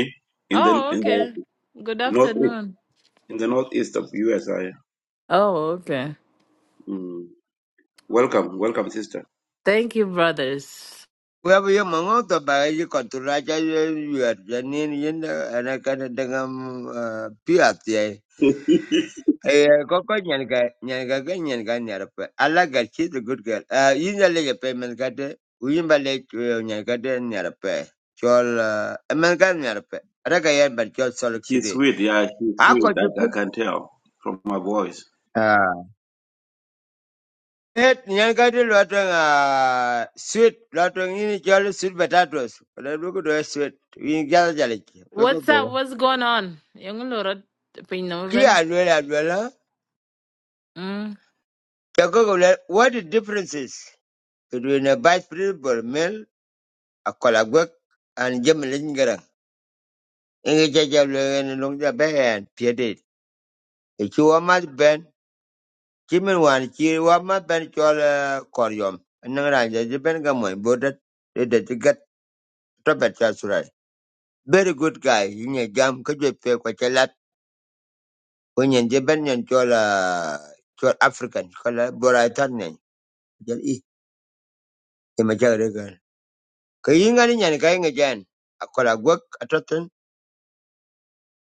in the
oh,
in the
okay. Good
northeast
afternoon.
in the northeast of USA
Oh, okay.
mm. welcome welcome sister
Thank you, brothers.
Wewe yo mangoto ba yo konturacha yo yuar janin yenda ana kana dengan piat ya. *laughs*
*laughs*
Eh koko nyan ga nyan ga ga nyan ga nyar pa. Ala ga chi the good girl. Ah yinda le ga payment ga de uyin ba le nyan ga de nyar pa. Chol man ga nyar pa. Ara ga yan ba chol solid
she's
city.
sweet yeah she's
Ako
sweet I, I
jupi.
can tell from my voice
Wait, nyankati lwatwenga sweet lwatwenga ini chwalo sweet potatoes kuna duku doe sweet winjaza chaliki tuko
What's
poa
up? What's going on? Yung lorot
ki
pinamuban.
anwele anwela
Mm.
chakoko le what the difference is between a vice principal male a kolagwek and jem lingera inge chacha lwe ni longja ben piedit ichi wama ben chimin wan chi wama ben chwalo koryom nangranja jiben gamoy bodat ida tigat topet jual Very good guy. In a jam, could you pay quite a lot? When you're Japan and Chola, Chola African, Chola Boratan, Jali, the Majaragan. Kayingan and Kaying again. I call a work a totten,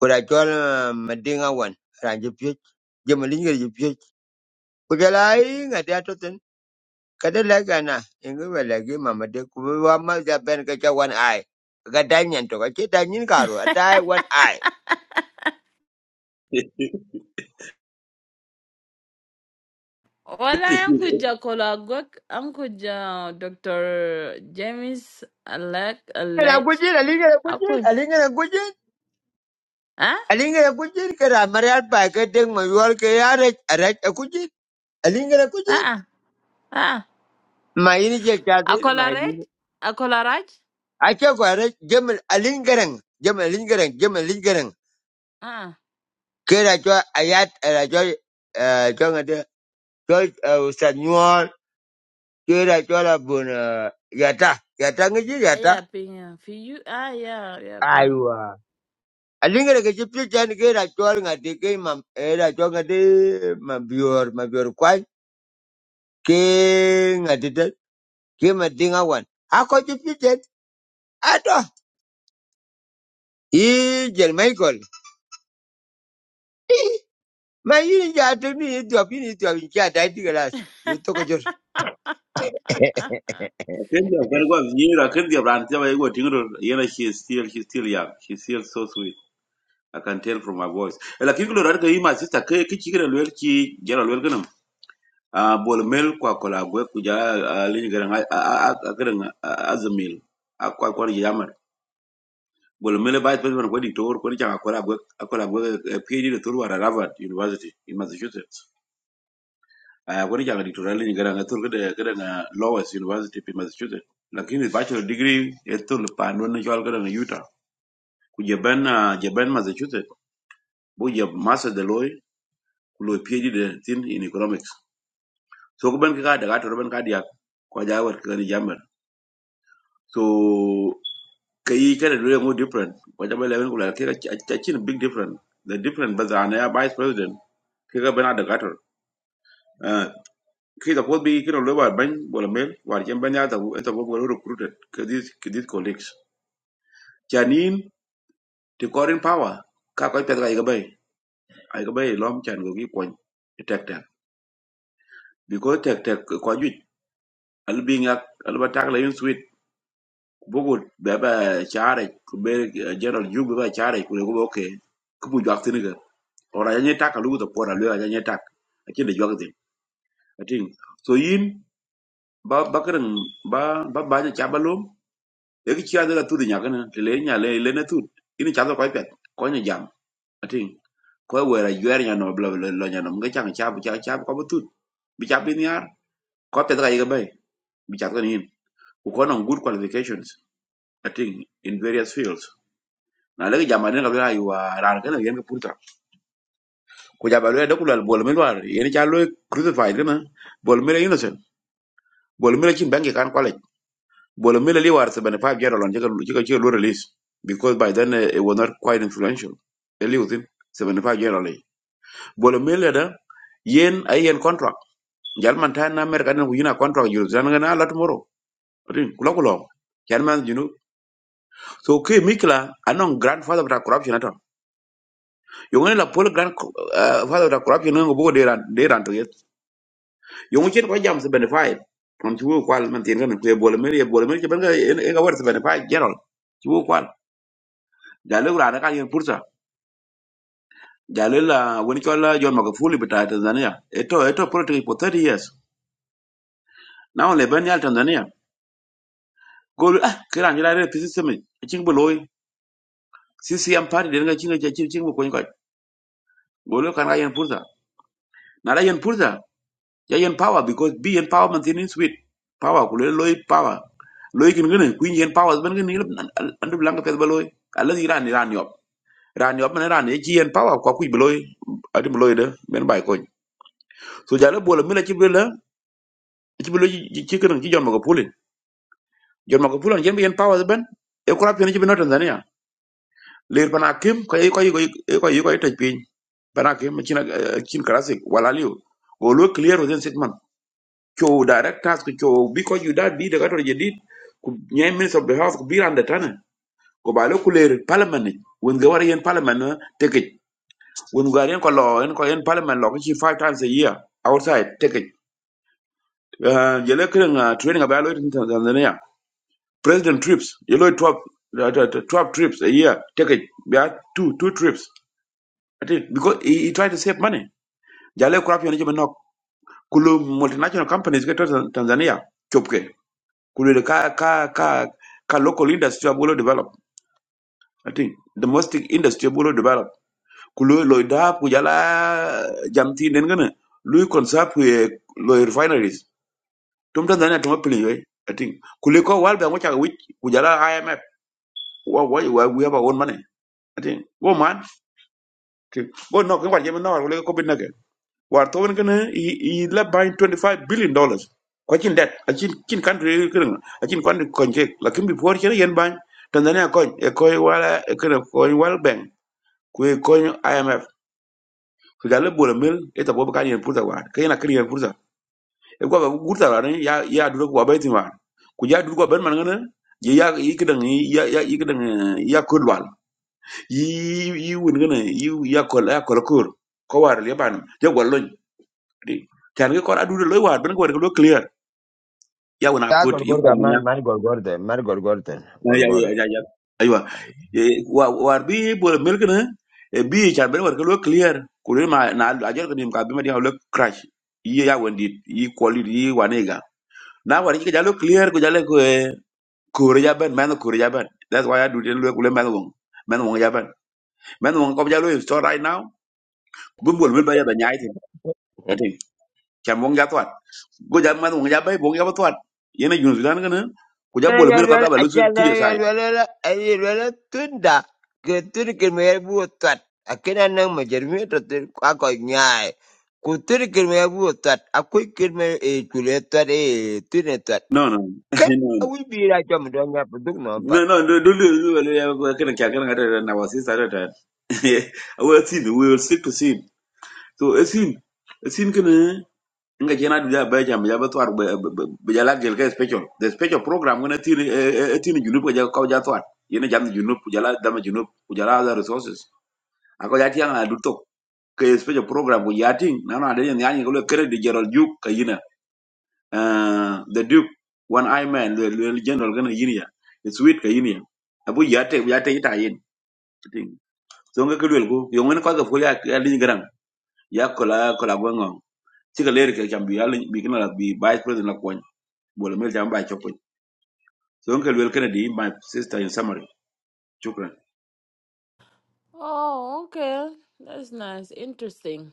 but I told Madinga one, Raja Puch, Jamalinga Puch. Could I lying at that totten? Kadalagana, and we were like him, Mamma de Kuama, the Ben Gacha one eye. Gadanyan to Gachi, Danin
*laughs*
Garo, a die one eye.
Wala ang
*laughs*
kuja kolagwak. Ang kuja Dr. James Alec
And I would
Alec.
get a linger, I would get
Ako.
a linger, a good.
Ah?
Alinga kujin kara marial pa ke deng ma yual ke yare arach a kujin. Alingere
Ah?
kujin.
Ah? Ah?
Ma ini je chati ma
Akolaraj?
ini.
Akolaraj?
Acha ko arach jemal alingereng. Jemal alingereng. Jemal alingereng.
Ah?
Kera cho ayat era cho eh, cho ngade cho eh, ustad nyual. Kera cho la bun eh, yata. Yata ngeji
Ah,
yata.
yeah, been yeah. for you. Ah, yeah, yeah, been.
Aywa. alinga ke chipsi chan kera cho ngade ke mam era cho ngade ma bior ma bior kwai. Ke ngade kima dinga wan ako ju pitet ato i jel michael ma yin ja to ni to pini to in cha dai diga las
*laughs*
yu to ko jor
Akhirnya, kan gua view, akhirnya berarti apa yang gua tinggal, yana she is still, she's still young, She's still so sweet. I can tell from her voice. Ela kingu lora ka ima sister ke ke chikira lwer ki jara lwer kanam. Ah bol mel kwa kola gwe kuja lini garang a a a garang azamil. A kwa kwa yamar. Bol mel ba tpes man kwadi tor kwadi changa kola gwe kola gwe PhD de Harvard University in Massachusetts. uh, wani janga dictorial ni gara ngatur kada kada na Lowest University pi Massachusetts lakini bachelor degree etul pandon ni jwal kada na Utah ku jaban ah, jaban Massachusetts bu jab master de loy ku loy PhD de tin in economics so ku ban ka da gator ban ka dia ko jawar ka ni jamar so kayi kada dole mu different wajen bai labin kula kai a cikin big different the different ba zana ya vice president kai ga bana da gator Uh, Kita pot bi kira lo war bany bola mel war jem banya ta enta bo bola recruited kedit kedit colleagues. Chanin the foreign power ka ko pet ga iga bay ay ga bay lom chan go gi kon tek tek because tek tek ko ju al bi ngak al ba tak la yin sweet bogol be ba chare ku be general ju be ba chare ku go okay ku bu jak tin ga ora ya ni tak lu to pora lu ya ni tak akin de jog tin atin so yin ba ba kan ba ba ba ja e ki chia de la tu nya kana te le nya le le na tu ini cha do ko pet ko nya jam atin ko we ra yer nya no bla bla lo nya no mga chang cha bu cha cha ko bu tu bi cha bin yar ko pet ga ga bay bi cha ko ni ko no good qualifications atin in various fields na le jam ne ga bla yu wa ra kana yen ka purta ko ja ba le de ku la bol me war yen cha lo crucified kana bol me innocent bol me chin bangi kan ko le Bolo Miller Lee war 75 year old chika chika chika lo release because by then uh, it was not quite influential. Eli within 75 year old. Bolo Miller da yen ay yen contract. Jal man tan na America na yuna contract you zan ngana la tomorrow. Rin kula kula. Jal man you know. So ke mikla anon grandfather of the corruption ato. Yung ni la pol grand uh, father of the corruption ngo bo de ran de ran to yet. Yung chen ko jam 75. Kon chuo kwal man tien kan ko Bolo Miller Bolo Miller ke ban ga en ga war 75 year old. Chuo kwal. Jalo ra na ka yen pursa Jalila when chola John Magufuli bita Tanzania. Eto eto politics for thirty years. Now leben ya Tanzania. Golu ah kira njira re pisi semi. Ching boloi. CCM party denga chinga cha ching ching ko nyka. Golu kan ga yen purza. Na ra yen purza. Ya yen power because be yen power man thin sweet. Power kulele loy power. Loy kin gane kuin yen power ben gane andu blanga pes boloi. Alla di ran ran yop. Ran yop man ran e chi yen power ko kuj boloi. Adi boloi de men bai ko. So jalo bolo mila chi bela. Chi boloi chi kin chi John Magufuli jon ma ko pulan jen yen power the ben e ko rapi ni bino tanzania lir pana kim ko e ko e ko e ko e tej piny pana kim china chin classic wala liu go lo clear within six months cho directors ko cho bi ko you that bi de gator jedid ku nye minister of the house ku bi rande tane ko ba lo ku lir parliament ni won ga war yen parliament na teke won ga yen ko lo yen ko yen parliament lo ko chi five times a year outside teke jele kren training about lo in tanzania President trips, you know, 12, uh, uh, uh, 12 trips a year. Take it, yeah, two, two trips. I think because he, he tried to save money. Jale kurap yon jima nok. Kulu multinational companies get to Tan- Tanzania. Chopke. Kulu the ka, ka, ka, ka local industry abulo develop. I think domestic industry abulo develop. Kulu loy kujala jamti nengane. Lui konsap kuye loy refineries. Tum Tanzania tumo pili yoy. I think. Kuliko walbe amocha kuch kujala IMF. Wa- wa- wa- We have our own money. ati wo man ke go no ke warje no wala ko bin nage war to won kana i la bain 25 billion dollars ko cin det a cin cin country kren a cin country konje la kimbi por cin yen bain tanzania ko e ko wala e kren ko wal bank ko e ko imf ko dal bo le mil e ta bo kan yen purta war ke na kren yen purta e ko ba gurta war ni ya ya du ko ba tin war ku ya du ko ben man ngana ya ya ikdang ya ya ikdang ya kudwal yi yi wun gana yi yakol yakol kur ko war le ban je gol loñ di tan ngi ko adu loy war ben ko war ko clear ya wona
Ya
ko yi
gorgor
ko
ka
nya
man man gorgor de man gorgor de
ya
gorgor.
ya ya ya aywa Eh, wa war bi bo mel gana e bi tan ben war ko lo clear ko le ma na a jor ko dim ka bi ma di hawle crash yi ya won di yi ko li yi wanega na war yi jalo clear ko jalo ko ko re ya ben man ko re ya ben that's why i do den lo ko le man won man won ya ben man won ko jalo store right now bu bo mel ba ya da nyaay
Eh.
chan wong ja twat go ja man wong ja bai wong ja twat y a n e jun sudan kana ko ja
ana
bol
ya
mil ko
wel
ba
a
lu
ja
puje
ya
sai
wel la ai wel tunda ke tur ke me bu tat akena na ma jer mi to tur ako nyaai ku tur ke me bu tat akoi ke me e kule tat e tune tat
no no *laughs*
ken awi bi ra jom do nya bu dug no
no no
pat
no no do lu lu lu ya ko kana kya kana da na wasi sa da da we *laughs* sin we will stick to sin so a sin a sin kana nga jena du ja bai jam ja ba twat ba ja la gel ka *laughs* special the special program ngana tin tin junub ko ja ko ja twat yene jam junub ko ja la dama junub ko ja la resources ako ja tianga du ke special program ko yating na na de nyani ko le kere Gerald Duke ka yina uh, the Duke one eye man le le general gana yini ya it's sweet ka yini ya abu yate yate ita yin ting so nga kelwel ko yo ngene ko ga ko ya ya lin garang ya ko la ko la gongo ti ka le ke chambi ya lin bi kana la bi vice president la ko bolo mel jam cho chopo so nga kelwel kana di my sister in summary chukran
oh, okay, that's nice, interesting.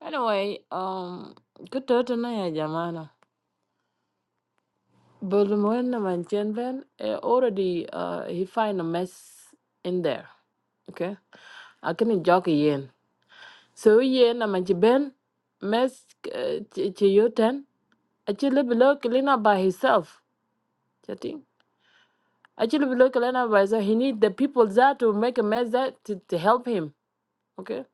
Anyway, um, good to know ya, Jamana. But when the man Chen Ben eh, already uh he find a mess in there. Okay, I can joke yen. So yen a man Ben mess to you ten. Actually, below clean up by himself. Actually, we look advisor. He need the people there to make a mess that to, to help him. Okay.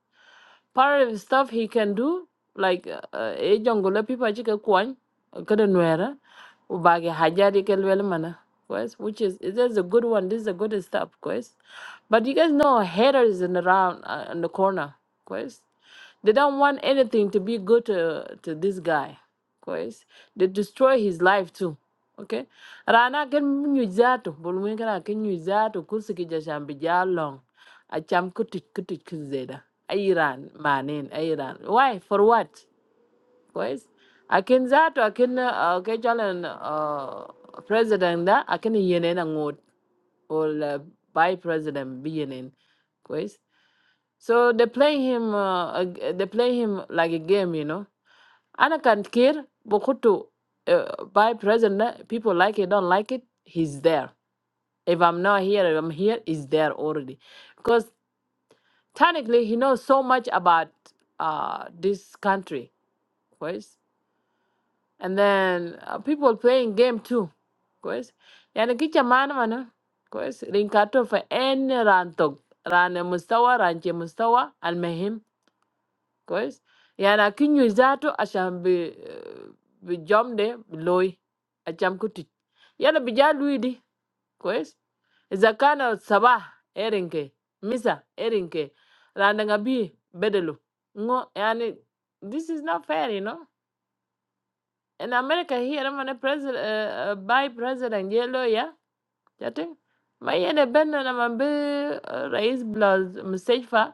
Part of the stuff he can do, like uh, eh, jungle people actually kwan kada nuera ubage hajari kelwele mana. Quest, which is is this is a good one. This is a good stuff, Quest, But you guys know haters in around uh, in the corner, Quest, They don't want anything to be good to to this guy, guys. They destroy his life too. Okay. Rana ken nyu zato, bol wen kana ken nyu zato kursi ki jasham bi A cham kutit kutit kuzeda. Iran manin, Iran. Why? For what? Guys, I can zato, I can uh, ke jalan uh, president da, I can yenen ngot. Or uh, by president bi yenen. So they play him, uh, a g- they play him like a game, you know. Anna can care, Bokutu, uh, by president, people like it, don't like it, he's there. If I'm not here, if I'm here, he's there already. Because technically, he knows so much about uh, this country, guys. And then uh, people playing game too, guys. Yani kicha maana mana, guys. Rinkato for any rantok, rane mustawa, ranche mustawa, Guys, I am not going to that. I shall be be jammed, be low. I shall not be jammed. Why did? Guys, it's a kind of Sabbath. I think. Missa. I think. The Andengabi bedelu. No, I am. This is not fair, you know. In America, here, I am a president. Uh, uh, vice president, yellow, yeah. Jadi, mae yene benda nama bi race blaz masejfa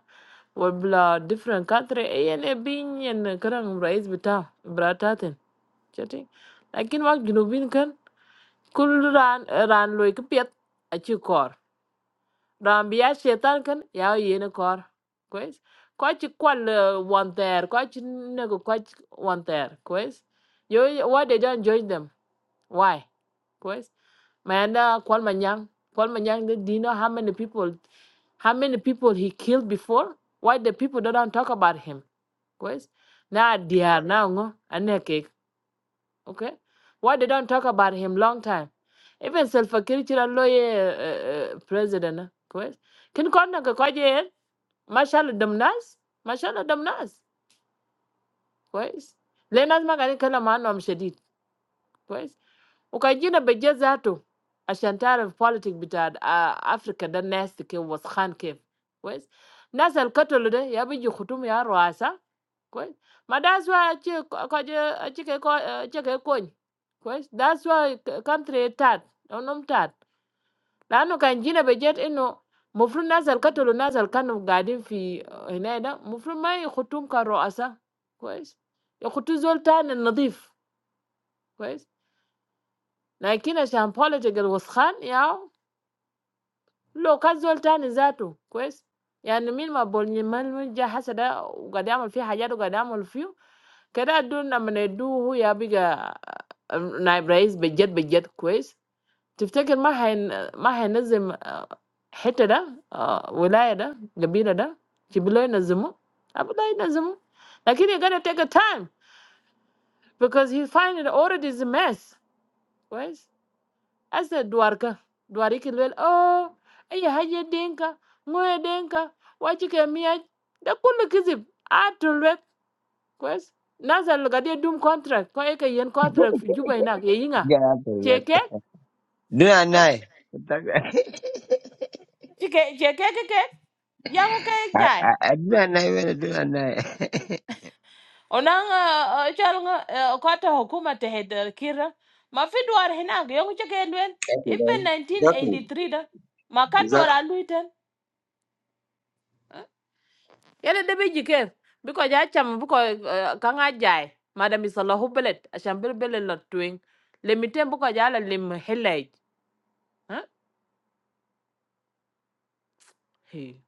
or blaz different country. E yene bing yen kerang race betah berada jadi. Jadi, nakin wak jinubin kan kul ran ran loe kepiat acik kor. Rang biasa tangan kan yau yene kor. Quest. Kau cik kau le wanter. Kau cik nego kau wanter. Quest. Yo why they don't join them? Why? Quest. Man, uh, Kwal Manyang, Kwal Manyang, do do you know how many people, how many people he killed before? Why the people don't talk about him? Guys, now they are now ngo aneke, okay? Why they don't talk about him long time? Even Salva Kiir chira lawyer uh, uh, president, guys. Kin kona ka kwaje, mashallah damnas, mashallah damnas, guys. Lenas magani kala maano amshadid, Ukaji na budget zato ashanta of politics bitad a Africa the nesti ke was chanke ku es nazi alkatolode ya biyo kutumia roasa ku es ma that's why achi achi achi achi achi achi ko ni ku es that's why country tad unom tad la ano kaji na budget eno mufunazi alkatolode nazi alkan of garden fi hineida mufunai kutumia roasa ku es ya kutuzole tana ndiif ku es na ikina ashanta politics bitad was chan ya Look, as old time as that, was. I mean, when we born, when we just had that, we got to have all the fuel. We got to have all the fuel. Because I don't know, man, do who are bigger, neighbors, budget, budget, was. To think that my hand, my hand is empty, right now, ah, without that, you're better than. You believe in that? You believe in that? Now, he's gonna take a time because he find it already is a mess, was. Asa dwarka, dwari kilwel, oh, iya haje dinka, ngoye dinka, wachike miach, da kullu kizib, atulwek, kwes. Nasa lugadi dum contract, ko eke yen contract fi juba inak, ye yinga.
ya
Cheke,
Dua
eh,
nai. *laughs*
Cheke cheke keke, yangu ke
I,
jai.
I, I do not know whether *laughs*
Onang, uh, chal nga, uh, kota hukuma tehed uh, kira, mafi dwar hinak, yangu cheke lwel,
okay,
even
bye. exactly
1983 da, makan dwar
exactly
aluiten. Yala de beji ker. Biko ja cham biko uh, kanga jai. Madam is a lahu belet. Asham bil belet lot twing. Limitem biko ja la lim helaj. Huh? Hey.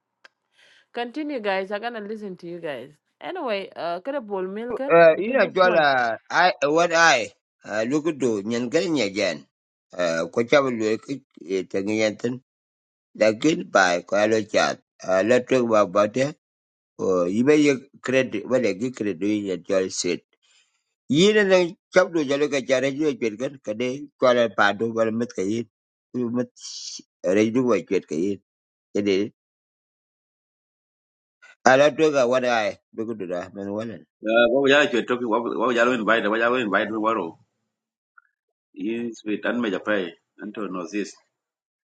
Continue guys. I'm gonna listen to you guys. Anyway, uh, kada bol milk em.
uh, you know,
Dubu pon.
Jola, I, what I, uh, look at do, nyan gari Uh, ko chabu lu ki ta ngi yantin. Lakin by ko chat. Uh, let talk about about it. Uh, you may you credit, what I give credit to you, Jola said. Yin and then chabu do jalo ka jara ju jwe gan ka de ko ala pa do ala twega wada ai bugu da men wala
uh, wa wa ya ke toki wa wa ya lo invite wa ya lo invite wa ro is with an meja pay anto no this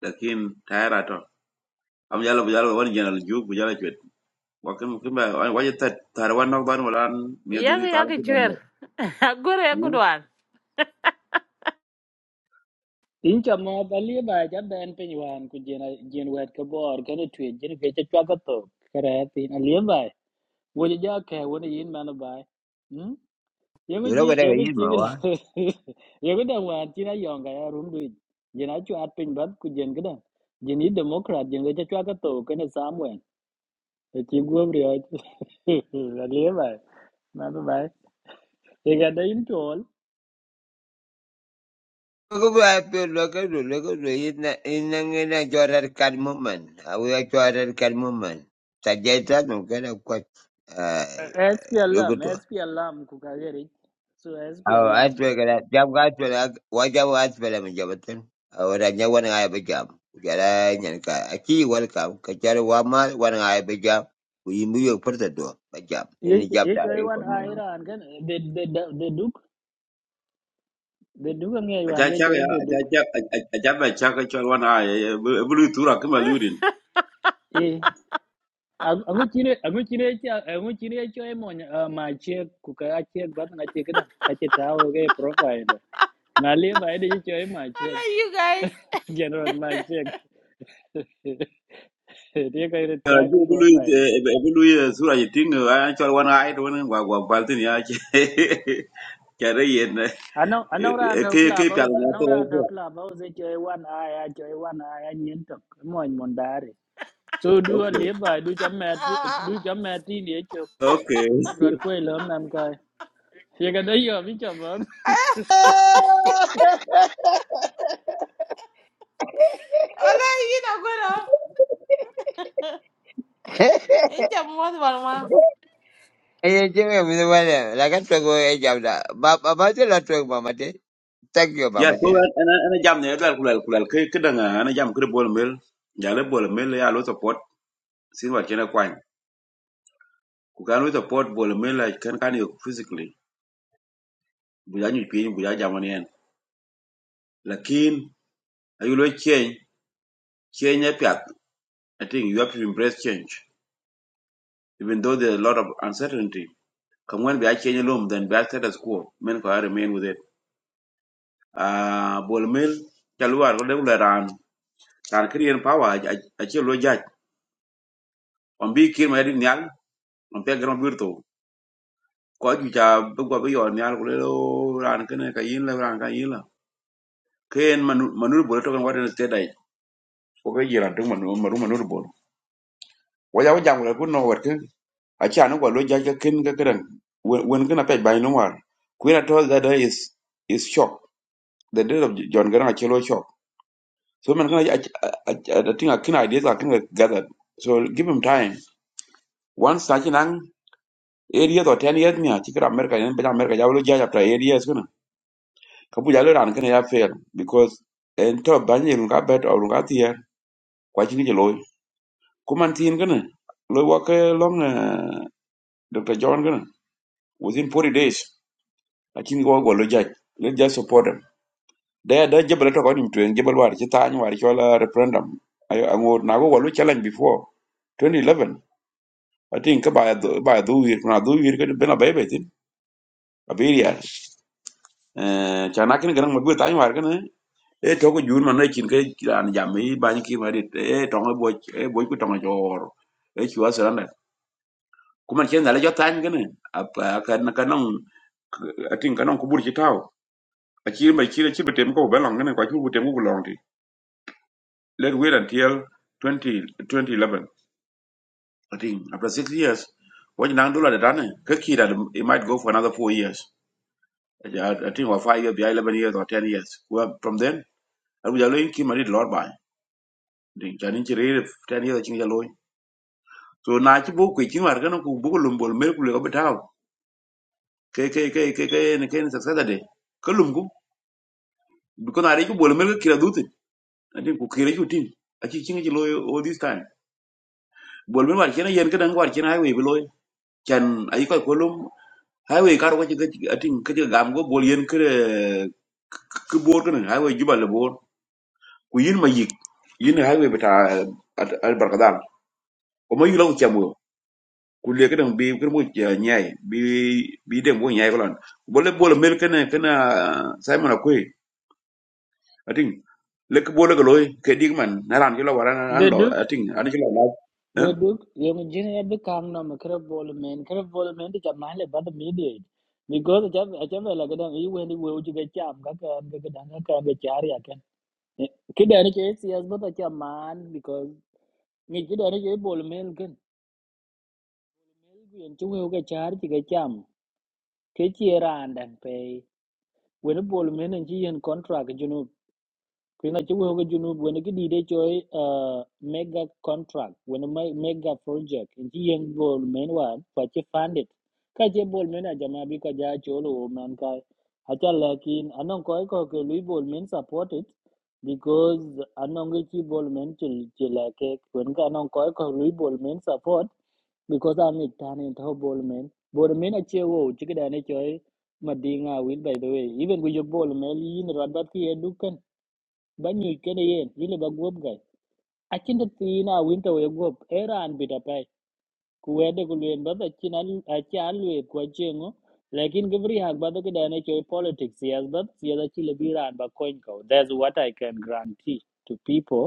lakin tayara to am yalla bu yalla won jenal juk bu yalla chwet wakin kimba an waje tat tar wan nok ban wala ne
Yang
duni tal
yang
ki ban
chwer. *laughs* Gore
hu
kudwan. *laughs*
Incha mo balia ba ja ben piny wan ku jin jin wet ka bor kana twe jin ke cha chwa ka to kare pin alia ba wo ja ke wo ni yin man ba hm yego
yoro
ji
ga daga
yego
yi
ji
ma wa
*laughs* yego da wan ti na yong ga ya rum du jin a chwa at pin bat ku jin ga da jin ni *laughs* democrat jin ga cha chwa ka to kana samwen ta chi go bri a alia *laughs* ba man ba ye ga da in tol
bugu ba pe lo ka do lo ka do yi na ina ngina jorar kad muman awu ya jorar kad muman ta je ta no ga da kwat eh bugu
SPLM
to
SPLM ku ka ge ri so sp
awu a
alarm *laughs*
twega da jam ga twega wa jam ga twega men jabatan awu da nya wana ai ba jam jara nyan ka aki wal ka ka jar wa ma wana ai ba jam ku yi mu yo furta do ba jam
ye
ini jab
ye
da
choy
ai ko
wan
mu
a iran kan de de de de duk de duk ang ye
aja
wan ye
cha
choy
ya
de
aja
duk
cha aja ba cha ka chol wan ay bulu tura kimba lurin
e ango chire ango chire cha ango chire choy mo ma che ku ka a che bat na che kada ka che ta o ge profile na le ba e de ye choy ma
I
che
love you guys.
*laughs* general ma
*laughs*
che *laughs* de ka ire cha
ajo bulu
profile
bulu sura yiting ay chol wan ay to wan gwa gwa baltin ya che *laughs* kare yen uh,
ano
eh,
ano ra an
eh,
thau
ke ke
club
pyal
house
na
ano
to
ra an
okay
thau club house ye choy wan a ya choy wan a ya nyen tok mo mon So do a
okay
levi, do chamati, do chamati ni chụp,
okay.
Ale brad ko ilam nam cái. thì kai. Yaga giờ biết chụp vẫn.
I love you, Nagoro. Ella muat balma.
Hey, Jimmy, Anything with the weather. Like I talk about age of that. But about the lot of mama day. Thank you,
ya
mama
so
dear.
ana ana jam ne dal kulal kulal ke kedanga ana jam kre bol mel ya le bol mel ya lo support sin wa kena kwan ku kan lo support bol mel la kan kan yo physically bu ya nyu pin bu ya jam ne en lakin ayu lo change change ya pyak i think you have to embrace change even though there's a lot of uncertainty come when we are change loom then we are status quo men ko remain with it ah bol mel chalwa ko de ran kan kriyen power a che lo jaj on bi kin ma di nyal on pe gram virtu ko ju cha bu gwa bu yor nyal ko le lo ran ken ka yin la ran ka yin la ken manu manu bo to kan wa den te dai ko ke yiran tung manu manu manu bo wa ya jam la ku no wa ken a cha no gwa lo ja ka ken ka kran wen ken a pe bai no war ku na to that day is is shock the death of john garan a chelo shock so man kan i i think i can ideas i can gather so give him time once such an area to 10 years ni a chikra america ni america ya lo ja chapter areas kabu jalo ran kene ya fail because en to banye nga bet or nga tier kwa chini je loy kuman tin kene loy wa ke long eh, dr john kene within 40 days lakini go go lo jaj let just support them da da jebal to ko nim tuen jebal war ci tan war ci wala referendum ayo ango na go go lo challenge before 2011 i think ba ba do wir na do wir kene bena baybeti abiria eh chanakin gan mo bu tan war kene e to ko jur man na chin ke an jam i ban ki ma dit e to ko boy e boy ku to ko jor e chwa saranda kuma chen dala jo tan gane apa ka na ka non atin ka non ku bur chi taw a chi mai chi chi betem ko balong gane kwa chi betem ko long ti let wait until 20 2011 atin after 6 years what nang dola da ne ka ki da it might go for another four years atin wa five years, bi eleven years or ten years well from then abu jalo in ki ma dit lord bai din janin chi re ten years chi jalo so na ci bo ku ci war kan ku bu lum bol mel ku le ko betaw ke ke ke ke ke ne ke ne saksa de ko lum ku bi ko na re ku bol mel ko kira dutin adin ku kira ju tin a ci cinga ci lo all this time bol mel war ci na yen ka dan war ci na highway bi lo can ay ko ko lum highway kar ko ci ga- atin ka ci gam go bol yen kre ku bor kan highway jubal le bor ku yin ma yik yin highway beta al barkadal ko ma yula ko kulie kedeng bi kede mu eh, nyai bi bi deng bu nyai kolon bole bole mel kene kene ah, simon akwe ating lek bole ko loy ke digman naran kilo waran an
Để
lo
đúc
ating an kilo la eh
để đúc. Giờ mình bi chaman. The duke, the duke, yong jin ya bi kang na makra bol men, kra bol men ti chaman le bad mediate. Because cham là cái ga dang i wen ni wo ji ga cham ga ka ga ga dang ka ga char ya ken. Ki da ni ke si as bata man, because ni ki da ni ke cái, men ken. Yen chu wo ga char ji cái cham. Ke chi ran dan pe. Wen bol men chỉ yen contract cái chỗ nó Kina chuo ga junu wena ki dide choi uh, mega contract wena mai mega project in ji yen bol men wa fa che funded ka che bol men a jama bi ka ja cholo o man ka acha lakin anong ko ko ke lui bol men support it because anong ge chi bol men chil chila ke wen ka anong ko ko lui bol men support because am it tan in tho bol men bol men a che wo chi da ne choi madinga win by the way even with your bol men yin radbat ki edukan ba nyu kene yen yile ba guop gai acin de tina winta we guop eran bita pai ku wede ku luen ba da cin al aci al we ku acengo lakin gibri hak ba da kada ne ke politics yes ba yes aci le biran ba coin ko that's what i can guarantee to people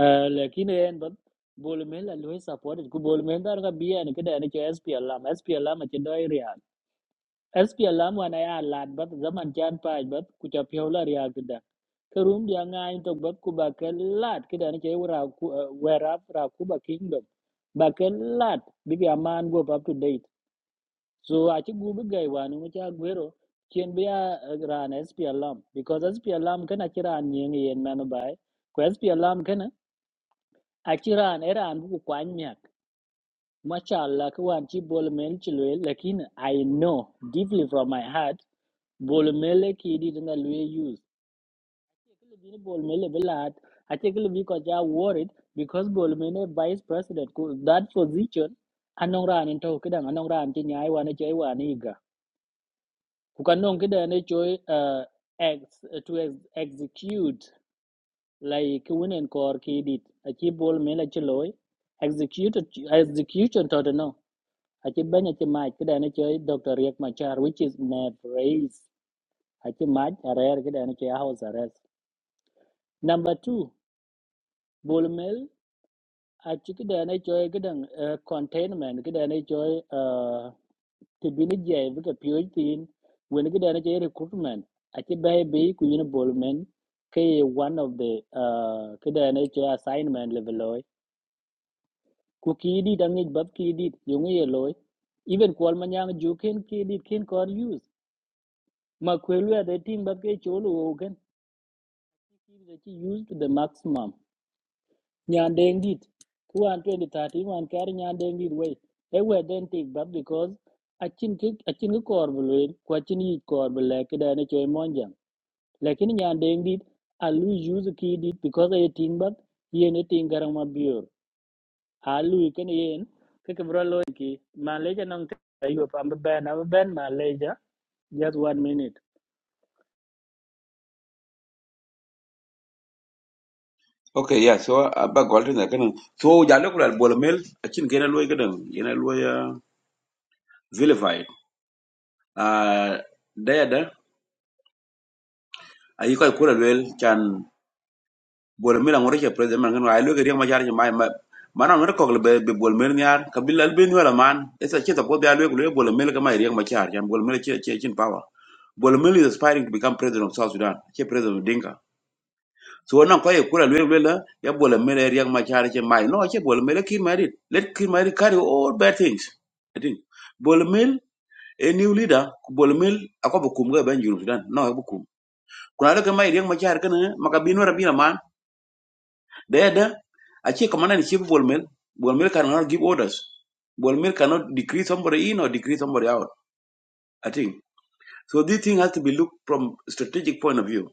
uh, lakin yen ba bol mel al we supported ku bol mel dar ga bien kada ne ke spl lam spl lam aci do SPLM wana ya lad bat zaman chan paj bat ku cha pyola ria gida karum dia ngai to bat ku ba ke lad kida ni che wara ku wera ra ku ba kingdom ba ke lad bi ga man go up to date so a chi gu bi gai wanu mu cha gwero chen bi ya ran SPLM because SPLM kana kira an yen yen manu bai ku SPLM kana a kira an era an bu kwan nyak mashallah ku wan chi bol men chi le lakin i know deeply from my heart Bolmele ki di tana luye use. Kile bini Bolmele bilat. Ache kile bi koja worried because Bolmele vice president ku that position anong ran into kidang anong ran ki nyai wana chai wana iga. Kukanong kida ne choi uh, ex, to ex, execute like winen kor ki dit. Ache Bolmele chiloi execute execution to the no. Ache banya che mach kida ne choi doctor Riek Machar which is my praise. Ache mach arer kida ne choi house arrest Number two, bol mel a chiki da na choy gidan uh, containment gida na choy uh, tibini jay vika piyoj tin wen gida na choy recruitment a chi bai bai ku yin bol mel ke one of the uh, gida na choy assignment level loy ku ki dit ang bab ki dit yung ye loy even kwal manyang ju ken ki dit ken kor use ma kwelu ya de team bab ke cholo ogen ki da chi use to the maximum nyan deng dit kuan 2030 man kar nyan deng dit we e we den tik bab because achin ki achin ki kor bulwe ko achin yi kor bule kida ne choy monjam lakini nyan deng dit alu use ki dit because e ting bab yen e ting garang ma biur alu ken yen ke ke bro lo ki malaysia nong te ayo pam ben am ben malaysia just one minute
okay yeah so abba golden da kene so jalo ko bole mel akin kene loy kedeng yana loy vilify ah daya da ayi koy kula wel chan bol mila ngore che president man ngwa lo gari ma jar ma ma mana ngore ko be be bol mel nyar kabila al ben wala man esa che to ko be alwe ko bol mel ga ma ri ma jar jan bol mel che che chin power bol mel is aspiring to become president of south sudan che president of dinka so wannan ko ye kula lwe lwe la ya bol mel ri ma jar che mai no che bol mel ki ma ri let ki ma ri carry all bad things i think bol mel a new leader ku bol mel akobo kum ga ben juru sudan no akobo kum kuna lo ga ma ri ma jar kana makabino rabina man There, a actually, commander in chief of Bolmel, Bolmel cannot give orders. Bolmel cannot decree somebody in or decree somebody out. I think so. This thing has to be looked from strategic point of view.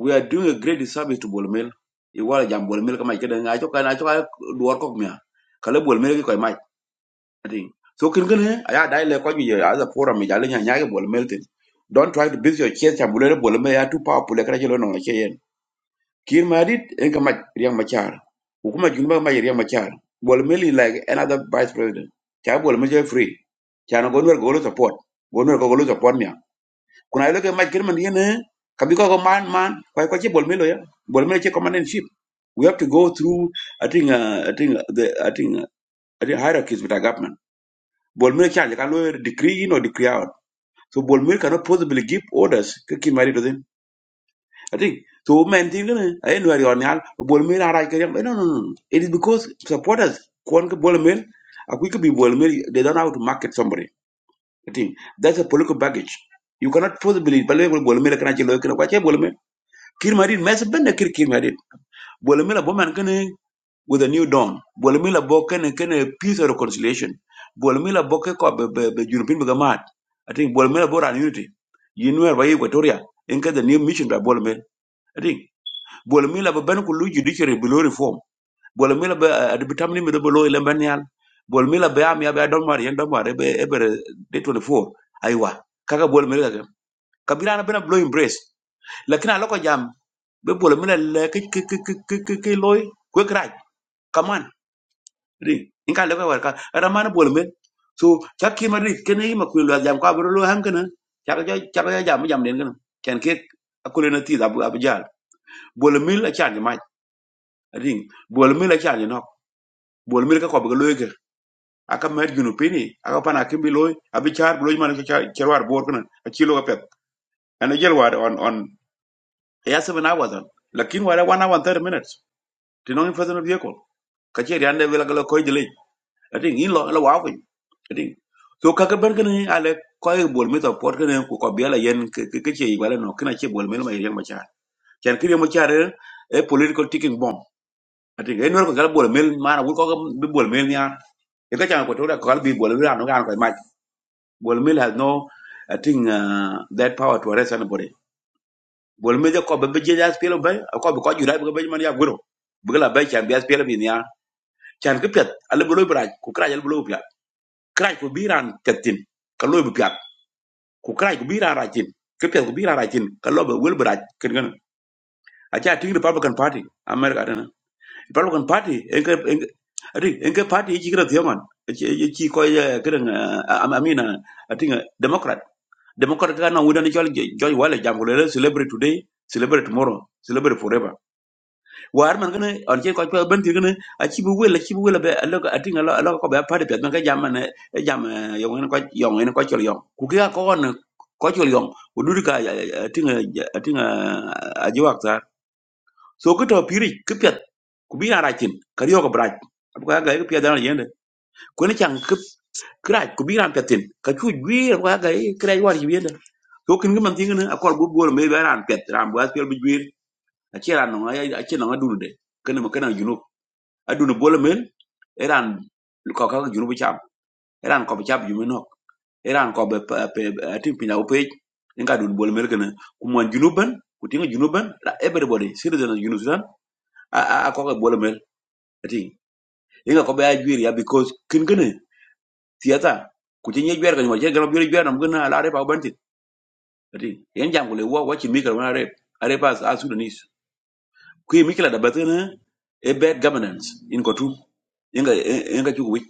We are doing a great disservice to Bolmel. Iwala jam Bolmel kama ikeda ngacho kana ngacho kana duar kok mia. Kale Bolmel ki koi mai. I think so. can kin he aya dai le koi ye as a forum jale nya nya ke Bolmel tin. Don't try to build your chest. Bolmel Bolmel ya too powerful. Lekana chelo nong Kir Madid and Kamak Riang Machar. Ukuma Junba May Riang Machar. Bolmeli like another vice president. Cha Bolmeli free. Chana Gonwer Golo support. Gonwer Golo support me. Kuna I look at my Kirman Yene? Kabiko go man man. Why kwa chi Bolmelo ya. Bolmelo chi command and ship. We have to go through I think uh, I think uh, the I think uh, I think hierarchies with our government. Bolmelo cha can decree in or decree out. So Bolmelo cannot possibly give orders. Kir Madid Kati, so men ti gane, ay no ari on yal, bol mil ara ke yam. No, no, no. no. It is because supporters kon ke bol mil, a quick be bol mil, they don't know how to market somebody. Kati, that's a political baggage. You cannot possibly believe bol bol mil kana chilo kana kwa che bol mil. Kir marin mes bende kir kir marin. Bol mil bo man kane with a new dawn. Bol mil bo kane kane peace or reconciliation. Bol mil bo ke ko be be be junupin be gamat. I think bol mil bo ran unity. You know why Equatoria. in case the new mission by bol mil. bol mila ba ben kullu judiciary below reform bol mila ba de bitamni mi be lo ile ben yal bol mila ba am ya ba don mari en don mari e be ebre de 24 aywa kaga bol mila ga kabila na bena blow embrace lakini aloko jam be bol mila le ke ke ke ke ke ke ke loy kwe kraj kaman ri inka le ka war ka ramana bol mila. so chakki ma ri kene ma kullu jam ka bro lo ham kana chakka chakka jam jam den kana ken ke akule na ti da bu abjal bol mila chan ma ri bol mila chan bol mil ka ko ga loy ke aka mer junu pini aka pana kimbi loy abi char loy man ka charwar bor kana a chilo ka pet ana jel war on on ya se na wazan lakin wala wana wan thirty minutes tinong fasan bi ko ka che riande vela ka ko jele ati in lo la wa ko ati so ka ka ber kana ale ko e bol mi to por kana ko ko biela yen ke ke che wala no kana che bol mil ma yen ma char chan kiri mo char e political ticking bomb ati en wer ko gal bol mil mana wul ko ka bi bol mil nya e ka chan ko to da ko gal bi bol mil ano kan ko Bolmil has no, I think, uh, that power to arrest anybody. Bolmil je ko bebe je jas pelo bay, ko be ko jura be be man ya gwero. Bugla bay can be as pelo bin ya. Chan ke pet, ale bolo braj, ku kraj ale bolo pya. Kraj ko biran tetin, ka lo be pya. Ku kraj ko biran rajin. Ke pet ko biran rajin, ka lo be wel braj ken I think the Republican Party, America dana. Republican Party, enke enke Ati, enke party hiki kira thiyaman. Hiki ko ya kira amina. Ati nga democrat ga na wuda ni chol chol wala jam ko le celebrate today celebrate tomorrow celebrate forever war man gane on che ko ko ben tigane a chi bu wela chi bu wela be lo a tinga lo lo ko be pare pe ga jam ne e jam yo ngene ko yo ngene ko chol yo ku ga ko on ko chol yo u du ka tinga tinga a ji wak sa so ko to piri ku pet ku bi ra chin ka yo ko braj abu ga ga ku pet da yende ko ne chang ku kraj ku bi ra petin ka chu gwi ko ga ga kraj war ji yende. ko kin man tinga ne akor bu bol me ran pet ran bu aspel bu gwir a che ran no a che no adun de kana ma kana junub adun bol men eran ko ka junub cham eran ko bu cham junub no eran ko be tin pina upe inga dun bol mel kana ku man junuban ku tinga junuban everybody citizen of junub sudan a a ko ka bol mel ting inga ko be a gwir ya because kin gane tiata ku tinga gwer ka nyol che gana bi gwer nam gana la re pa banti ting yan jangule wo wa chi mi na re are a sudanis kwi mikila da batin a bad governance in Khartoum inga inga chuku wich.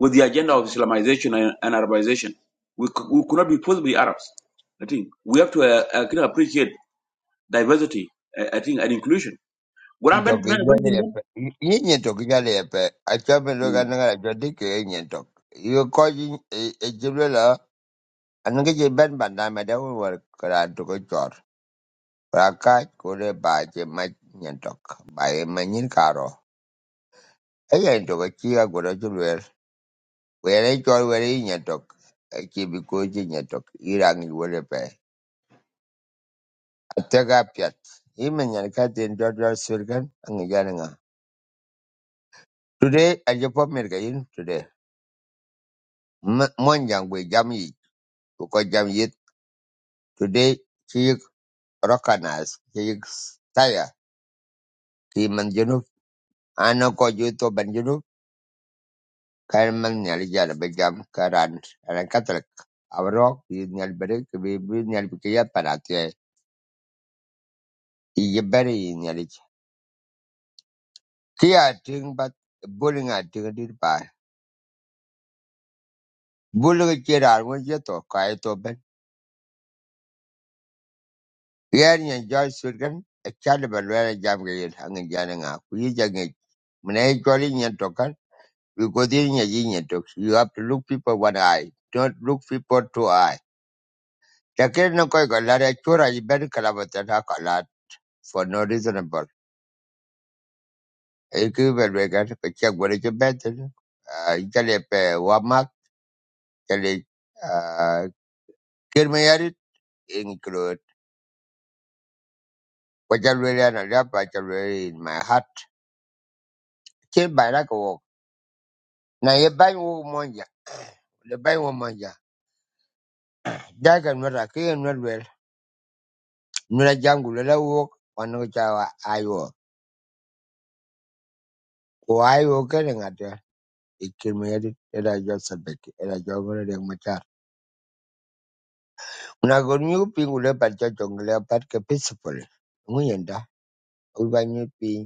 with the agenda of Islamization and, and Arabization we, c- we could not be possibly Arabs I think we have to uh, uh, kind of appreciate diversity uh, I think and inclusion What happened
Ntok
to men- when did
ijale
men-
epe. Yinye ntok ijale epe. Achope
Hmm.
loka nanga la jodi ke yinye ntok. Iyo koji ejiblo la. Anange je ben banda meda unwar kara ntuko chor. Raka kure baje ma yinye ntok. Baye ma nyin karo. Ega ntoko chiga kura chulwer. Were chor were yinye ntok. Echibi koji talk. ntok. Irangi wore pe. Atagapiat. Imen yan katin dodol surgan ang nga. Today I japo mirga in today. Mon yang we jam yi. Ko jam yit today chik rokanas chik taya. Ti man ano ko juto ban junu kan man nyal jala be karan ana katlek. Avro yi nyal bere ke be be nyal be kiya bere yi nyal ich. ting bat bullying a ting dir pa. Bullying kirar won jeto kai to quiet open. Pierre and George Sullivan, a child of a lawyer Jamgayan hanging Jananga, who is young age. When I token, you go in your union talks. You have to look people one eye, don't look people two eye. Takir no koi galara chura you better kalabatan hakalat for no reasonable. A cable wagon, a check what is your better. Uh, Jalepe Wamak, Jale, uh, Kirmayari, include. What I really and I love, what I really in my heart. Kill by like a walk. Now you bang The le bai wo manja daga nwera ke ye nwer wel nwera jangu le la Walk. wanu cha wa ayo ko ayo ke le ngate ikirmeri era yo sabeki era yo gore de machar una gornyu new ping. par cha chong le par ke peaceful We nguyenda new ping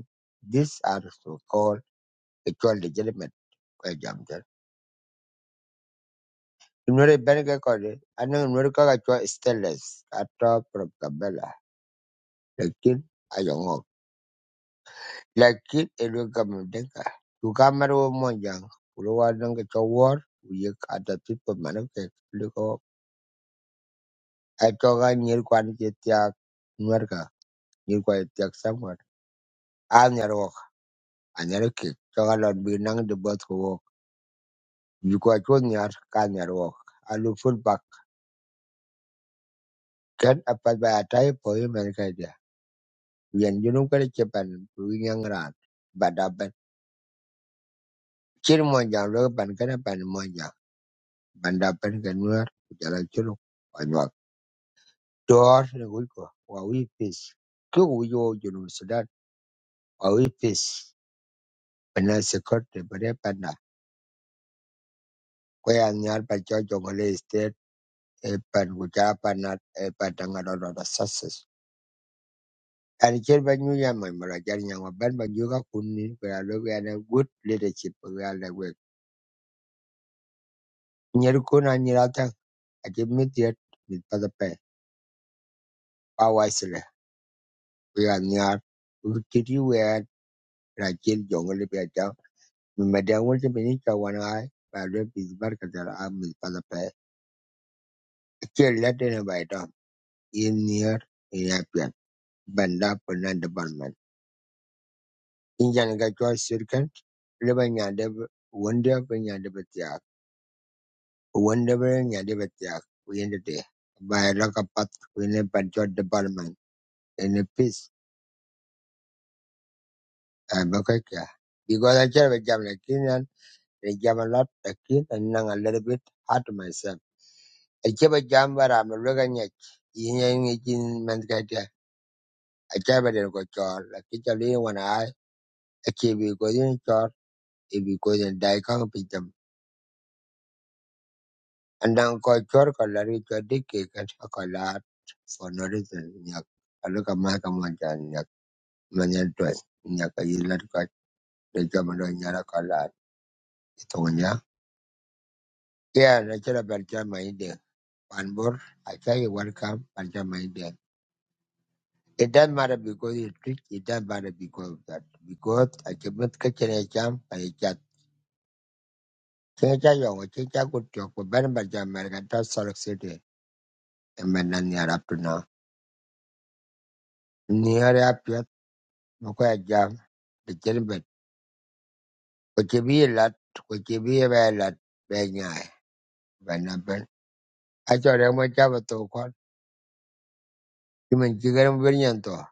these are so called actual legitimate kwa jamja nwera benga ko de ana nwera ka ga cho stainless ato propaganda lekin Lakini Elwegama Mdenga Ugama wo Mwanjanga Kulwa Nanga Chowor Wiyek Atatu Pamanake Luko Atoka Nyir Kwan Chetiak Nwerka Nyir Kwan Chetiak Vinyanto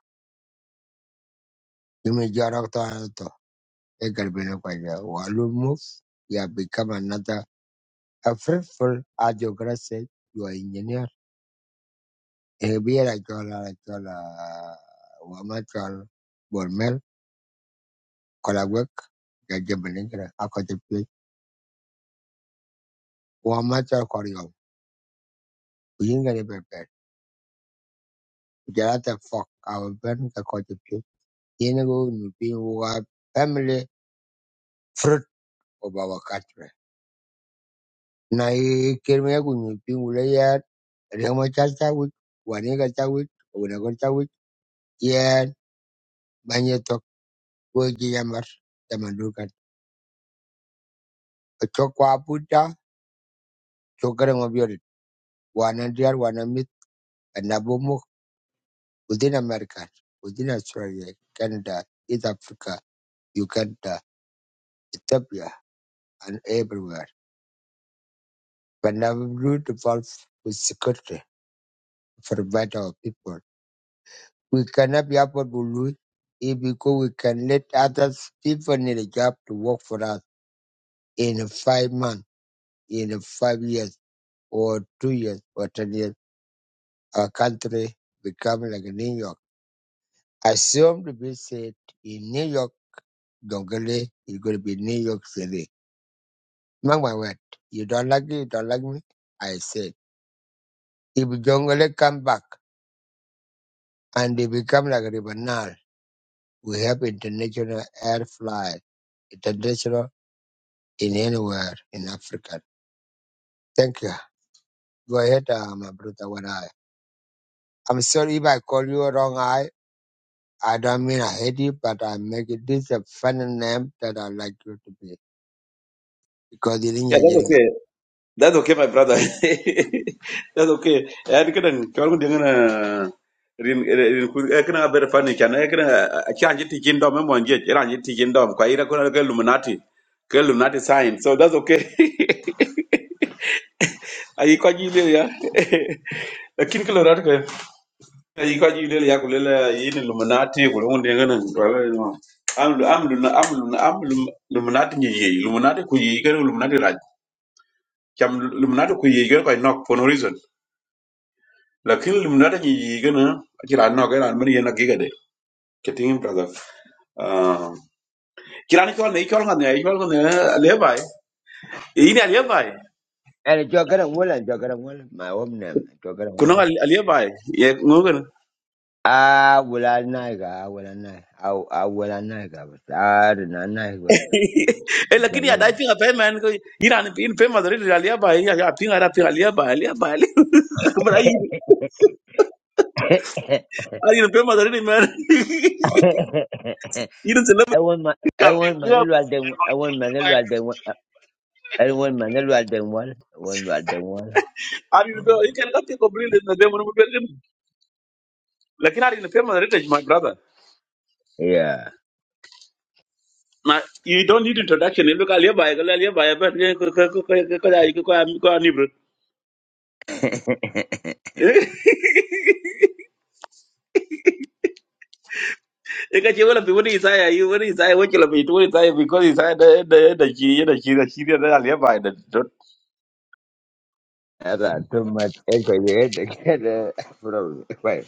Yumi Jarakto Anato Ekarbino Kwanja Walu Move You have become another a fruitful as your grace said you are engineer Ebiera Chola Chola Wamachal Bormel Kolagwek Gajabalingra Akotipi Yokai Itero Inikan
yeah that's okay That's okay, my brother. *laughs* That's okay. I can tell you gonna rin rin ku ekna ber fani chan ekna chan jiti jindo me monje ran jiti jindo kwa ira kuna ke luminati ke luminati sign so that's okay *laughs* ai kwa jile ya *laughs* lakini kilo rat ke ai kwa jile ya kulele yin luminati *laughs* kulungu ndengana am am am am luminati nyi luminati ku yi ke luminati cham luminata ku yigan ko nok for no reason lakin luminata ni yigan akira nok era man yena giga de ketin brother ah kira ni kol ne kol ngane kol ngane lebai ini lebai
And jo garan wal and jo garan wal my own name jo garan
kuno
wal.
lebai ye ngogan
Ah wal a naiga ah wal nai ah wal a naiga but ah na nai was
*laughs* e lakini ya dai pinga pe *laughs* man ko ira ni pin pe madrid lebai ya ya pinga ra pinga lebai lebai kumara *laughs* yi ari ni pe madrid man *laughs* ira se
I
lebai
want my
ya
I want
pinga
my little I
lebai
didn't I want my little
lebai
I didn't I want my little I didn't want I want my little one. *laughs*
ari ni pe ikan ka te ko brilin na de mo Lakin ari na firma heritage, my brother.
Yeah,
Now, you don't need introduction. You look at Levi, Levi, but Nibru. You got your own people inside, you were inside, what you'll be doing inside because inside the the the she the she the she the Levi.
I got too much energy to get uh, *laughs* from wait.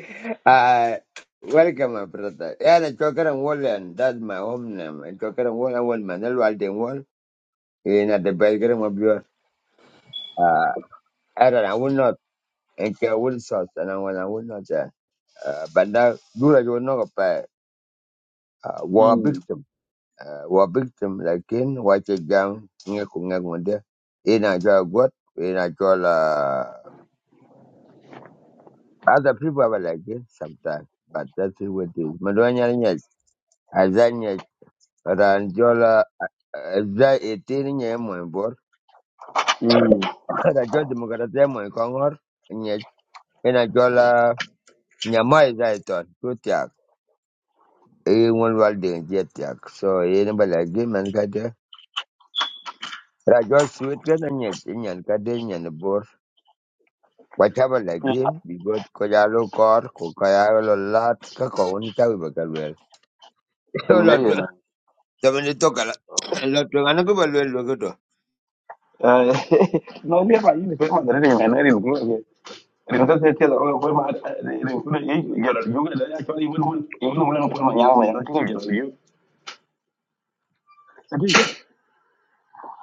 *laughs* uh, welcome, my brother. Yeah, the chocolate and wall, and that's my home name. And chocolate and wall, I want my little I didn't in at the bedroom of your uh I don't know, I will not and I will source and I will I will not uh, uh but now do like you will not apply uh war
Hmm.
victim uh war victim like in what you down in I draw what in I draw uh other people are like this sometimes but that's what it is. Madonya yet Azanya Ranjola za eighteen nye mwen bor.
Hmm.
Rajol demokrasia mwen kongor nye ina jola *laughs* nyamai zaiton. e won wal de jet yak so e ne bala gi man ka de ra jo suit ka na nyet nyan ka de nyan bor wa ta bala gi bi got ko ya lo kor ko ka ya lo lat ka ko won ta ba ka lwel *laughs* so
Hmm.
lo
yeah,
to
yeah,
to me to ka la
Okay.
lo to an ko ba lwel lo ko to
Uh, *laughs* no, Levi, you firma heritage, man. I didn't go here. Rinka sai ce da wani kuma irin kuna yin gyararru da ya kyau, even when- even when kuma yawon yana cikin gyararru.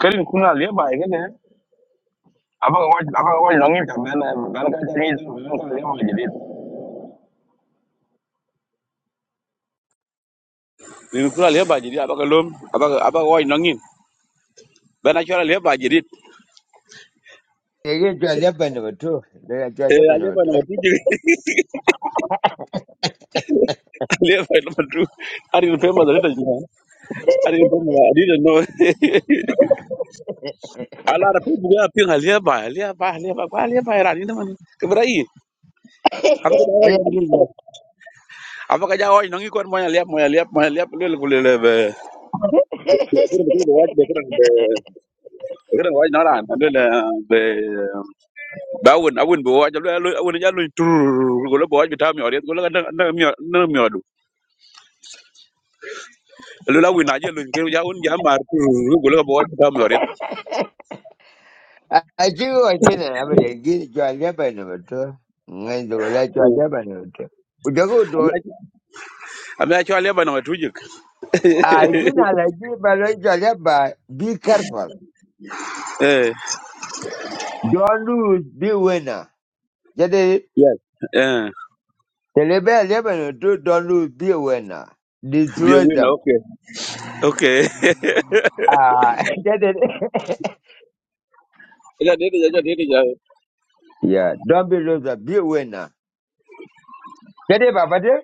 Karin kuna leba abang kau abang ko longi ta bana bana ka tari ta bana ka lewa jidit min kula leba jidit abaka lom abaka abaka wai nongin bana chora leba jidit
e ge jo le ba ne to de jo
e
le ba ne
leba na
to
matu jiri leba na matu ari ni pema zaleta jina ari ni pema na adida no ala ra pebu ga ping leba leba leba kwa leba era ni naman kebra i abaka ja wai abaka ja wai nongi kon moya leba moya leba moya leba lele kule lebe kure bukat be kure be kure wai nara andele be ba won a won bo wajal a won jalo tur go lo bo wajal tam yore go lo na na mi na mi wadu lo la wina je lo ngi ja won ja mar tur go lo bo wajal tam yore
*laughs* a ji o ji na ba ye gi jo le ba ne to ngai do le jo le ba ne to u jo ko do
amya cho le ba na tujik
a ji na la ji ba lo jo le be careful
eh
Don't lose, be a winner. Get it?
yes eh
The rebel Lebanon do don't lose, be a winner.
bi
Destroy
wina
them.
okay okay
Ah, *laughs* get it?
*laughs* ja de ja de ja
Yeah, don't be loser, be a winner. Get it, Baba? dear?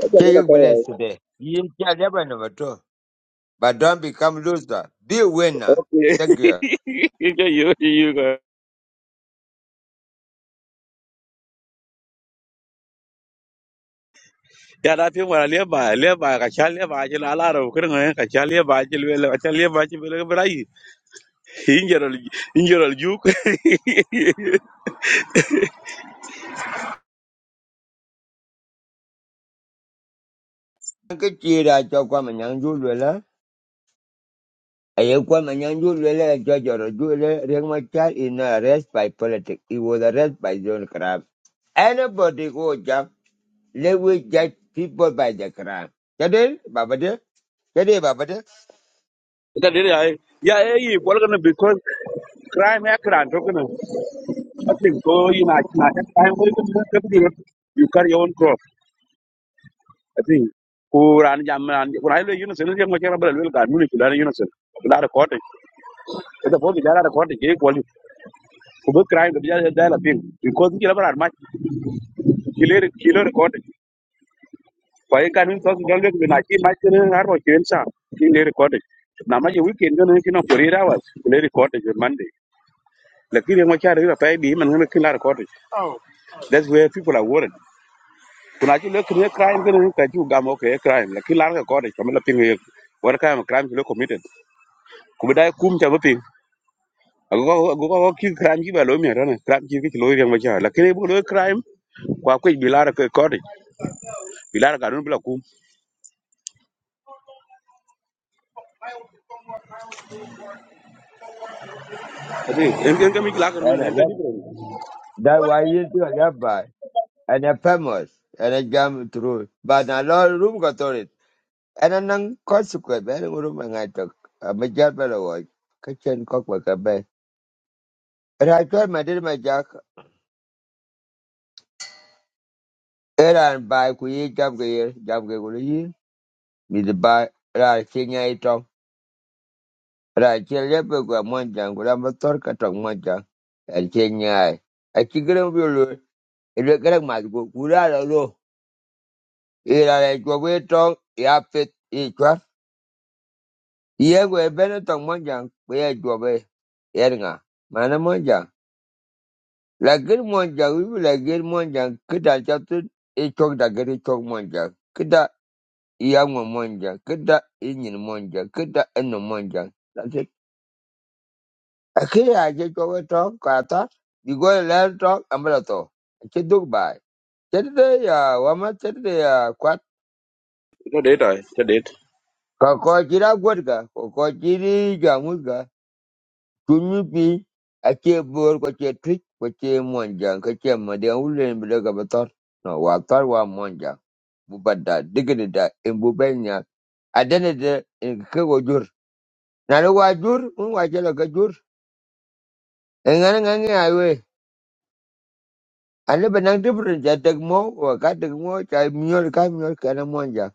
ja de
Say
na
you blessed today. You shall never number two. But don't become loser, be a winner.
okay
Thank you.
*laughs* ke yu yu go ya da pi wala le ba le ba ka cha le ba je la la ro kre ngai ka cha le ba je le ka cha le ba je le brai injerol injerol juk *laughs*
Cái chia ra cho qua mà nhận vui rồi đó. Ấy qua mà nhận vui rồi là cho cho rồi vui là is not arrested by politics. He was arrested by John Crab. Anybody go jump. Let we judge people by the Quran. Kadel, Baba dear. Kadel, Baba dear.
Ka dai yayi- ya ya yi kwalgana because crime ya kira to kana i think ko yi na na crime ko kana ka bi you carry your own crop i think ko ran jam ran ko ai lo yunus ne jam ka rabal wel ka mun ki dan yunus la da kote da bo bi da da kote ke ko ko bi crime da ya da la pin because ki rabal ma ki le ki le kote ko ai kan so dal le na ki ma ki har ko ki sa ki le kote na ma je weekend ne ki no ko rira wa le kote je monday lakini mo cha rira pa bi man ne ki la That's where people are worried. Kuna chu le kre crime kan ka chu gam okay crime la kilan ka kodi kamela ping hil. What kind of crime you committed? Kubida kum cha baping. Ago ago ago ki crime ji ba lo mi ran crime ji ki lo yang ba cha. La kre bu lo crime kwa ku bilara ka kodi. Bilara ka dun bila kum. Ati en en ka mi la ka
And
dun
I
en ka di
love,
bro.
that why you do a rabbi. And a famous. And a jam through. But a lot of room got on it. And a non consequent. Very room and I took. A major fellow was. Kitchen cockwork a bay. And I told my dear my jack. Era and by kuye jam gayer. Jam gayer. Me the by. Ra kenya itom. Ra kenya pegwa monjang. Gula motor katong monjang. And kenya. I think I'm Elekelek mat ko kuda lo lo. Ira le chwobe tong ya fit i chwat. Ye kwe bene tong monjang kwe ye chwobe yer Mana monjang. Lakini monjang wibu lakini monjang kita chatut i chok da giri chok monjang. Kita iyangwa monjang. Kita inyin monjang. Kita eno monjang. That's it. Akiri aje chwobe tong kata. Digo le tong amalato. Chiduk bai. Chedide ya wama chedide ya
Cho data cho date.
Kakotira gwadga, kokotiri jamudga, tunyupi, ache bor, koche twitch, koche monjang, koche madeng ulen bida gabatar. No, watar wa monjang. Bubada, digida, imbubenya, adana da kago jur. Nana wa jur, un wa jala ka jur. Engane ngane aywe. Ana banang different, ja dagmo, wa ka dagmo, cha miol ka miol kana monjang.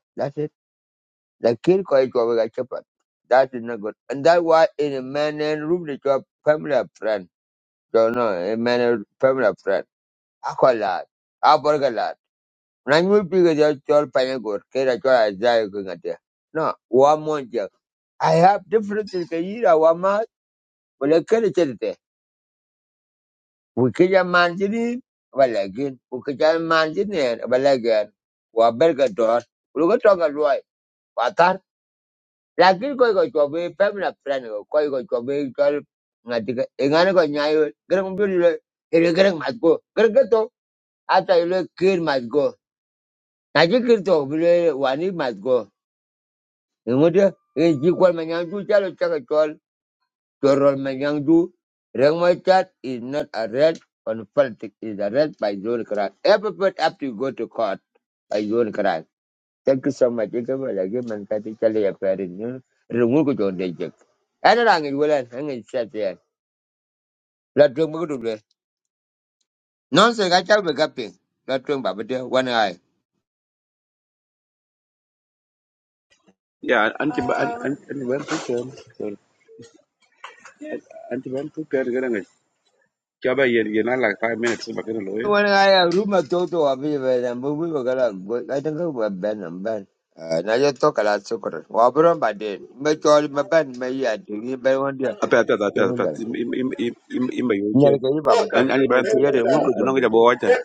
lakini kwa hicho wakachapa that is not good and that why in a man and room they chop family of friend so no a man and family of friend akolat aborgalat na nyu piga jo chol panya gor kera chol azai ko ngate no wa monja i have different things ka yira wa ma wala kere chete we kija manjini wala gin we kija manjini wala gin wa berga dor ulo ga tonga loy lakini ko ko to be pemna plan ko ko ko to be kal ngati ka engane ko nyayo gerang bi le ele gerang mat go gerang to ata ile kir mat go na ji kir to bi le wani mat go ngode e ji ko ma nyang du chalo chaka chol chorol ma nyang du reng ma chat is not a red on politics is a red by zone crack every up to go to court by zone crack. Thank you so much. You can well give man kati chale ya pare ni. Rungu ko jonde jek. Ana rangi wala hangi chat ya. La tuang bu du le. Non se ga chal be gapi. La tuang ba one eye.
Yeah, anti anti ban tu ken. Anti ban tu ken ga ngai. Cha ba yen yen na like 5 minutes ba kan lo ye.
One eye ruma toto abi be na bu bu ga la go. I think go ben am ben. Na ye to kala sukor. Wa bro ba de. Me chol me ben me ya dingi be won dia.
Ape ape ape
Ke mu
ape
ga.
ape. im, im, im, im, im, yoche
Nyal ga yi ba
an an ban
bete.
an an ga bo wata